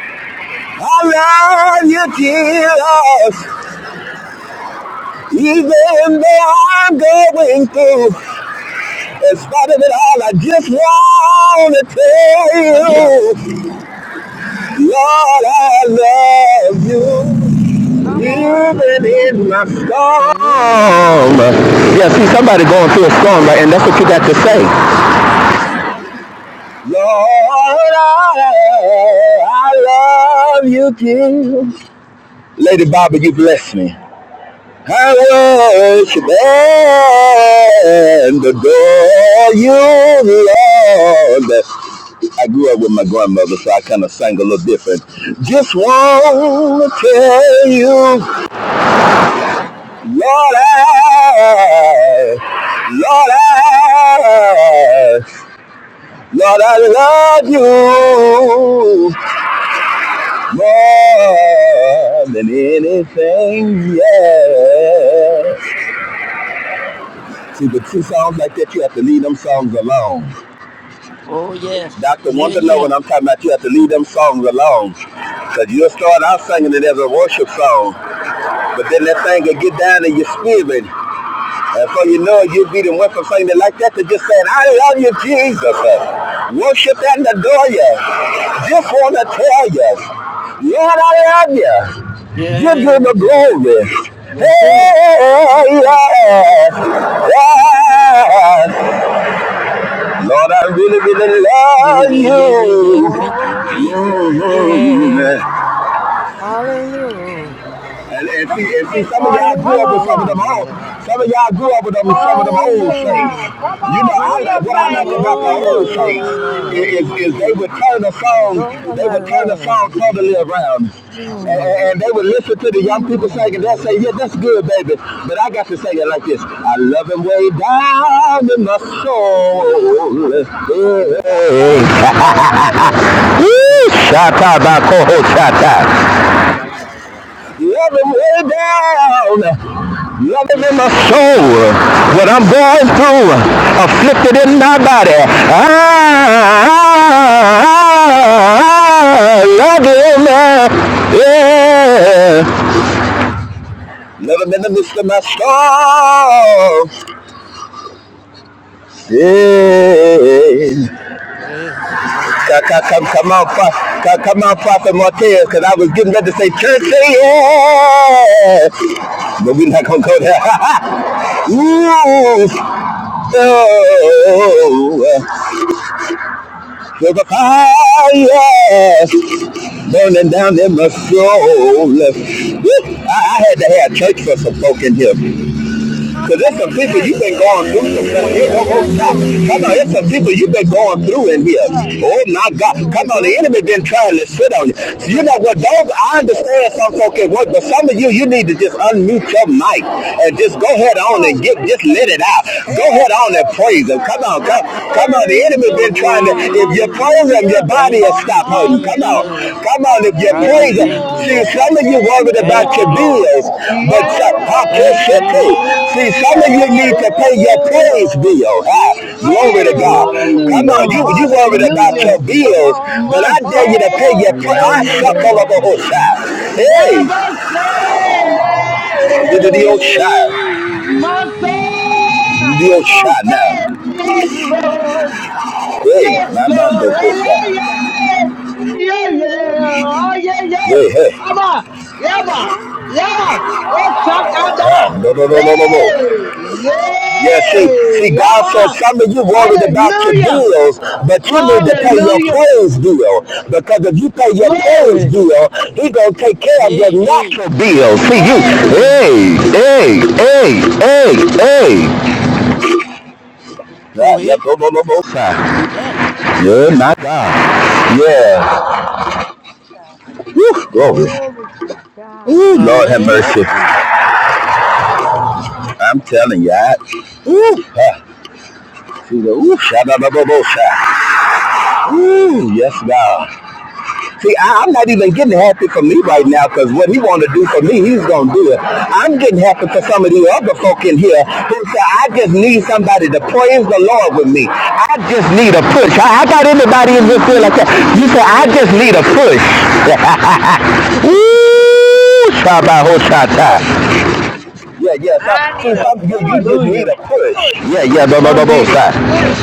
Speaker 14: I love you, Jesus, even though I'm going through. In spite of it all, I just want to tell
Speaker 11: Yes. sir.
Speaker 14: you, Lord, I love you.
Speaker 10: Come on, come
Speaker 14: Even
Speaker 10: on.
Speaker 14: in my
Speaker 3: Hallelujah.
Speaker 14: storm.
Speaker 3: Hallelujah,
Speaker 14: Yeah,
Speaker 3: Lord
Speaker 14: see,
Speaker 10: Yes,
Speaker 14: somebody
Speaker 10: yes,
Speaker 14: going
Speaker 3: Jesus.
Speaker 14: through a storm, right? And that's what you got to say.
Speaker 3: Hallelujah, Lord
Speaker 14: Lord,
Speaker 3: Jesus.
Speaker 14: I, I love you, Jesus. Lady Bobby, you bless me. I worship and adore you, Lord. I grew up with my grandmother, so I kind of sang a little different. Just want to tell you, Lord, I, Lord, I, Lord, I love you more than anything, yeah. See, with two songs like that, you have to leave them songs alone.
Speaker 11: Oh yes.
Speaker 14: Dr.
Speaker 11: Yeah,
Speaker 14: Wonder know
Speaker 11: yeah.
Speaker 14: what I'm talking about. You have to leave them songs alone. Because you'll start out singing it as a worship song, but then that thing will get down in your spirit. And so you know you'll be the one from singing it like that to just saying, I love you, Jesus. Worship and adore you. Just want to tell you, Lord, I love you. Give you the glory. Hey,
Speaker 10: yes, yes,
Speaker 14: yes,
Speaker 10: yes, yes, yes.
Speaker 14: yes. Lord, I really, really
Speaker 11: Yeah,
Speaker 14: love
Speaker 11: yeah, yeah, yeah, yeah.
Speaker 14: you.
Speaker 11: Thank you, Jesus.
Speaker 14: Mhm.
Speaker 3: Yeah. Hallelujah.
Speaker 15: You
Speaker 14: And,
Speaker 15: better
Speaker 14: and see, and
Speaker 15: sing
Speaker 14: see,
Speaker 15: this
Speaker 14: some of
Speaker 15: morning.
Speaker 14: y'all
Speaker 15: Come
Speaker 14: grew up with some of
Speaker 15: on.
Speaker 14: them old,
Speaker 3: Hallelujah.
Speaker 14: some of y'all grew up with them, some of
Speaker 15: Glory
Speaker 14: them old
Speaker 15: to
Speaker 14: saints.
Speaker 15: God. Come
Speaker 3: Hallelujah.
Speaker 14: You know,
Speaker 15: on. Do
Speaker 14: I,
Speaker 15: your
Speaker 14: what I
Speaker 15: thing
Speaker 14: like
Speaker 15: this
Speaker 14: about the
Speaker 3: Lord,
Speaker 10: Whoa,
Speaker 15: morning.
Speaker 14: old
Speaker 3: Lord, Lord,
Speaker 14: saints
Speaker 3: I
Speaker 10: Lord,
Speaker 14: i-
Speaker 3: love
Speaker 14: is,
Speaker 10: yeah.
Speaker 3: you.
Speaker 14: is they would
Speaker 11: Ooh.
Speaker 14: turn the song,
Speaker 3: Lord,
Speaker 14: they
Speaker 3: I
Speaker 14: would turn the
Speaker 3: love
Speaker 14: song totally
Speaker 3: you.
Speaker 14: around. And,
Speaker 3: Mm,
Speaker 14: and they would listen to the young people singing. They'll say, yeah, that's
Speaker 3: mm.
Speaker 14: good, baby. But I got to sing it like this. I love him way down in my
Speaker 11: Yes.
Speaker 15: It's all
Speaker 14: soul.
Speaker 15: right. It's all right.
Speaker 14: Shut up, I call shut up. Love him way down. Love him in
Speaker 11: Yes,
Speaker 14: my
Speaker 11: Lord
Speaker 14: soul.
Speaker 11: Jesus.
Speaker 14: What I'm going through, afflicted in my body. I love him. Yeah. Love him in the midst of my soul. Yeah. Come, come, come on, come, on, Prophet Martez, because I was getting ready to say church, yeah, but we're not gonna go there. *laughs* Ooh, oh, there's a fire burning down in my soul. I, I had to have church for some folk in here.
Speaker 15: Come
Speaker 14: Because
Speaker 15: on,
Speaker 14: there's some
Speaker 15: let
Speaker 14: people
Speaker 15: it to
Speaker 14: you've
Speaker 15: you.
Speaker 14: been
Speaker 15: Come
Speaker 14: going
Speaker 15: on, Give
Speaker 14: through
Speaker 15: it to him.
Speaker 1: Yes.
Speaker 15: Give it to him.
Speaker 14: Come on, there's some people you've been going through in
Speaker 10: Yes,
Speaker 14: here.
Speaker 10: sir.
Speaker 14: Oh my God.
Speaker 10: Glory,
Speaker 14: Come on, the
Speaker 10: glory,
Speaker 14: enemy been trying to sit on you. So you
Speaker 10: glory.
Speaker 14: know what, dog? I understand some folks can work, but some of you, you need to just unmute your mic and just go ahead
Speaker 15: Come
Speaker 14: on
Speaker 15: on.
Speaker 14: and get, just let
Speaker 15: Sing.
Speaker 14: it out. Go
Speaker 15: Hey,
Speaker 14: ahead on and
Speaker 15: glory to
Speaker 14: praise him. Come
Speaker 15: God.
Speaker 14: on,
Speaker 7: I
Speaker 14: come,
Speaker 15: Yes,
Speaker 14: come on.
Speaker 15: Lord.
Speaker 14: The
Speaker 7: heard
Speaker 14: enemy
Speaker 7: your
Speaker 14: been trying to,
Speaker 7: cry.
Speaker 14: if
Speaker 10: Hallelujah.
Speaker 14: your
Speaker 11: Yeah.
Speaker 14: clothes and
Speaker 7: Hallelujah.
Speaker 14: your
Speaker 10: Thank
Speaker 14: body
Speaker 10: you,
Speaker 15: Come
Speaker 11: Thank
Speaker 14: will
Speaker 15: on.
Speaker 10: God.
Speaker 11: you,
Speaker 14: stop hurting.
Speaker 10: Thank
Speaker 14: Come
Speaker 10: you,
Speaker 14: on.
Speaker 10: God.
Speaker 7: Hallelujah,
Speaker 11: Jesus.
Speaker 14: Come on. If your
Speaker 10: Thank
Speaker 15: Jesus.
Speaker 11: God, I
Speaker 10: you,
Speaker 14: praise,
Speaker 10: God.
Speaker 11: thank you,
Speaker 7: hallelujah,
Speaker 14: see,
Speaker 7: yeah,
Speaker 11: Lord.
Speaker 14: some of you
Speaker 10: Yeah,
Speaker 14: worried
Speaker 15: Come
Speaker 10: yeah,
Speaker 11: Thank
Speaker 14: about
Speaker 7: yeah,
Speaker 14: your
Speaker 11: you,
Speaker 10: yeah,
Speaker 11: Lord.
Speaker 14: bills,
Speaker 15: on. Come
Speaker 14: but
Speaker 15: on.
Speaker 14: so-
Speaker 10: yeah.
Speaker 15: Come
Speaker 14: how
Speaker 15: on.
Speaker 7: yeah,
Speaker 14: can
Speaker 11: Thank you,
Speaker 14: shit pay? See, some of you
Speaker 15: Yes,
Speaker 14: need to
Speaker 11: Lord.
Speaker 14: pay your
Speaker 7: yeah.
Speaker 14: praise bill.
Speaker 15: Lord.
Speaker 14: Ah, glory to
Speaker 7: Glory,
Speaker 14: God. Come on.
Speaker 15: Come
Speaker 7: hallelujah,
Speaker 15: on.
Speaker 14: You
Speaker 11: Ooh.
Speaker 14: you worried
Speaker 11: Yeah.
Speaker 14: about
Speaker 7: hallelujah.
Speaker 14: your
Speaker 15: Come
Speaker 14: bills,
Speaker 15: on.
Speaker 14: but
Speaker 7: My
Speaker 14: I
Speaker 15: Come
Speaker 14: dare you
Speaker 15: on.
Speaker 14: to
Speaker 15: Come
Speaker 14: pay
Speaker 7: soul
Speaker 14: your
Speaker 15: on.
Speaker 14: praise.
Speaker 7: says
Speaker 14: I suck
Speaker 7: yeah.
Speaker 14: all over the
Speaker 10: My
Speaker 14: whole
Speaker 10: God,
Speaker 14: side.
Speaker 10: my God,
Speaker 7: And
Speaker 10: my
Speaker 7: I
Speaker 14: Hey,
Speaker 10: God.
Speaker 7: must say,
Speaker 14: the the old shot.
Speaker 7: my
Speaker 10: Amen.
Speaker 11: Ooh.
Speaker 10: I
Speaker 14: The
Speaker 10: think
Speaker 14: old
Speaker 7: soul
Speaker 10: about
Speaker 14: shot now.
Speaker 7: says
Speaker 10: Jesus.
Speaker 7: yes, Lord.
Speaker 10: Mm.
Speaker 14: Hey,
Speaker 7: Yes,
Speaker 14: my
Speaker 10: Everything
Speaker 14: man,
Speaker 7: Lord.
Speaker 14: don't
Speaker 10: you've
Speaker 14: go
Speaker 7: Yeah,
Speaker 10: done for me,
Speaker 14: down.
Speaker 10: God.
Speaker 7: yeah, yeah, yeah, yeah. Oh,
Speaker 10: Mm.
Speaker 7: yeah, yeah.
Speaker 14: Hey, hey.
Speaker 7: Ama, yeah,
Speaker 10: My
Speaker 7: ma,
Speaker 10: soul
Speaker 7: yeah.
Speaker 10: sing,
Speaker 7: Oh,
Speaker 14: Ah,
Speaker 7: shakada.
Speaker 14: no, no,
Speaker 10: yeah.
Speaker 14: no, no, no, no.
Speaker 10: My
Speaker 7: Hey,
Speaker 14: Yeah, see, see,
Speaker 7: yeah,
Speaker 10: folks,
Speaker 14: God
Speaker 10: yega,
Speaker 14: says
Speaker 7: Ama.
Speaker 14: some of you
Speaker 10: yega,
Speaker 14: worried
Speaker 10: yega,
Speaker 14: about your
Speaker 7: Hallelujah,
Speaker 14: bills, but
Speaker 10: yega,
Speaker 14: you need
Speaker 10: yega,
Speaker 14: to pay your
Speaker 7: Hallelujah.
Speaker 14: praise bill. Because if you pay your praise
Speaker 7: Glory,
Speaker 14: bill, he gonna take care of your
Speaker 11: Hey, hey,
Speaker 14: natural bills. See you,
Speaker 7: glory,
Speaker 14: hey, hey, hey, hey, hey.
Speaker 11: go
Speaker 14: Yeah, yeah,
Speaker 11: ahead
Speaker 14: go, go, go, go,
Speaker 11: and
Speaker 14: side.
Speaker 11: do that.
Speaker 14: Yeah, my
Speaker 10: yega.
Speaker 14: God.
Speaker 10: Glory to God.
Speaker 14: Yeah. Woo, glory.
Speaker 10: Glory to God.
Speaker 14: Ooh,
Speaker 11: In the
Speaker 14: Lord have
Speaker 11: name
Speaker 14: mercy.
Speaker 11: of Jesus.
Speaker 10: Glory to God.
Speaker 14: I'm telling you, I, ooh, huh. See the- ooh, sha out, go, go, go, sha. Ooh, yes, God. See, I, I'm not even getting happy for me
Speaker 11: Come
Speaker 14: right
Speaker 11: on.
Speaker 14: now because what he want to do for me, he's going to do it. I'm getting happy for some of the other folk in here who say, I just need somebody to praise the Lord with me. I just need a push. I, I got anybody in here feel like that. You say, I just need a push.
Speaker 11: Yeah.
Speaker 14: *laughs* Woo!
Speaker 15: I just need a push.
Speaker 14: Shabbat Yeah, yeah. Some,
Speaker 15: I
Speaker 14: see,
Speaker 15: need
Speaker 7: glory.
Speaker 15: a
Speaker 14: some, you, you
Speaker 15: push,
Speaker 14: just need
Speaker 7: Hallelujah.
Speaker 14: a
Speaker 15: push,
Speaker 14: push.
Speaker 15: push.
Speaker 14: Yeah, yeah. Bo, bo,
Speaker 7: I
Speaker 14: bo, bo,
Speaker 7: need a
Speaker 14: side.
Speaker 7: push.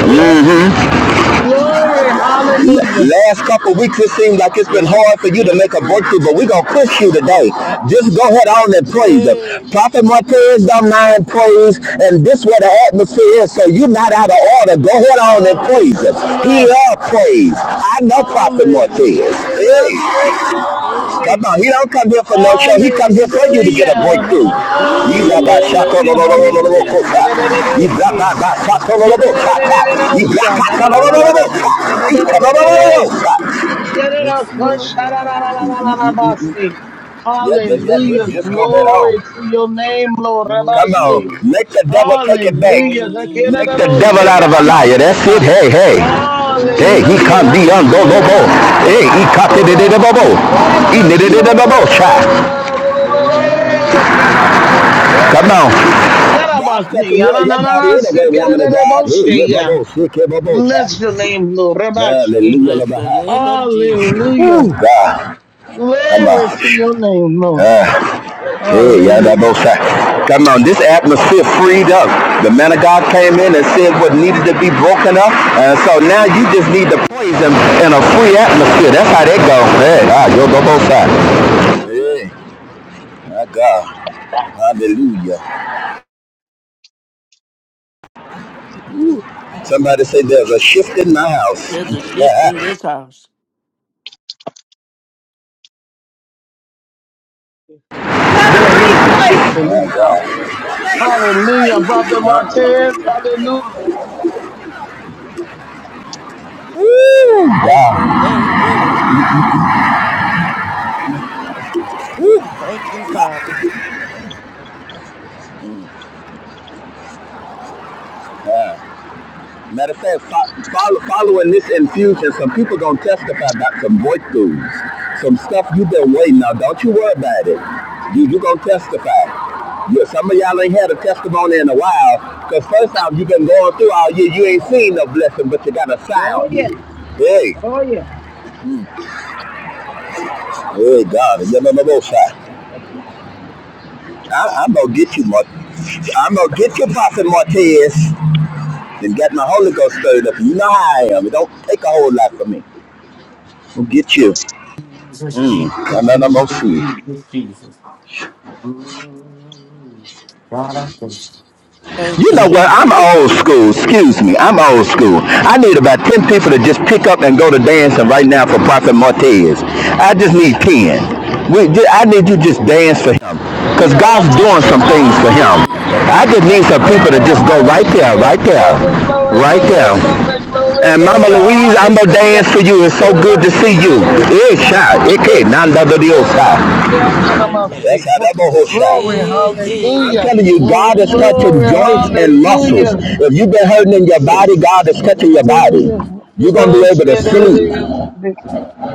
Speaker 15: Yeah, no, no, no, no, no, my
Speaker 7: Glory. Hallelujah.
Speaker 14: Last couple of weeks, it seems like it's been
Speaker 11: Yeah.
Speaker 14: hard for you to
Speaker 11: Yes,
Speaker 14: make a
Speaker 11: Lord.
Speaker 14: breakthrough, but we're going to push you
Speaker 11: Come
Speaker 14: today.
Speaker 11: on, prophet.
Speaker 14: Just go ahead on and praise Him.
Speaker 11: Hey,
Speaker 14: Prophet Martinez don't mind praise, and this is where the atmosphere is, so you're not out of order. Go ahead on and praise Him. He
Speaker 7: Hallelujah.
Speaker 14: love praise. I know Prophet Martinez.
Speaker 7: Hallelujah.
Speaker 14: Hey,
Speaker 7: That's it. Yeah, that's
Speaker 11: yeah.
Speaker 14: come
Speaker 7: it.
Speaker 14: on. He don't come here for no show. He come here for you to get
Speaker 7: Hallelujah.
Speaker 14: a breakthrough. He love our shaka,
Speaker 7: Hallelujah. Hallelujah.
Speaker 14: He
Speaker 7: That's
Speaker 14: love
Speaker 7: it.
Speaker 14: our shaka,
Speaker 7: Yeah, that's it.
Speaker 14: He love
Speaker 7: That's it. That's it.
Speaker 14: our shaka,
Speaker 7: That's it.
Speaker 14: He
Speaker 7: That's it.
Speaker 14: come, lo,
Speaker 7: That's it.
Speaker 14: shaka.
Speaker 7: Yadadakunsharadadadadadabasi.
Speaker 14: Yeah, just, yeah, just,
Speaker 7: Hallelujah.
Speaker 14: just go head on.
Speaker 7: Glory to your name, Lord.
Speaker 14: Come on.
Speaker 7: Rabashi.
Speaker 14: Make the devil take it back.
Speaker 7: Hallelujah.
Speaker 14: Make the devil out of a liar. That's it.
Speaker 7: Zakiradadoshigaramasata.
Speaker 14: Hey, hey. Hey, he
Speaker 7: Hallelujah.
Speaker 14: can't be on go Hey, he can't be
Speaker 7: Rasikoreandanadabasiora.
Speaker 14: the bobo.
Speaker 7: Oh,
Speaker 14: He did it in the
Speaker 7: Rabashiora.
Speaker 14: bobo. Try.
Speaker 7: Oh, Yababa.
Speaker 14: Come
Speaker 7: Yere.
Speaker 14: on. God said to
Speaker 7: Yarabasi.
Speaker 14: you and your body
Speaker 7: Yarananana.
Speaker 14: anyway, woman of God. Hey, yeah,
Speaker 7: Sikiradadaboshiya.
Speaker 14: bubble, Sick, yeah, bubble.
Speaker 7: Bless
Speaker 14: Try.
Speaker 7: your name, Lord. Rabashi.
Speaker 14: Hallelujah,
Speaker 11: Bless the
Speaker 14: Lord.
Speaker 11: name of Jesus.
Speaker 7: Hallelujah.
Speaker 14: God. Come
Speaker 7: Glory to
Speaker 14: on.
Speaker 7: your name, Lord.
Speaker 14: Hey, yeah, that both
Speaker 7: Hallelujah.
Speaker 14: sides. Come on, this atmosphere freed up. The man of God came in and said what needed to be broken up. And so now you just need to praise him in a free atmosphere. That's how they go. Hey, ah, you'll go both sides. Hey, my God. Hallelujah. Somebody say there's a shift in my house.
Speaker 11: There's a shift in
Speaker 14: *laughs*
Speaker 11: this house.
Speaker 7: There is a shift in this
Speaker 14: my
Speaker 7: house.
Speaker 14: God.
Speaker 7: Hallelujah, Prophet Martez. Hallelujah.
Speaker 14: Woo!
Speaker 11: Bless the name of Jesus. Ooh, thank you, Father.
Speaker 14: Matter of fact, follow, following this infusion, some people gonna testify about some breakthroughs, some stuff you've been waiting on. Don't you worry about it. You you gonna testify. You, some of y'all ain't had a testimony in a while, cause first off, you've been going through all year. You ain't seen no blessing, but you got a
Speaker 13: Oh
Speaker 14: sound.
Speaker 13: yeah,
Speaker 14: Hey,
Speaker 13: oh yeah.
Speaker 14: hey, God, you know no I, I'm gonna get you, Mart. I'm gonna get you, Prophet Martez, and get my Holy Ghost stirred up. You know how I am. It don't take a whole lot for me. I'll get you. No, no, no, no,
Speaker 11: Thank
Speaker 14: You
Speaker 11: you,
Speaker 14: know what? I'm
Speaker 11: Jesus.
Speaker 14: old school. Excuse me. I'm old school. I need about 10 people to just pick up and go to dancing right now for Prophet Martez. I just need 10. We, I need you to just dance for him. Because
Speaker 7: Hallelujah.
Speaker 14: God's
Speaker 7: Rabbi
Speaker 14: doing
Speaker 7: Shea. Ha,
Speaker 14: some
Speaker 11: Come on,
Speaker 14: things
Speaker 7: ha,
Speaker 11: I
Speaker 14: for
Speaker 7: ha,
Speaker 11: feel it.
Speaker 7: ha,
Speaker 14: him.
Speaker 7: yeah.
Speaker 14: I just need some
Speaker 11: Idabashaya.
Speaker 14: people to
Speaker 7: Glory,
Speaker 14: just go right there,
Speaker 7: hallelujah.
Speaker 14: right there,
Speaker 7: Glory, glory,
Speaker 14: right there.
Speaker 7: glory, glory, glory,
Speaker 14: And Mama
Speaker 7: glory.
Speaker 14: Louise, I'm going to
Speaker 7: Hallelujah.
Speaker 14: dance for you. It's so good
Speaker 7: Rabbi
Speaker 14: to see
Speaker 7: Shea,
Speaker 14: you.
Speaker 7: Rabbi Shea, Rabbi
Speaker 14: It's shot. It
Speaker 7: Shea.
Speaker 14: can't. None other than your
Speaker 7: Rabbi
Speaker 14: side.
Speaker 7: Shea, Rabbi
Speaker 14: That's
Speaker 7: Shea.
Speaker 14: how that boho shot.
Speaker 7: Glory,
Speaker 11: Yeah,
Speaker 14: I'm
Speaker 7: hallelujah.
Speaker 11: yeah.
Speaker 14: telling you, God is
Speaker 7: Glory,
Speaker 14: touching joints and muscles.
Speaker 7: hallelujah.
Speaker 14: If you've been hurting in your
Speaker 7: Hallelujah.
Speaker 14: body, God is touching your body.
Speaker 7: Hallelujah.
Speaker 14: You're gonna be able to sleep.
Speaker 7: Hallelujah.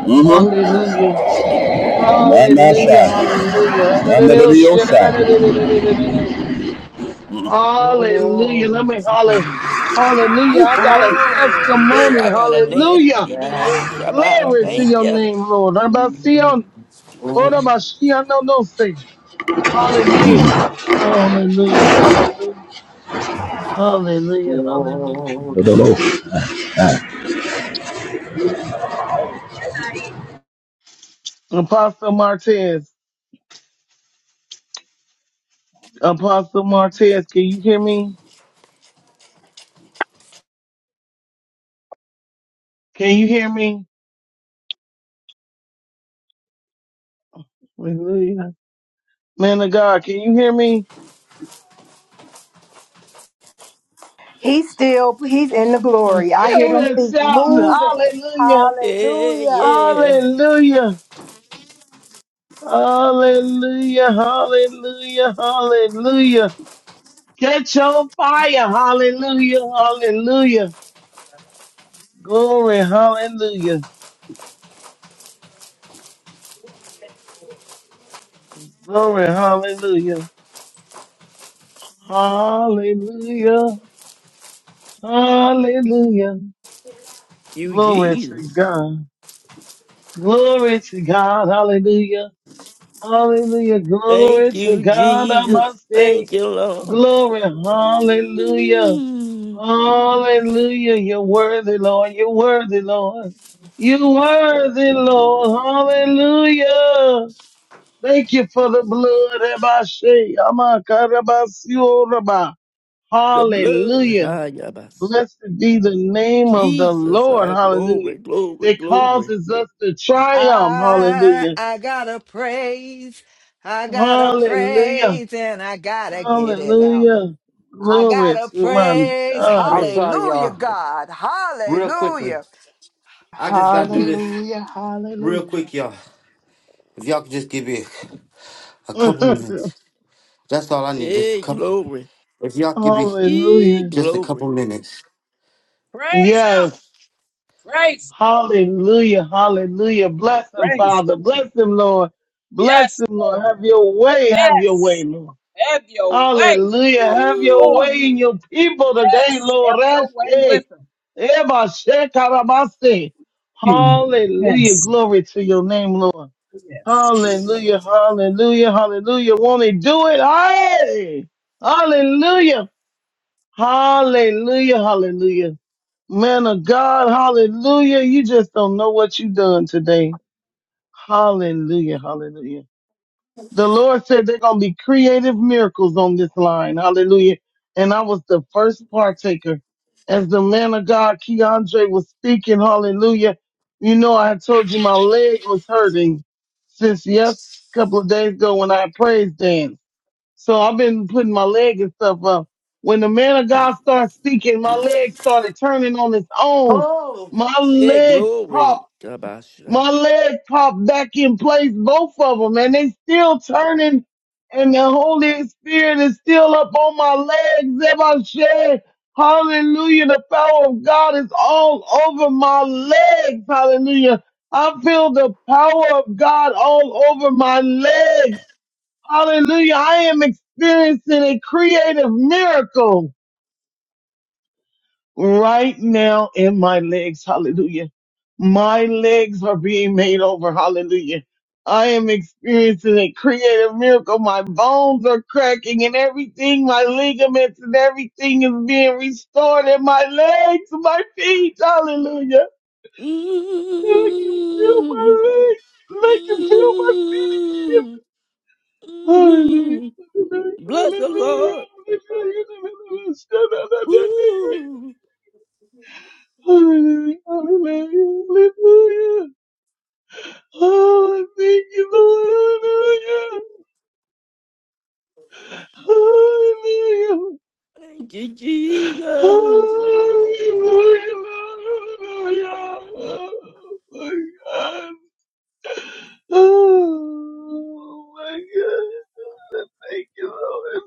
Speaker 14: Mm-hmm.
Speaker 7: Hallelujah.
Speaker 14: Not my
Speaker 7: Hallelujah.
Speaker 14: side. Not none of your side.
Speaker 7: Hallelujah. Hallelujah! Let me holler. Hallelujah. I got a
Speaker 11: Hey,
Speaker 7: testimony.
Speaker 11: I got to dance.
Speaker 7: Hallelujah.
Speaker 11: Ididio Shabbat.
Speaker 7: Glory to
Speaker 11: Thank
Speaker 7: your
Speaker 11: you.
Speaker 7: name, Lord. Rabasion, Orabashian, no, no, say. Hallelujah. Hallelujah. Hallelujah. Hallelujah. Hallelujah. Apostle Martez. Apostle Martez, can you hear me? Can you hear me? Hallelujah. Man of God, can you hear me?
Speaker 16: He's still, he's in the glory. I
Speaker 7: Yeah,
Speaker 16: hear them
Speaker 7: we're
Speaker 16: feet
Speaker 7: shouting
Speaker 16: moving.
Speaker 7: hallelujah,
Speaker 11: Yeah,
Speaker 16: Hallelujah.
Speaker 11: yeah.
Speaker 7: hallelujah, hallelujah, hallelujah, hallelujah. Catch on fire, hallelujah, hallelujah. Glory, hallelujah, glory, hallelujah, hallelujah, hallelujah.
Speaker 11: Thank you,
Speaker 7: Glory to
Speaker 11: Jesus.
Speaker 7: God, glory to God, hallelujah. Hallelujah. Glory
Speaker 11: Thank
Speaker 7: to
Speaker 11: you,
Speaker 7: God. I
Speaker 11: Jesus.
Speaker 7: must say,
Speaker 11: Thank you, Lord.
Speaker 7: glory. Hallelujah.
Speaker 11: Mm,
Speaker 7: Hallelujah. You're worthy, Lord. You're worthy, Lord. You're worthy, Lord. Hallelujah. Thank you for the blood. Ebashe, amakarabasioraba.
Speaker 11: the blood,
Speaker 7: Hallelujah.
Speaker 11: ah, yabas.
Speaker 7: Blessed be the name of the
Speaker 11: Jesus,
Speaker 7: Lord.
Speaker 11: ah,
Speaker 7: Hallelujah.
Speaker 11: glory, glory,
Speaker 7: That
Speaker 11: glory.
Speaker 7: causes us to triumph.
Speaker 3: I
Speaker 7: Hallelujah.
Speaker 3: I gotta praise, I gotta
Speaker 7: Hallelujah.
Speaker 3: praise, and I gotta get it out.
Speaker 7: Hallelujah.
Speaker 3: I
Speaker 7: Glory
Speaker 3: gotta
Speaker 7: to my
Speaker 3: praise.
Speaker 7: God.
Speaker 1: I'm
Speaker 11: Glory,
Speaker 1: sorry,
Speaker 3: Hallelujah,
Speaker 1: y'all.
Speaker 3: God.
Speaker 1: Real quickly.
Speaker 3: Hallelujah.
Speaker 1: I just gotta
Speaker 3: Mm.
Speaker 1: do this
Speaker 16: Hallelujah.
Speaker 1: real quick,
Speaker 16: Hallelujah.
Speaker 1: y'all. If y'all could just give me a, a couple
Speaker 7: *laughs*
Speaker 1: minutes. That's all I need, just a
Speaker 11: eh,
Speaker 1: couple.
Speaker 11: glory,
Speaker 1: If y'all give me
Speaker 11: eh,
Speaker 7: Hallelujah.
Speaker 1: just a couple
Speaker 11: glory.
Speaker 1: minutes.
Speaker 13: Praise them,
Speaker 7: Yes.
Speaker 13: praise
Speaker 7: Hallelujah. Hallelujah. Bless
Speaker 13: praise!
Speaker 7: him,
Speaker 13: praise. 'em.
Speaker 7: Father. Bless him, Lord. Bless
Speaker 13: Yes,
Speaker 7: him, Lord.
Speaker 13: Lord.
Speaker 7: Have your way. Have your way,
Speaker 13: Yes,
Speaker 7: Lord.
Speaker 13: have your way
Speaker 7: Hallelujah.
Speaker 13: with the
Speaker 7: Have your
Speaker 13: Lord.
Speaker 7: way
Speaker 11: Ooh,
Speaker 7: in your people today,
Speaker 13: Yes,
Speaker 7: Lord.
Speaker 13: have your way
Speaker 7: Rashe.
Speaker 13: with
Speaker 7: Eba shekarabase.
Speaker 13: him, *laughs*
Speaker 7: Hallelujah.
Speaker 13: Yes,
Speaker 7: Glory to your name, Lord.
Speaker 13: yes.
Speaker 7: Hallelujah, hallelujah, hallelujah. Won't he do it? Hey! Hallelujah, hallelujah, hallelujah. Man of God, hallelujah. You just don't know what you done today. Hallelujah, hallelujah. The Lord said they're going to be creative miracles on this line. Hallelujah. And I was the first partaker. As the man of God, Keandre, was speaking, hallelujah. You know, I had told you my leg was hurting since yes, a couple of days ago when I praised danced. So I've been putting my leg and stuff up. When the man of God started speaking, my leg started turning on its own. My
Speaker 11: eh,
Speaker 7: leg popped
Speaker 11: glory, yabasha.
Speaker 7: my leg popped back in place, both of them, and they still turning, and the Holy Spirit is still up on my legs. Ever shed, hallelujah, the power of God is all over my legs, hallelujah. I feel the power of God all over my legs, hallelujah. I am experiencing a creative miracle right now in my legs. Hallelujah. My legs are being made over. Hallelujah. I am experiencing a creative miracle. My bones are cracking and everything, my ligaments and everything is being restored in my legs, my feet. Hallelujah. Now I can feel
Speaker 11: Mm,
Speaker 7: my legs. and
Speaker 11: mm,
Speaker 7: I can feel my feet again.
Speaker 11: mm. Mm-hmm.
Speaker 7: Hallelujah.
Speaker 11: Bless the
Speaker 7: Hallelujah.
Speaker 11: Lord.
Speaker 7: Hallelujah. Hallelujah.
Speaker 11: Ooh.
Speaker 7: Hallelujah, hallelujah, hallelujah. Oh, thank you, Lord, hallelujah.
Speaker 11: Thank you,
Speaker 7: Hallelujah,
Speaker 11: Jesus.
Speaker 7: hallelujah, hallelujah. Oh my God. Oh my God, thank you, Lord.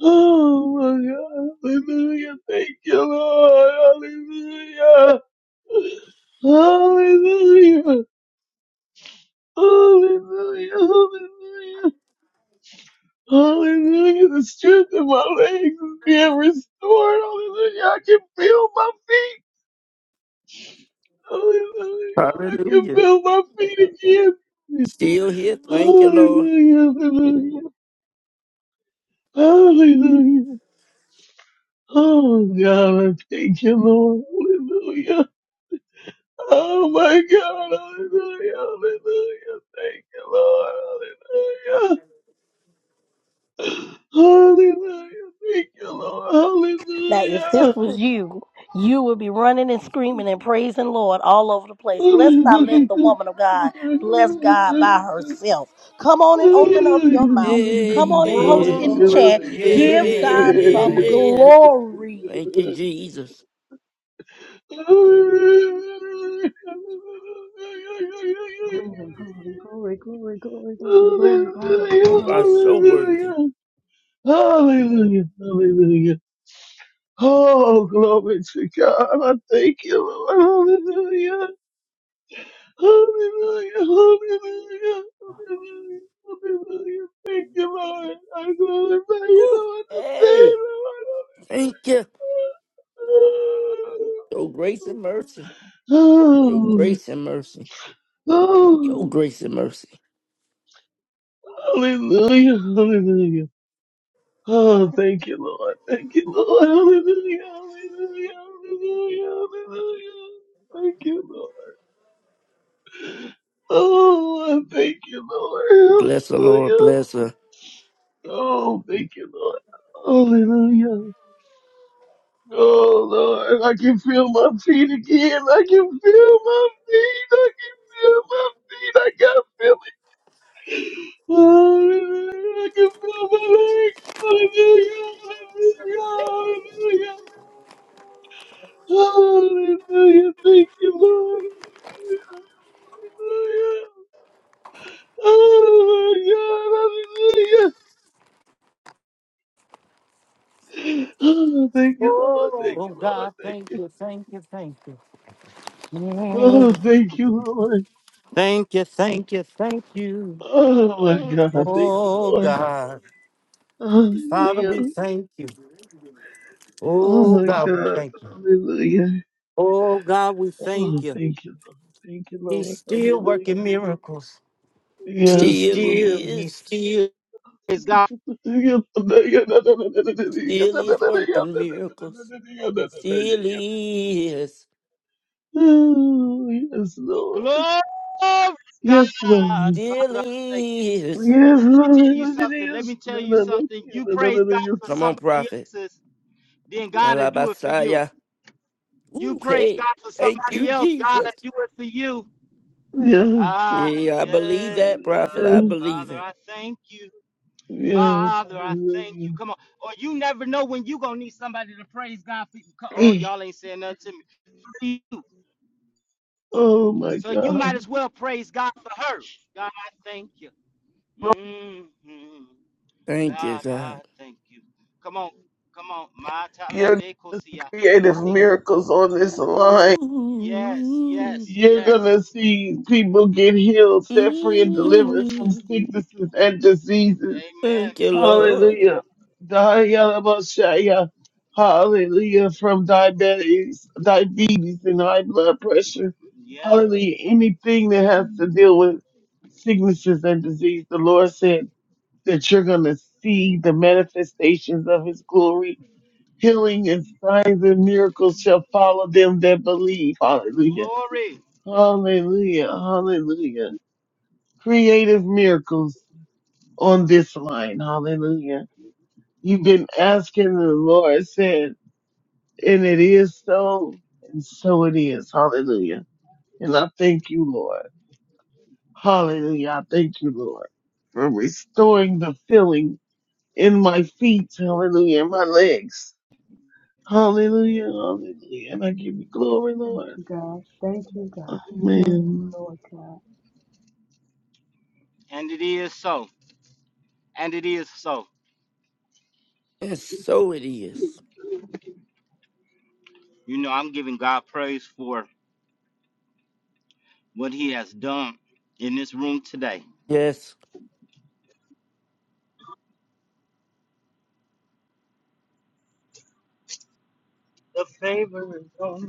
Speaker 7: Oh my God, hallelujah, thank you, Lord, hallelujah. Hallelujah, hallelujah, hallelujah. Hallelujah. The strength of my legs is being restored. Hallelujah. I can feel my feet. Hallelujah. I can
Speaker 11: Hallelujah.
Speaker 7: feel my feet again.
Speaker 11: Still here. Thank you, Lord.
Speaker 7: Hallelujah. Hallelujah. Hallelujah. Oh God, I thank you, Lord. Hallelujah. Oh my God. Hallelujah. Hallelujah. Thank you, Lord. Hallelujah. Hallelujah. Thank you, Lord.
Speaker 2: Now, if this
Speaker 7: Hallelujah.
Speaker 2: was you, you would be running and
Speaker 11: Yeah,
Speaker 2: screaming and praising Lord all over the place. Let's not
Speaker 7: Hallelujah.
Speaker 2: let the woman of God bless God by herself. Come on and open up your mouth. Come on and post
Speaker 11: yeah,
Speaker 2: in the chat.
Speaker 7: Hallelujah.
Speaker 11: yeah,
Speaker 2: Give
Speaker 11: yeah,
Speaker 2: God some
Speaker 11: yeah, yeah.
Speaker 2: glory.
Speaker 11: Thank you, Jesus.
Speaker 10: Glory, glory, glory, glory, glory, glory, glory, glory,
Speaker 11: You
Speaker 10: glory.
Speaker 11: are so worthy.
Speaker 7: Hallelujah. Oh, glory to God. I thank you, Lord. Hallelujah. Hallelujah, hallelujah, hallelujah, hallelujah. Thank you, Lord. I glorify you,
Speaker 11: Ooh,
Speaker 7: Lord, today,
Speaker 11: hey,
Speaker 7: Lord.
Speaker 11: thank you. Your grace and mercy. Your
Speaker 7: Oh,
Speaker 11: grace and mercy.
Speaker 7: oh,
Speaker 11: Your grace and mercy.
Speaker 7: hallelujah, hallelujah. Oh, thank you, Lord. Thank you, Lord. Hallelujah, hallelujah, hallelujah, hallelujah. Thank you, Lord. Oh, I thank you, Lord.
Speaker 11: Bless the Lord.
Speaker 7: Hallelujah.
Speaker 11: Bless her.
Speaker 7: Oh, thank you, Lord. Hallelujah. Oh, Lord. I can feel my feet again. I can feel my feet. I can feel my feet. I got feel it. Hallelujah. I can feel my legs. Hallelujah. Hallelujah. Hallelujah. Hallelujah. Thank you, Lord. Hallelujah. Hallelujah. Hallelujah. Oh, thank you, Lord. Thank
Speaker 1: Oh
Speaker 7: you, Lord.
Speaker 1: God,
Speaker 7: Thank
Speaker 1: thank
Speaker 7: you.
Speaker 1: you, thank you, thank you. Yeah.
Speaker 7: Oh, thank you, Lord.
Speaker 1: Thank you, thank you, thank you.
Speaker 7: Oh my God, thank you,
Speaker 1: Oh
Speaker 7: Lord.
Speaker 1: God. Father,
Speaker 7: Hallelujah.
Speaker 1: we thank you.
Speaker 7: Oh
Speaker 1: Oh
Speaker 7: my
Speaker 1: God, we
Speaker 7: God,
Speaker 1: thank you.
Speaker 7: hallelujah.
Speaker 1: Oh God, we
Speaker 7: Oh,
Speaker 1: thank you.
Speaker 7: thank you, Lord. Thank you,
Speaker 1: He's
Speaker 7: Lord.
Speaker 1: still working
Speaker 7: Hallelujah.
Speaker 1: miracles. He
Speaker 7: Yes,
Speaker 11: Still
Speaker 7: Lord.
Speaker 1: still, he
Speaker 11: is.
Speaker 1: still.
Speaker 7: Oh,
Speaker 11: Still is working miracles. Still is.
Speaker 7: yes, Lord. Yes, Lord. Yes, Lord. Yes, Lord. Yes, Lord.
Speaker 11: Still is. Come on, prophet. Alabasaya. Ooh, hey. Thank you, Jesus.
Speaker 1: Ah,
Speaker 11: Yeah, I believe
Speaker 1: yeah,
Speaker 11: that, prophet. I
Speaker 1: God.
Speaker 11: believe
Speaker 1: Father,
Speaker 11: it.
Speaker 1: I thank you.
Speaker 7: Yes,
Speaker 1: Father, I thank you.
Speaker 7: Lord. Yes,
Speaker 1: Come on. Or you never know when you going to need somebody to praise God for you. Co- Oh,
Speaker 7: Lord.
Speaker 1: y'all ain't saying nothing to me. For you.
Speaker 7: Oh my
Speaker 1: So you might
Speaker 7: God.
Speaker 1: as well praise God for her. God, I thank you. hmm
Speaker 11: Thank you,
Speaker 1: God, I
Speaker 11: God.
Speaker 1: thank you. Come on. Come on. My
Speaker 7: Your
Speaker 1: talabekosia. I
Speaker 7: creative
Speaker 1: de-
Speaker 7: miracles on this line.
Speaker 1: Yes,
Speaker 11: Ooh,
Speaker 1: yes,
Speaker 7: You're
Speaker 1: yes.
Speaker 7: gonna see people get healed, set free, and delivered from
Speaker 11: mm,
Speaker 7: sicknesses and diseases.
Speaker 1: Amen.
Speaker 11: thank you, Lord.
Speaker 7: Hallelujah. Dayalabashaya. Hallelujah. From diabetes, diabetes and high blood pressure.
Speaker 1: Yeah.
Speaker 7: Hallelujah. Anything that has to deal with sicknesses and disease, the Lord said that you're gonna see the manifestations of his glory healing and signs and miracles shall follow them that believe. Hallelujah. Hallelujah. Hallelujah. Creative miracles on this line. Hallelujah. You've been asking the Lord said, and it is so, and so it is. Hallelujah. And I thank you, Lord. Hallelujah. I thank you, Lord, for restoring the feeling in my feet. Hallelujah. In my legs. Hallelujah. Hallelujah. And I give you glory,
Speaker 10: Thank
Speaker 7: Lord.
Speaker 10: you, God. Thank you, God. Thank
Speaker 7: Amen.
Speaker 10: you, Lord God.
Speaker 1: And it is so. And it is so.
Speaker 11: And so it is.
Speaker 1: You know, I'm giving God praise for what he has done in this room today.
Speaker 11: Yes.
Speaker 1: The favor is on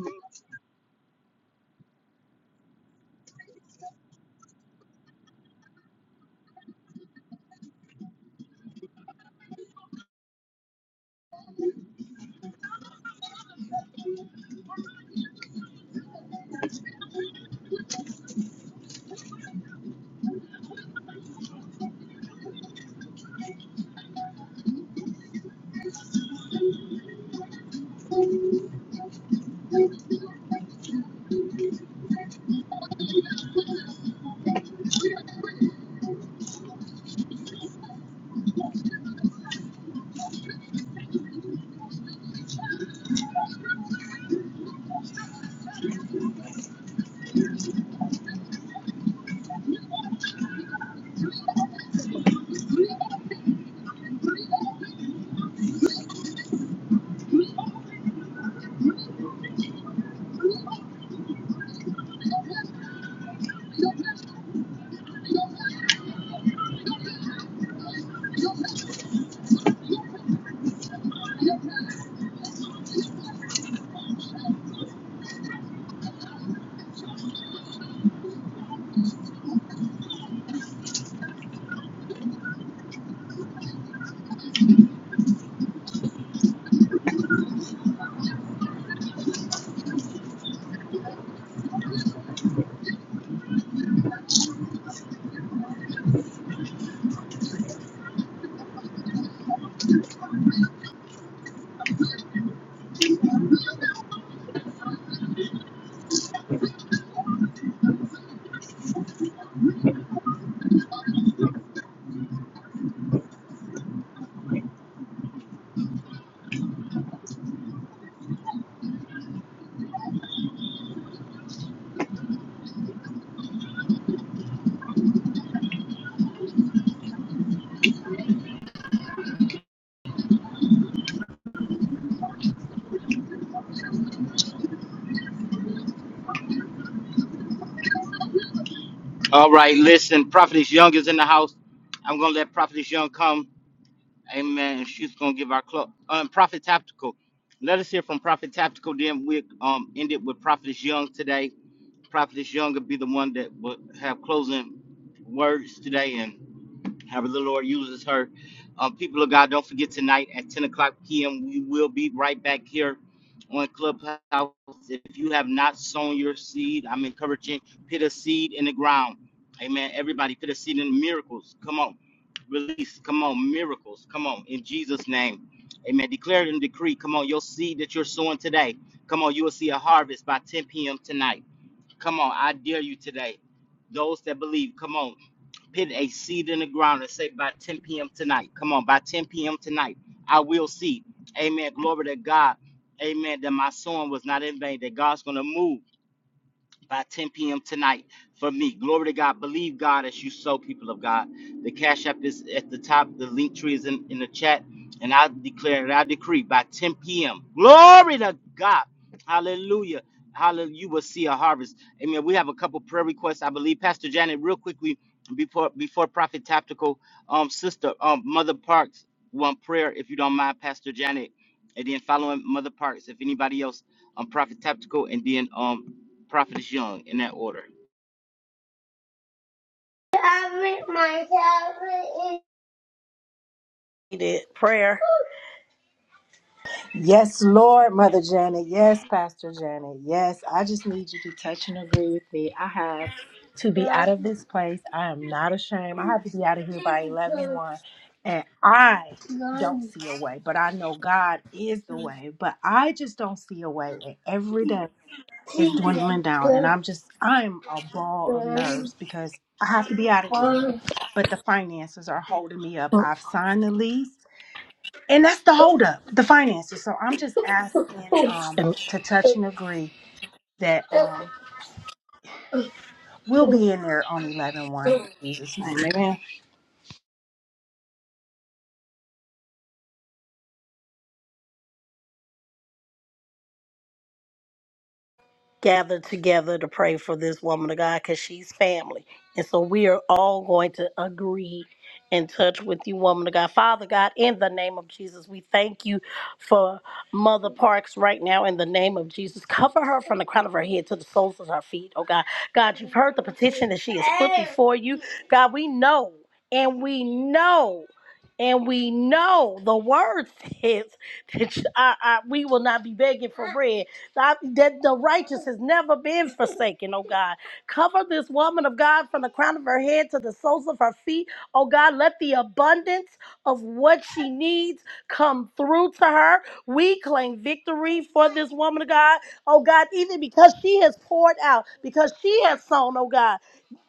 Speaker 1: All right, listen, Prophetess Young is in the house. I'm gonna let Prophetess Young come. Amen. And she's gonna give our club um Prophet Tactical. Let us hear from Prophet Tactical. Then we um end it with Prophetess Young today. Prophetess Young will be the one that will have closing words today. however the Lord uses her. Um, people of God, don't forget tonight at 10 o'clock p.m. We will be right back here on Clubhouse. If you have not sown your seed, I'm encouraging put a seed in the ground. Amen. Everybody, put a seed in miracles. Come on, release. Come on, miracles. Come on, in Jesus' name. Amen. Declare and decree. Come on, your seed that you're sowing today. Come on, you will see a harvest by 10 p.m. tonight. Come on, I dare you today. Those that believe, come on, put a seed in the ground and say by 10 p.m. tonight. Come on, by 10 p.m. tonight, I will see. Amen. Glory to God. Amen. That my sowing was not in vain. That God's gonna move by 10 p.m. tonight for me. Glory to God. Believe God as you sow, people of God. The Cash App is at the top. The link tree is in, in the chat. And I declare and I decree by 10 p.m. Glory to God. Hallelujah. Hallelujah. You will see a harvest. Amen. We have a couple prayer requests, I believe. Pastor Janet, real quickly, before before Prophet Tactical, um, sister, um, Mother Parks, one prayer, if you don't mind, Pastor Janet. And then following Mother Parks, if anybody else, um, Prophet Tactical, and then um Prophetess Young, in that order.
Speaker 2: Need it. Prayer.
Speaker 16: Yes, Lord, Mother Janet. Yes, Pastor Janet. Yes, I just need you to touch and agree with me. I have to be out of this place. I am not ashamed. I have to be out of here by eleven one, And I don't see a way, but I know God is the way. But I just don't see a way. And every day. is dwindling down and i'm just i'm a ball of nerves because i have to be out of here but the finances are holding me up i've signed the lease and that's the holdup the finances so i'm just asking um
Speaker 2: And
Speaker 16: to touch and agree that um we'll be in there on eleven one. in jesus name amen
Speaker 2: Gather together to pray for this woman of God because she's family. And so we are all going to agree and touch with you, woman of God. Father God, in the name of Jesus, we thank you for Mother Parks right now in the name of Jesus. Cover her from the crown of her head to the soles of her feet, oh God. God, you've heard the petition that she has put before you. God, we know and we know. And we know the word *laughs* says that uh, uh, we will not be begging for bread. I- that the righteous has never been forsaken, oh God. Cover this woman of God from the crown of her head to the soles of her feet, oh God. Let the abundance of what she needs come through to her. We claim victory for this woman of God, oh God, even because she has poured out, because she has sown, oh God.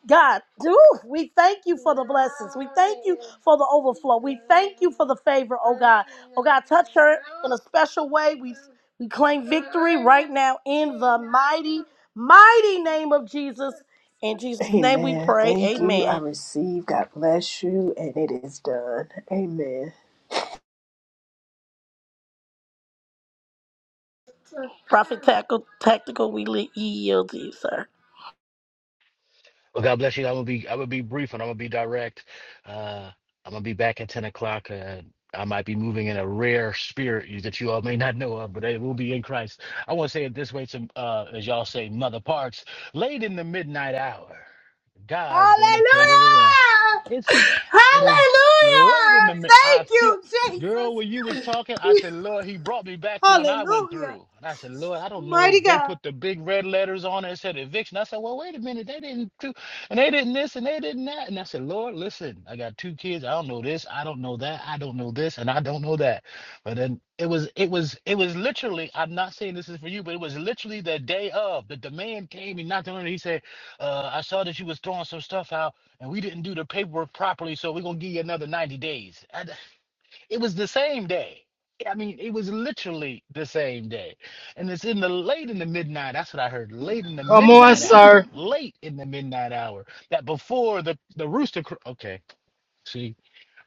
Speaker 2: God, do we thank you for the blessings. We thank you for the overflow. We thank you for the favor, oh God. Oh God, touch her in a special way. We we claim victory right now in the mighty, mighty name of Jesus. In Jesus' name we
Speaker 16: Amen.
Speaker 2: pray.
Speaker 16: Thank you. I
Speaker 2: Amen.
Speaker 16: receive. God bless you. And it is done. Amen.
Speaker 2: Prophet Tactical, tactical we li- yield to you, sir.
Speaker 17: Well, God bless you. I'm gonna be I'm gonna be brief and I'm gonna be direct. Uh, I'm gonna be back at 10 o'clock. Uh, I might be moving in a rare spirit you- that you all may not know of, but it will be in Christ. I want to say it this way to, uh, as y'all say, Mother Parks, late in the midnight hour. God's gonna
Speaker 16: Hallelujah!
Speaker 17: turn it around. It's it is late in the
Speaker 16: Hallelujah!
Speaker 17: minute. I
Speaker 16: Thank
Speaker 17: feel
Speaker 16: you, Jesus.
Speaker 17: girl, when you was talking, I said,
Speaker 16: *laughs*
Speaker 17: Lord, he brought me back to when I went
Speaker 16: Hallelujah.
Speaker 17: through. And I said, Lord, I don't
Speaker 16: Mighty
Speaker 17: know. They
Speaker 16: God.
Speaker 17: put the big red letters on it and said eviction. I said, Well, wait a minute, they didn't do and they didn't this and they didn't that. And I said, Lord, listen, I got two kids. I don't know this, I don't know that, I don't know this, and I don't know that. But then it was it was it was literally, I'm not saying this is for you, but it was literally the day of. The demand came, he knocked on it, he said. Uh, I saw that you was throwing some stuff out, and we didn't do the paperwork properly, so we're gonna give you another ninety days. And it was the same day. I mean, it was literally the same day, and it's in the late in the midnight. That's what I heard. Late in the
Speaker 1: Come on,
Speaker 17: midnight hour. Late in the midnight hour. That before the the rooster. Cr- okay. See,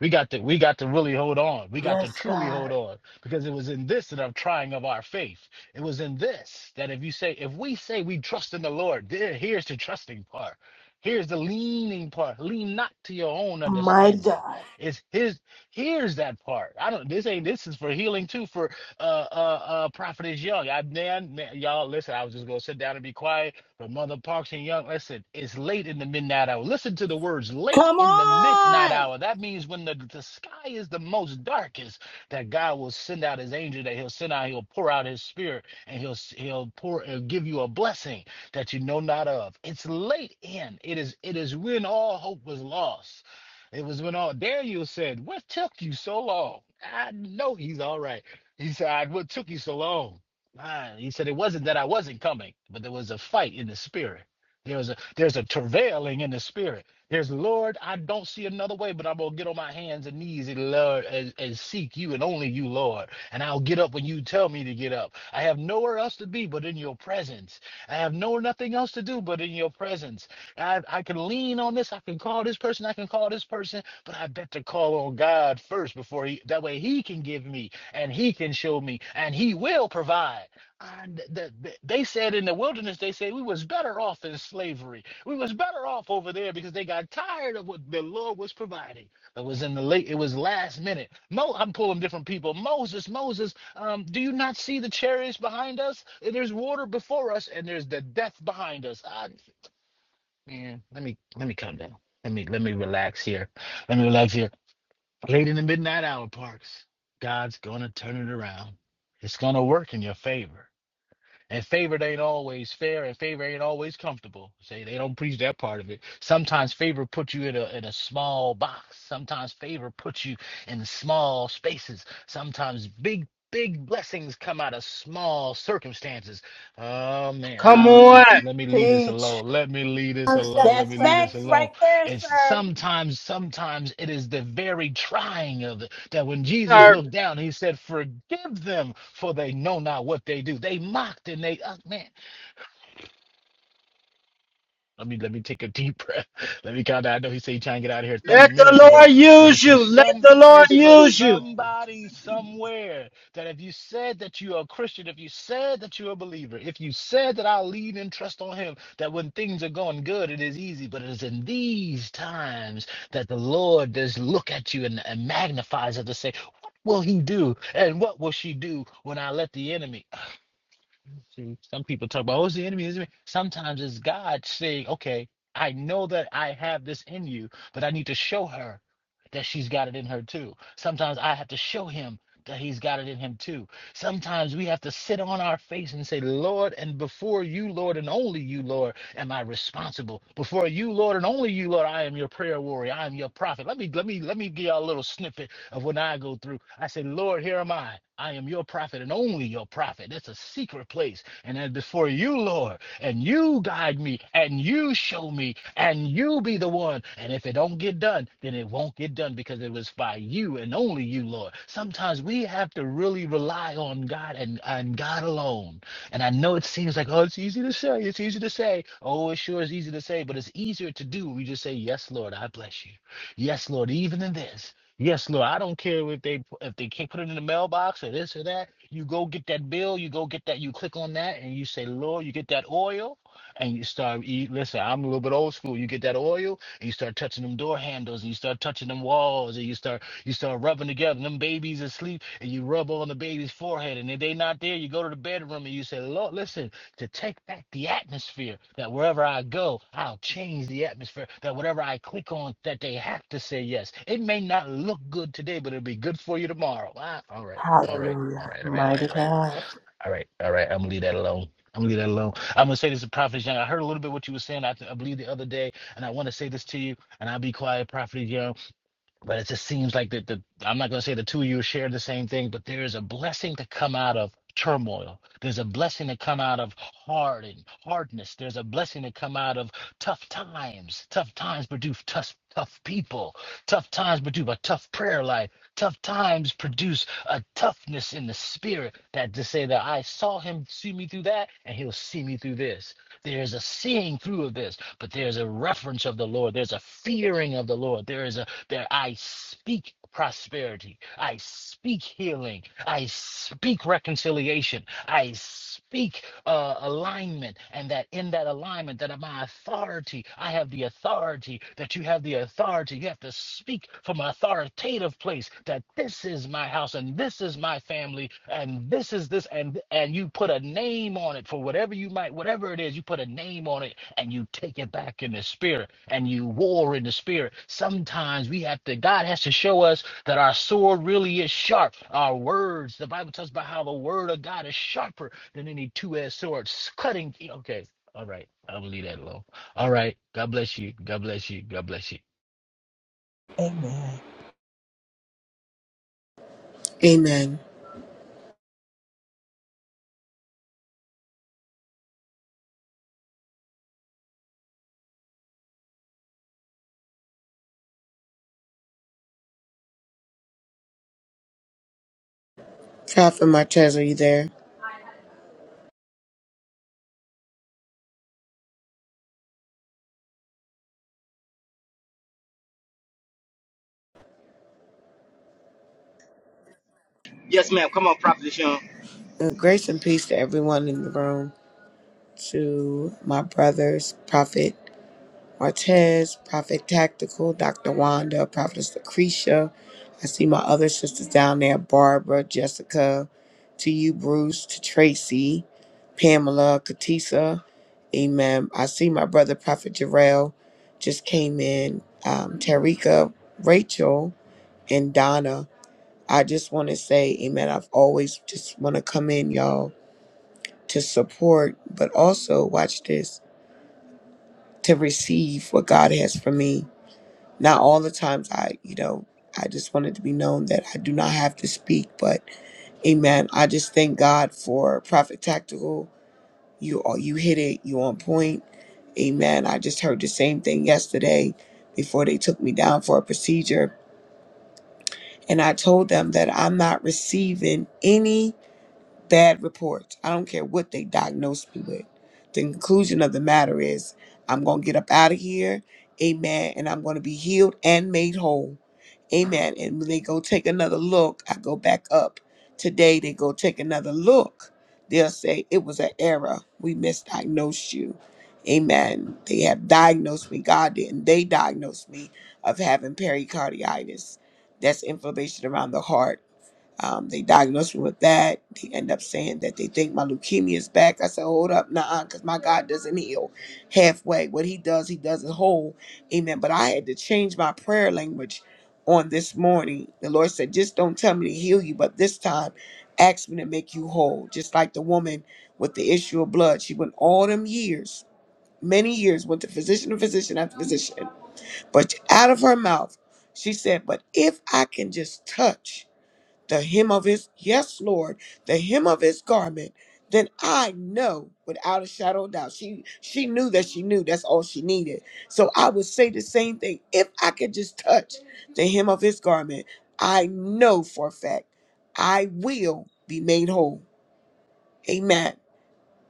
Speaker 17: we got to we got to really hold on. We got to
Speaker 16: Yes,
Speaker 17: truly
Speaker 16: God.
Speaker 17: hold on because it was in this that I'm trying of our faith. It was in this that if you say if we say we trust in the Lord, there here's the trusting part. Here's the leaning part. Lean not to your own
Speaker 16: Mighty
Speaker 17: understanding.
Speaker 16: God.
Speaker 17: It's his. Here's that part. I don't. This ain't. This is for healing too. For uh uh uh. Prophet is young. I man, man, y'all listen. I was just gonna sit down and be quiet but Mother Parks and Young, listen, it's late in the midnight hour. Listen to the words late
Speaker 2: Come
Speaker 17: in the midnight
Speaker 2: on.
Speaker 17: hour. That means when the, the sky is the most darkest, that God will send out his angel, that he'll send out, he'll pour out his spirit, and he'll he'll pour he'll give you a blessing that you know not of. It's late in. It is it is when all hope was lost. It was when all Daniel said, What took you so long? I know he's all right. He said, What took you so long? Ah, he said it wasn't that I wasn't coming, but there was a fight in the spirit. There was a there's a travailing in the spirit. There's Lord, I don't see another way, but I'm gonna get on my hands and knees and Lord and, and seek you and only you, Lord. And I'll get up when you tell me to get up. I have nowhere else to be but in your presence. I have no nothing else to do but in your presence. I I can lean on this, I can call this person, I can call this person, but I better call on God first before he that way he can give me and he can show me and he will provide and th- th- they said in the wilderness they said we was better off in slavery we was better off over there because they got tired of what the lord was providing it was in the late it was last minute Mo, i'm pulling different people moses moses um, do you not see the chariots behind us And there's water before us and there's the death behind us Ah, man, let me let me calm down let me let me relax here let me relax here Late in the midnight hour, Parks. God's gonna turn it around. It's gonna work in your favor. And favor ain't always fair, and favor ain't always comfortable. Say they don't preach that part of it. Sometimes favor puts you in a in a small box. Sometimes favor puts you in small spaces. Sometimes big big blessings come out of small circumstances. Oh man,
Speaker 1: come
Speaker 17: I'm,
Speaker 1: on.
Speaker 17: let me leave this
Speaker 16: Teach.
Speaker 17: alone. Let me leave this alone. Let
Speaker 2: That's
Speaker 17: me leave this
Speaker 2: facts
Speaker 17: alone.
Speaker 2: right there,
Speaker 17: It's
Speaker 2: sir.
Speaker 17: sometimes, sometimes it is the very trying of it that when Jesus looked down, he said, Forgive them, for they know not what they do. They mocked and they, uh, man. Let me let me take a deep breath. *laughs* Let me count down. I know he said he trying to get out of here 30 minutes ago, but it's for some it's for somebody somewhere that if you said that you are a Christian, if you said that you're a believer, if you said that i lean and trust on him, that when things are going good, it is easy. But it is in these times that the Lord does look at you and, and magnifies it to say, What will he do? And what will she do when I let the enemy? See, some people talk about, oh, it's the enemy. It's the enemy. Sometimes it's God saying, okay, I know that I have this in you, but I need to show her that she's got it in her too. Sometimes I have to show him that he's got it in him too. Sometimes we have to sit on our face and say, Lord, and before you, Lord, and only you, Lord am I responsible before you, Lord, and only you, Lord. I am your prayer warrior. I am your prophet. Let me let me let me give y'all a little snippet of when I go through. I say, Lord, here am I. I am your prophet and only your prophet. That's a secret place. And then before you, Lord, and you guide me and you show me and and you be the one. And if it don't get done, then it won't get done because it was by you and only you, Lord. Sometimes we have to really rely on God and, and God alone. And I know it seems like, oh, it's easy to say, it's easy to say. Oh, it sure is easy to say, but it's easier to do. We just say, Yes, Lord, I bless you. Yes, Lord, even in this. Yes, Lord. I don't care if they if they can't put it in the mailbox or this or that. You go get that bill. You go get that. You click on that, and you say, Lord, you get that oil and you start you listen i'm a little bit old school you get that oil and you start touching them door handles and you start touching them walls and you start you start rubbing together And them babies asleep and you rub on the baby's forehead and if they not there you go to the bedroom and you say lord listen to take back the atmosphere that wherever i go i'll change the atmosphere that whatever i click on that they have to say yes it may not look good today but it'll be good for you tomorrow ah, all right all right all
Speaker 16: Hallelujah.
Speaker 17: right all right all
Speaker 16: Mighty
Speaker 17: right all right
Speaker 16: God.
Speaker 17: all right, all right. I'm gonna leave that alone. I'm gonna leave that alone. I'm gonna say this to Prophet Young. I heard a little bit what you were saying. I, I believe the other day, and I want to say this to you. And I'll be quiet, Prophet Young. But it just seems like that the I'm not going to say the two of you share the same thing, but there is a blessing to come out of turmoil. There's a blessing to come out of hard and hardness. There's a blessing to come out of tough times. Tough times produce tough tough people. Tough times produce a tough prayer life. Tough times produce a toughness in the spirit that to say that I saw him see me through that and he'll see me through this. There's a seeing through of this, but there's a reference of the Lord. There's a fearing of the Lord. There is a that I speak prosperity. I speak healing. I speak reconciliation. I speak uh, alignment. And that in that alignment, that my authority, I have the authority, that you have the authority. You have to speak from authority authoritative place that this is my house and this is my family and this is this and and you put a name on it for whatever you might whatever it is you put a name on it and you take it back in the spirit and you war in the spirit sometimes we have to god has to show us that our sword really is sharp our words the bible tells about how the word of god is sharper than any two-edged sword cutting okay all right i'm gonna leave that alone all right god bless you god bless you god bless you
Speaker 16: Amen.
Speaker 18: Amen. Catherine Martez, are you there?
Speaker 1: Yes, ma'am. Come on, Prophetess Young.
Speaker 18: Uh, Grace and peace to everyone in the room, to my brothers, Prophet Martez, Prophet Tactical, Dr. Wanda, Prophetess Lucretia. I see my other sisters down there, Barbara, Jessica, to you, Bruce, to Tracy, Pamela, Katisa. Amen. I see my brother, Prophet Jarrell, just came in, um, Tarika, Rachel, and Donna. I just want to say, amen. I've always just want to come in, y'all, to support, but also watch this to receive what God has for me. Not all the times I, you know, I just wanted to be known that I do not have to speak, but amen. I just thank God for Prophet Tactical. You all, you hit it. You on point. Amen. I just heard the same thing yesterday before they took me down for a procedure. And I told them that I'm not receiving any Bad reports. I don't care what they diagnosed me with. The conclusion of the matter is I'm going to get up out of here. Amen. And I'm going to be healed and made whole. Amen. And when they go take another look, I go back up. Today, they go take another look. They'll say, It was an error. We misdiagnosed you. Amen. They have diagnosed me. God didn't. They diagnosed me of having pericarditis. That's inflammation around the heart um, they diagnosed me with that. They end up saying that they think my leukemia is back. I said, hold up, nah, because my God doesn't heal halfway. What he does, he does it whole. Amen. But I had to change my prayer language on this morning. The Lord said, just don't tell me to heal you, but this time ask me to make you whole. Just like the woman with the issue of blood. She went all them years, many years, went to physician to physician after physician. But out of her mouth, she said, but if I can just touch the hem of his, yes, Lord, the hem of his garment, then I know without a shadow of doubt. She she knew that she knew that's all she needed. So I would say the same thing. If I could just touch the hem of his garment, I know for a fact I will be made whole. Amen.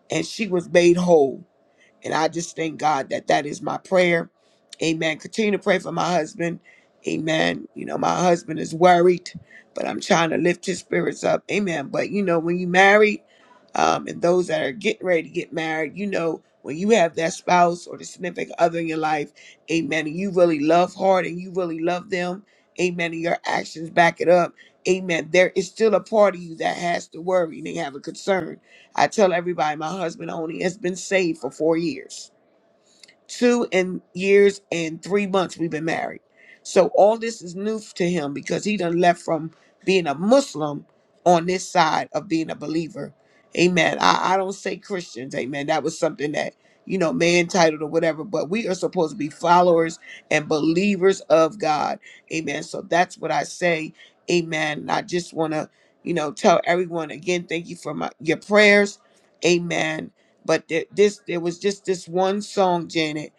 Speaker 18: And she was made whole. And I just thank God that that is my prayer. Amen. Continue to pray for my husband. Amen. You know, my husband is worried, but I'm trying to lift his spirits up. Amen. But you know, when you married, um, and those that are getting ready to get married, you know, when you have that spouse or the significant other in your life, amen, and you really love hard and you really love them, amen, and your actions back it up, amen, there is still a part of you that has to worry and they have a concern I tell everybody my husband only has been saved for four years two and years and three months we've been married. So all this is new to him because he done left from being a Muslim on this side of being a believer. Amen. I, I don't say Christians, amen. That was something that, you know, man titled or whatever, but we are supposed to be followers and believers of God. Amen. So that's what I say. Amen. And I just want to, you know, tell everyone again, thank you for my your prayers. Amen but th- this there was just this one song, Janet,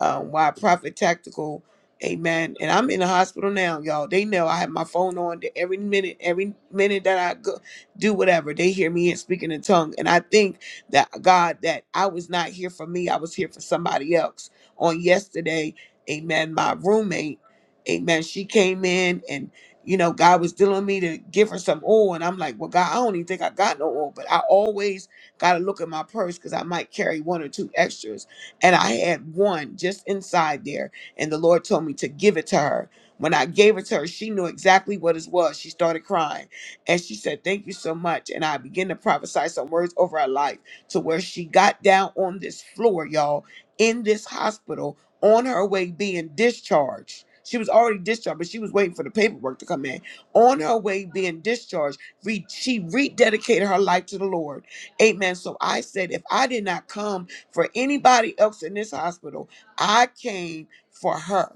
Speaker 18: uh, why Prophet Tactical, Amen. And I'm in the hospital now, y'all. They know I have my phone on to every minute, every minute that I go do whatever. They hear me and speaking in tongue. And I think that God, that I was not here for me, I was here for somebody else. On yesterday, Amen, my roommate, Amen, she came in and you know, God was dealing with me to give her some oil. And I'm like, well, God, I don't even think I got no oil, but I always Gotta look at my purse because I might carry one or two extras. And I had one just inside there, and the Lord told me to give it to her. When I gave it to her, she knew exactly what it was. She started crying and she said, Thank you so much. And I began to prophesy some words over her life to where she got down on this floor, y'all, in this hospital on her way being discharged. She was already discharged, but she was waiting for the paperwork to come in. On her way being discharged, re- she rededicated her life to the Lord Amen. So I said, if I did not come for anybody else in this hospital, I came for her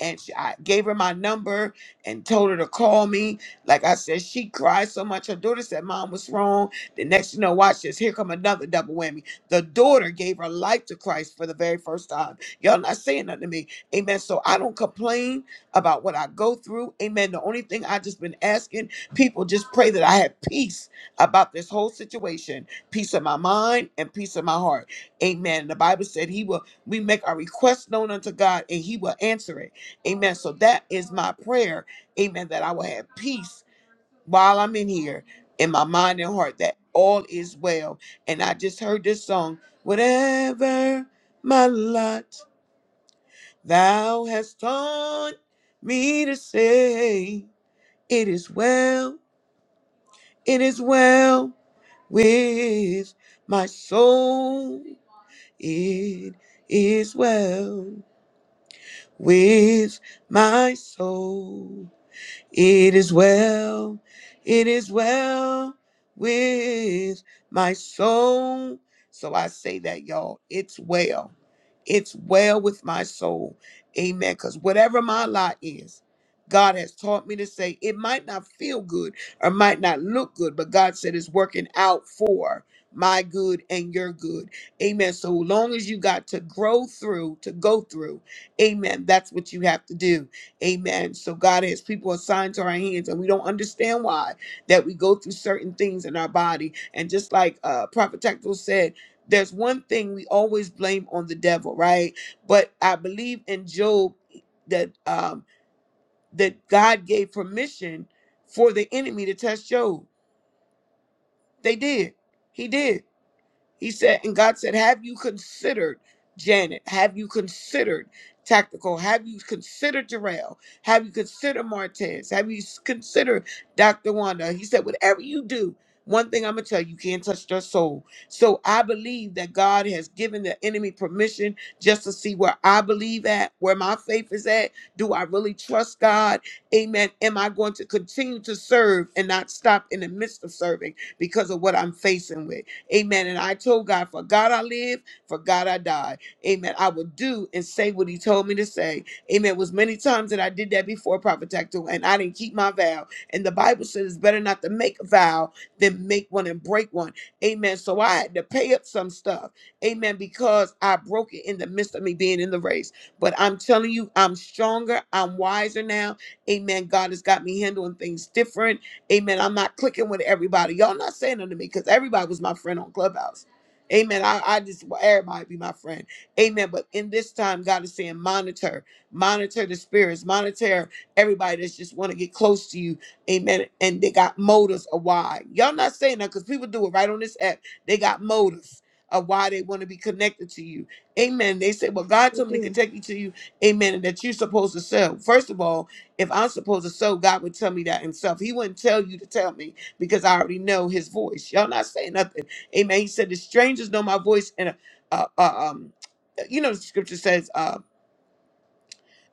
Speaker 18: and she, I gave her my number and told her to call me. Like I said, she cried so much. Her daughter said, "Mom, what's wrong?" The next, you know, watch this. Here come another double whammy. The daughter gave her life to Christ for the very first time. Y'all not saying nothing to me, amen. So I don't complain about what I go through, amen. The only thing I just been asking people just pray that I have peace about this whole situation, peace of my mind and peace of my heart, amen. The Bible said He will. We make our request known unto God, and He will answer it. Amen. So that is my prayer. Amen. That I will have peace while I'm in here in my mind and heart that all is well. And I just heard this song, whatever my lot thou hast taught me to say, it is well, it is well with my soul. It is well with my soul. It is well, it is well with my soul. So I say that, y'all. It's well. It's well with my soul. Amen. Because whatever my lot is, God has taught me to say it might not feel good or might not look good, but God said it's working out for my good and your good. Amen. So long as you got to grow through, to go through, amen, that's what you have to do. Amen. So God has people assigned to our hands, and we don't understand why that we go through certain things in our body. And just like uh, Prophet Tactical said, there's one thing we always blame on the devil, right? But I believe in Job that um, that God gave permission for the enemy to test Job. They did. He did. He said, and God said, Have you considered Janet? Have you considered Tactical? Have you considered Jarrell? Have you considered Martez? Have you s- considered Dr. Wanda? He said, Whatever you do, one thing I'm going to tell you, you can't touch their soul. So I believe that God has given the enemy permission just to see where I believe at, where my faith is at. Do I really trust God? Amen. Am I going to continue to serve and not stop in the midst of serving because of what I'm facing with? Amen. And I told God, for God I live, for God I die. Amen. I would do and say what he told me to say. Amen. It was many times that I did that before Prophet Tactical, and I didn't keep my vow. And the Bible says it's better not to make a vow than make one and break one. Amen. So I had to pay up some stuff. Amen. Because I broke it in the midst of me being in the race. But I'm telling you, I'm stronger. I'm wiser now. Amen. God has got me handling things different. Amen. I'm not clicking with everybody. Y'all not saying nothing to me because everybody was my friend on Clubhouse. Amen. I, I just well, everybody be my friend. Amen. But in this time, God is saying, monitor, monitor the spirits, monitor everybody that's just want to get close to you. Amen. And they got motives of why. Y'all not saying that because people do it right on this app. They got motives of why they want to be connected to you. Amen. They say, Well,
Speaker 8: How
Speaker 18: God
Speaker 8: you
Speaker 18: told me to
Speaker 8: doing?
Speaker 18: take you to you. Amen. And that you're supposed to sell. First of all, if I'm supposed to sow, God would tell me that himself. He wouldn't tell you to tell me because I already know his voice. Y'all not saying nothing. Amen. He said, the strangers know my voice and, uh, uh, um, you know, the scripture says, um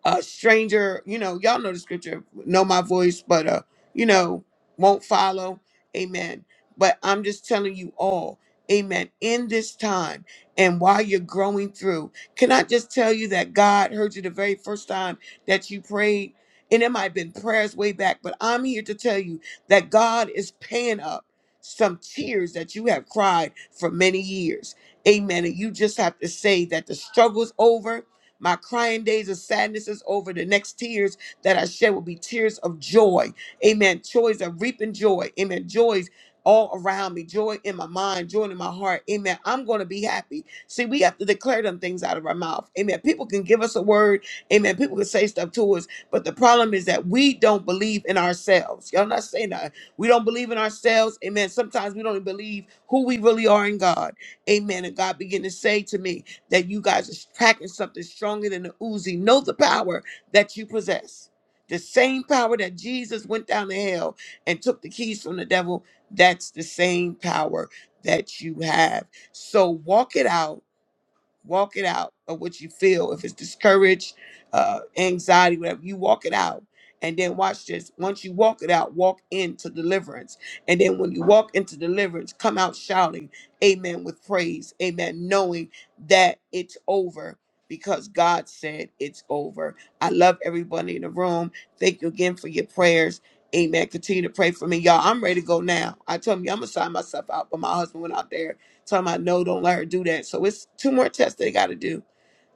Speaker 18: a stranger, you know, y'all know the scripture, know my voice, but uh, you know, won't follow. Amen. But I'm just telling you all, amen, in this time and while you're growing through, can I just tell you that God heard you the very first time that you prayed? And it might have been prayers way back, but I'm here to tell you that God is paying up some tears that you have cried for many years. Amen. And you just have to say that the struggle's over my crying days of sadness is over. The next tears that I shed will be tears of joy. Amen. Joys of reaping joy. Amen. Joys all around me. Joy in my mind. Joy in my heart. Amen. I'm going to be happy. See, we have to declare them things out of our mouth. Amen. People can give us a word. Amen. People can say stuff to us. But the problem is that we don't believe in ourselves. Y'all not saying that. We don't believe in ourselves. Amen. Sometimes we don't believe who we really are in God. Amen. And God began to say to me, that you guys are packing something stronger than the Uzi. Know the power that you possess. The same power that Jesus went down to hell and took the keys from the devil, that's the same power that you have. So walk it out Walk it out of what you feel. If it's discouraged, uh, anxiety, whatever, you walk it out. And then watch this. Once you walk it out, walk into deliverance. And then when you walk into deliverance, come out shouting, Amen, with praise. Amen, knowing that it's over because God said it's over. I love everybody in the room. Thank you again for your prayers. Amen. Continue to pray for me. Y'all, I'm ready to go now. I told me I'm going to sign myself out, but my husband went out there Talking about no, don't let her do that. So it's two more tests they got to do.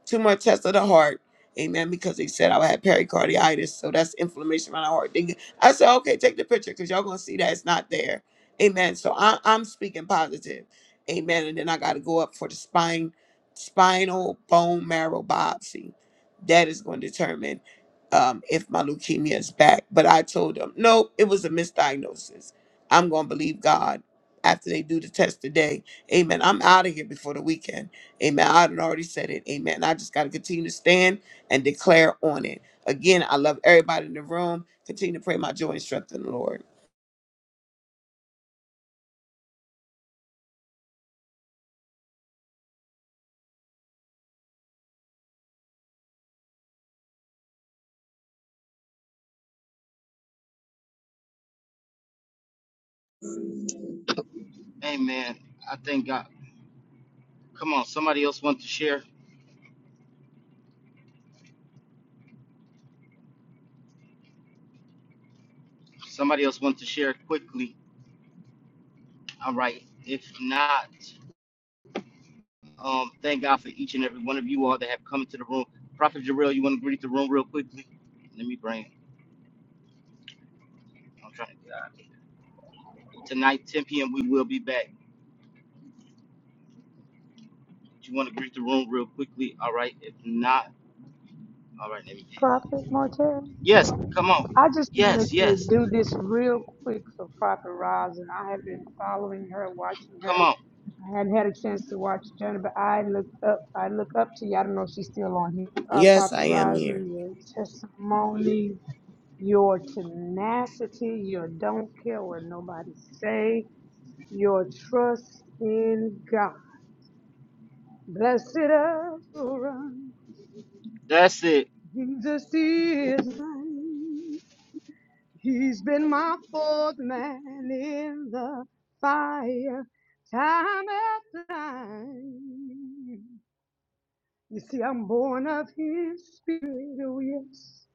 Speaker 18: Two more tests of the heart. Amen. Because they said I had pericarditis. So that's inflammation around the heart. They- I said, okay, take the picture because y'all going to see that it's not there. Amen. So I, I'm speaking positive. Amen. And then I got to go up for the spine, spinal bone marrow biopsy. That is going to determine um, if my leukemia is back. But I told them, nope, it was a misdiagnosis. I'm going to believe God after they do the test today. Amen. I'm out of here before the weekend. Amen. I had already said it. Amen. I just got to continue to stand and declare on it. Again, I love everybody in the room. Continue to pray my joy and strength in the Lord.
Speaker 1: Amen. I thank God. Come on, somebody else want to share. Somebody else want to share quickly. All right. If not, um, thank God for each and every one of you all that have come into the room. Prophet Jarrell, you want to greet the room real quickly? Let me bring. it. I'm trying to get out. Tonight, 10 p.m. We will be back. Do you want to greet the room real quickly? All right. If not, all right. Let me.
Speaker 10: Prophet Martel,
Speaker 1: Yes. Come on.
Speaker 10: I just wanted
Speaker 1: Yes.
Speaker 10: to
Speaker 1: Yes.
Speaker 10: do this real quick for Prophet Roz, and I have been following her, watching her
Speaker 1: Come on.
Speaker 10: I hadn't had a chance to watch Jenna, but I looked up. I look up to you. I don't know if she's still on here. Uh,
Speaker 18: Yes,
Speaker 10: Prophet
Speaker 18: I am here.
Speaker 10: Rising, your testimony, your tenacity, your don't care what nobody say, your trust in God. Blessed assurance, Jesus is mine. He's been my fourth man in the fire, time after time. You see, I'm born of his spirit, oh yes,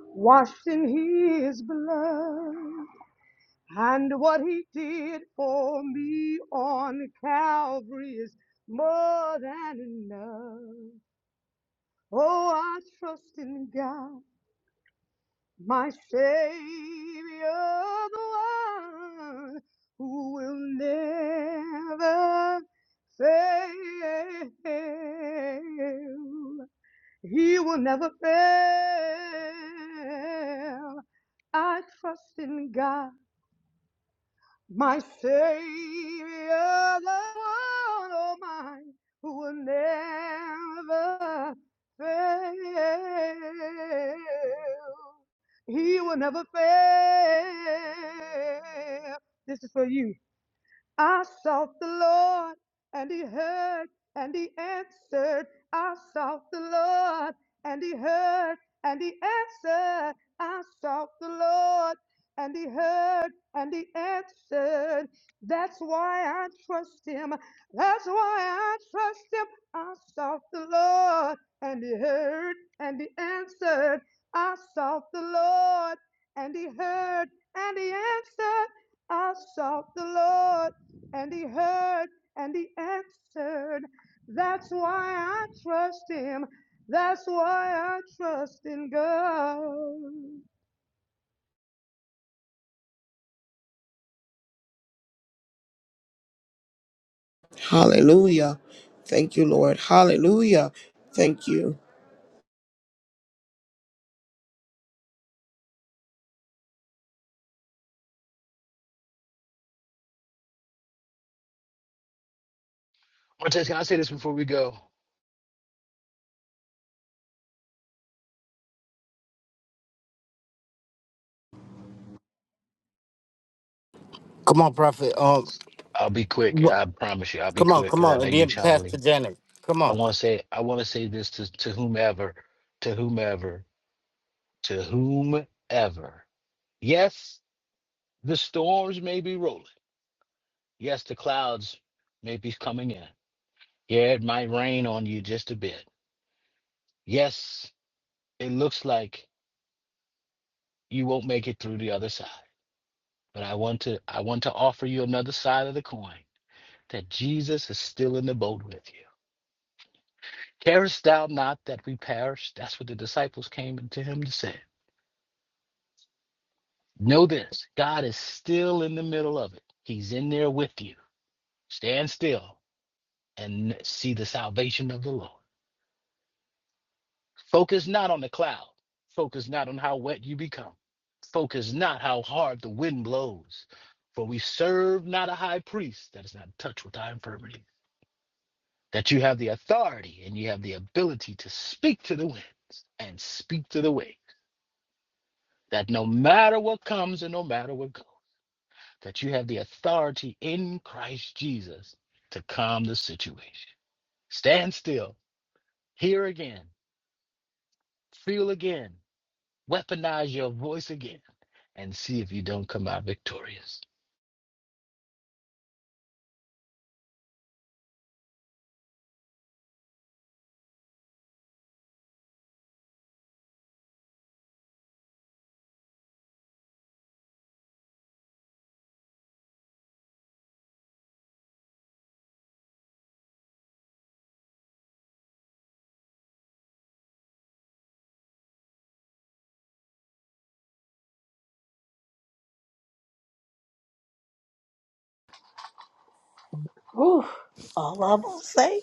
Speaker 10: washed in his blood. And what he did for me on Calvary is more than enough. Oh, I trust in God, my Savior, the one who will never fail. He will never fail. I trust in God, my Savior, the one oh my, who will never fail. He will never fail. This is for you. I sought the Lord and he heard and he answered. I sought the Lord and he heard and he answered. I sought the Lord and he heard and he answered. That's why I trust him. That's why I trust him. I sought the Lord and he heard and he answered. I sought the Lord and he heard and he answered. I sought the Lord and he heard and he answered. That's why I trust him. That's why I trust in God.
Speaker 18: Hallelujah. Thank you, Lord. Hallelujah. Thank you.
Speaker 17: Cortez, can i say this before we go
Speaker 1: Come on, Prophet. Um,
Speaker 17: I'll be quick.
Speaker 1: Wha-
Speaker 17: I promise you, I'll be
Speaker 1: Come on,
Speaker 17: quick
Speaker 1: come
Speaker 17: because I
Speaker 1: on,
Speaker 17: know
Speaker 1: and
Speaker 17: you
Speaker 1: then
Speaker 17: trying
Speaker 1: Pastor Janet. Come
Speaker 17: I
Speaker 1: on.
Speaker 17: want to say, I want to say this to, to whomever, to whomever, to whomever. Yes, the storms may be rolling. Yes, the clouds may be coming in. Yeah, it might rain on you just a bit. Yes, it looks like you won't make it through the other side. But I want to, I want to offer you another side of the coin that Jesus is still in the boat with you. Carest thou not that we perish? That's what the disciples came to him to say. Know this God is still in the middle of it. He's in there with you. Stand still and see the salvation of the Lord. Focus not on the cloud. Focus not on how wet you become. Focus not how hard the wind blows. For we serve not a high priest that is not touched with thy infirmity. That you have the authority and you have the ability to speak to the winds and speak to the waves that no matter what comes and no matter what goes, that you have the authority in Christ Jesus to calm the situation. Stand still, hear again, feel again, weaponize your voice again, and see if you don't come out victorious.
Speaker 2: Whew. All I will say.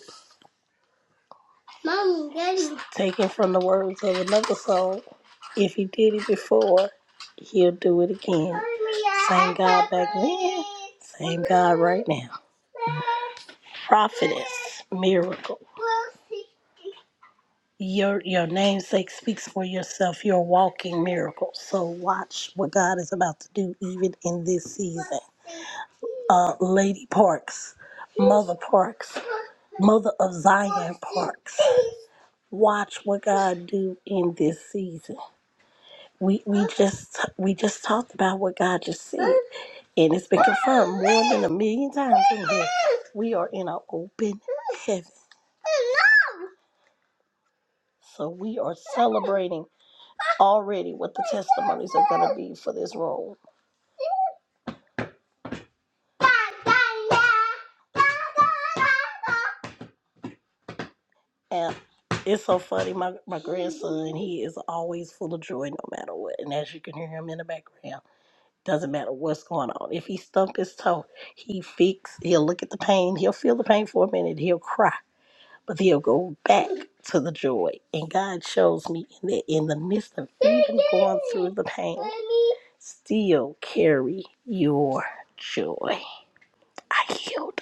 Speaker 2: Mommy, Daddy. Taken from the words of another song. If he did it before, he'll do it again. Same God back then, same God right now. Prophetess, miracle. Your your namesake speaks for yourself. You're a walking miracle. So watch what God is about to do even in this season. Uh, Lady Parks, Mother Parks, Mother of Zion Parks. Watch what God do in this season. We we just we just talked about what God just said, and it's been confirmed more than a million times in here. We are in an open heaven. So we are celebrating already what the testimonies are going to be for this room. And it's so funny. My, my grandson, he is always full of joy no matter what. And as you can hear him in the background, doesn't matter what's going on. If he stump his toe, he fix, he'll look at the pain, he'll feel the pain for a minute, he'll cry. But they'll go back to the joy. And God shows me in that in the midst of even going through the pain, still carry your joy. I yield.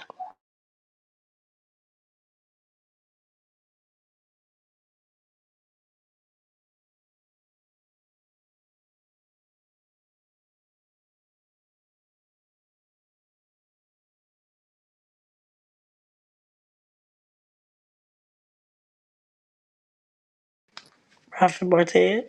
Speaker 2: Prophet Martin.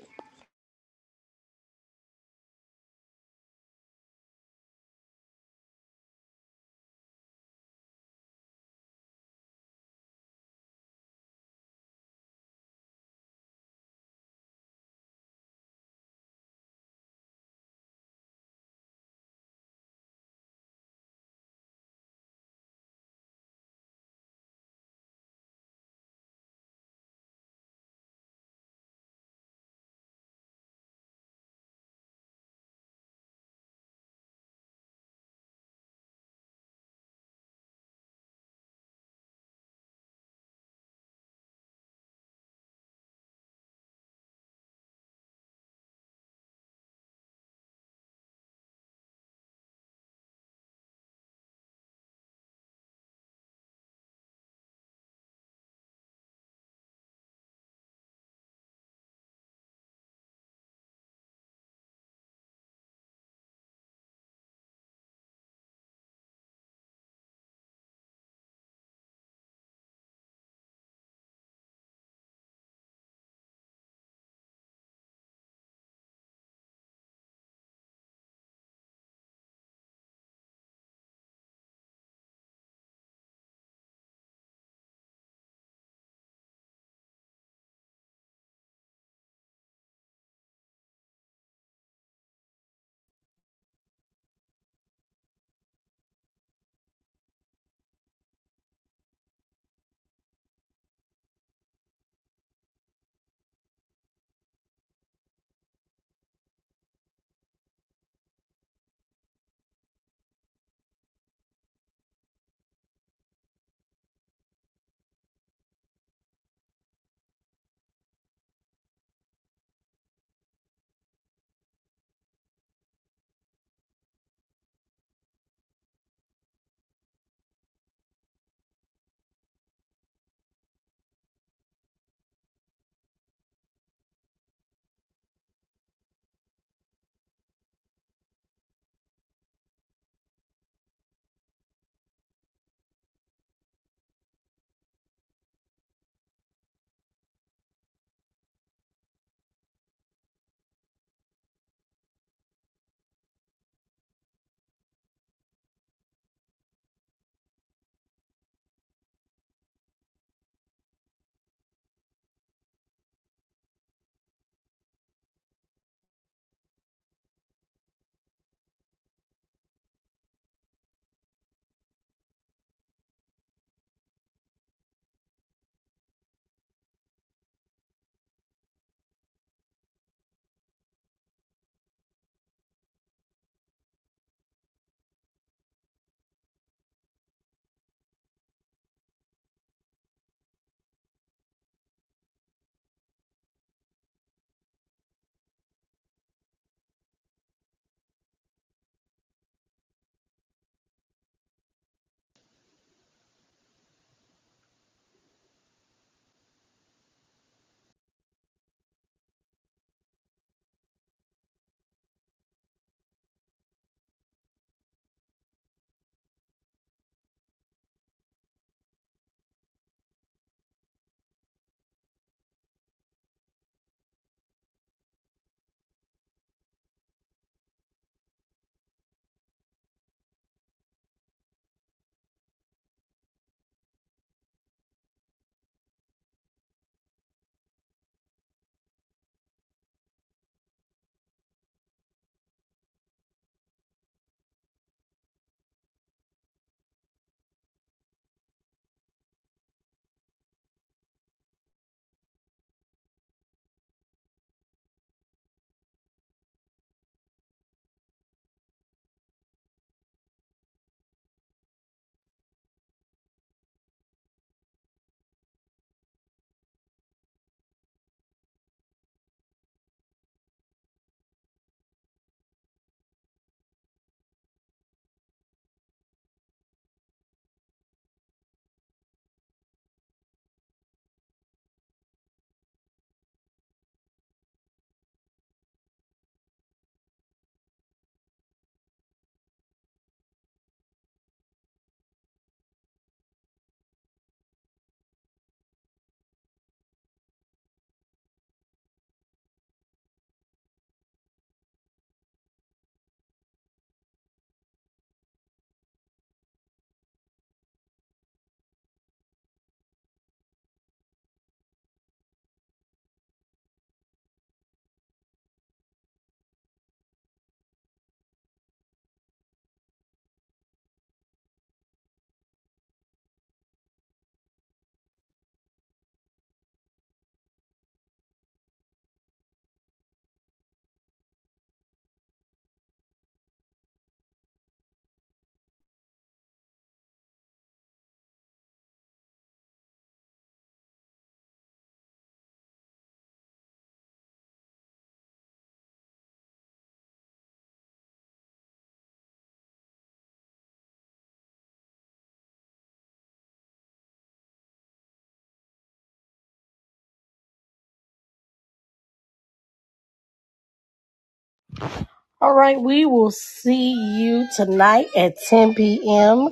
Speaker 2: All right, we will see you tonight at 10 p.m.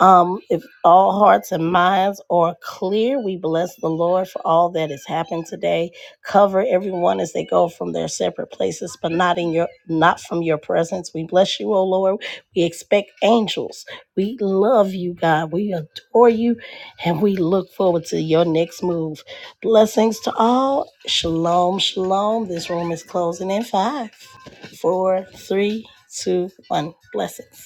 Speaker 2: Um, if all hearts and minds are clear, we bless the Lord for all that has happened today. Cover everyone as they go from their separate places, but not in your not from your presence. We bless you, O Lord. We expect angels. We love you, God. We adore you, and we look forward to your next move. Blessings to all. Shalom, shalom. This room is closing in five, four, three, two, one. Blessings.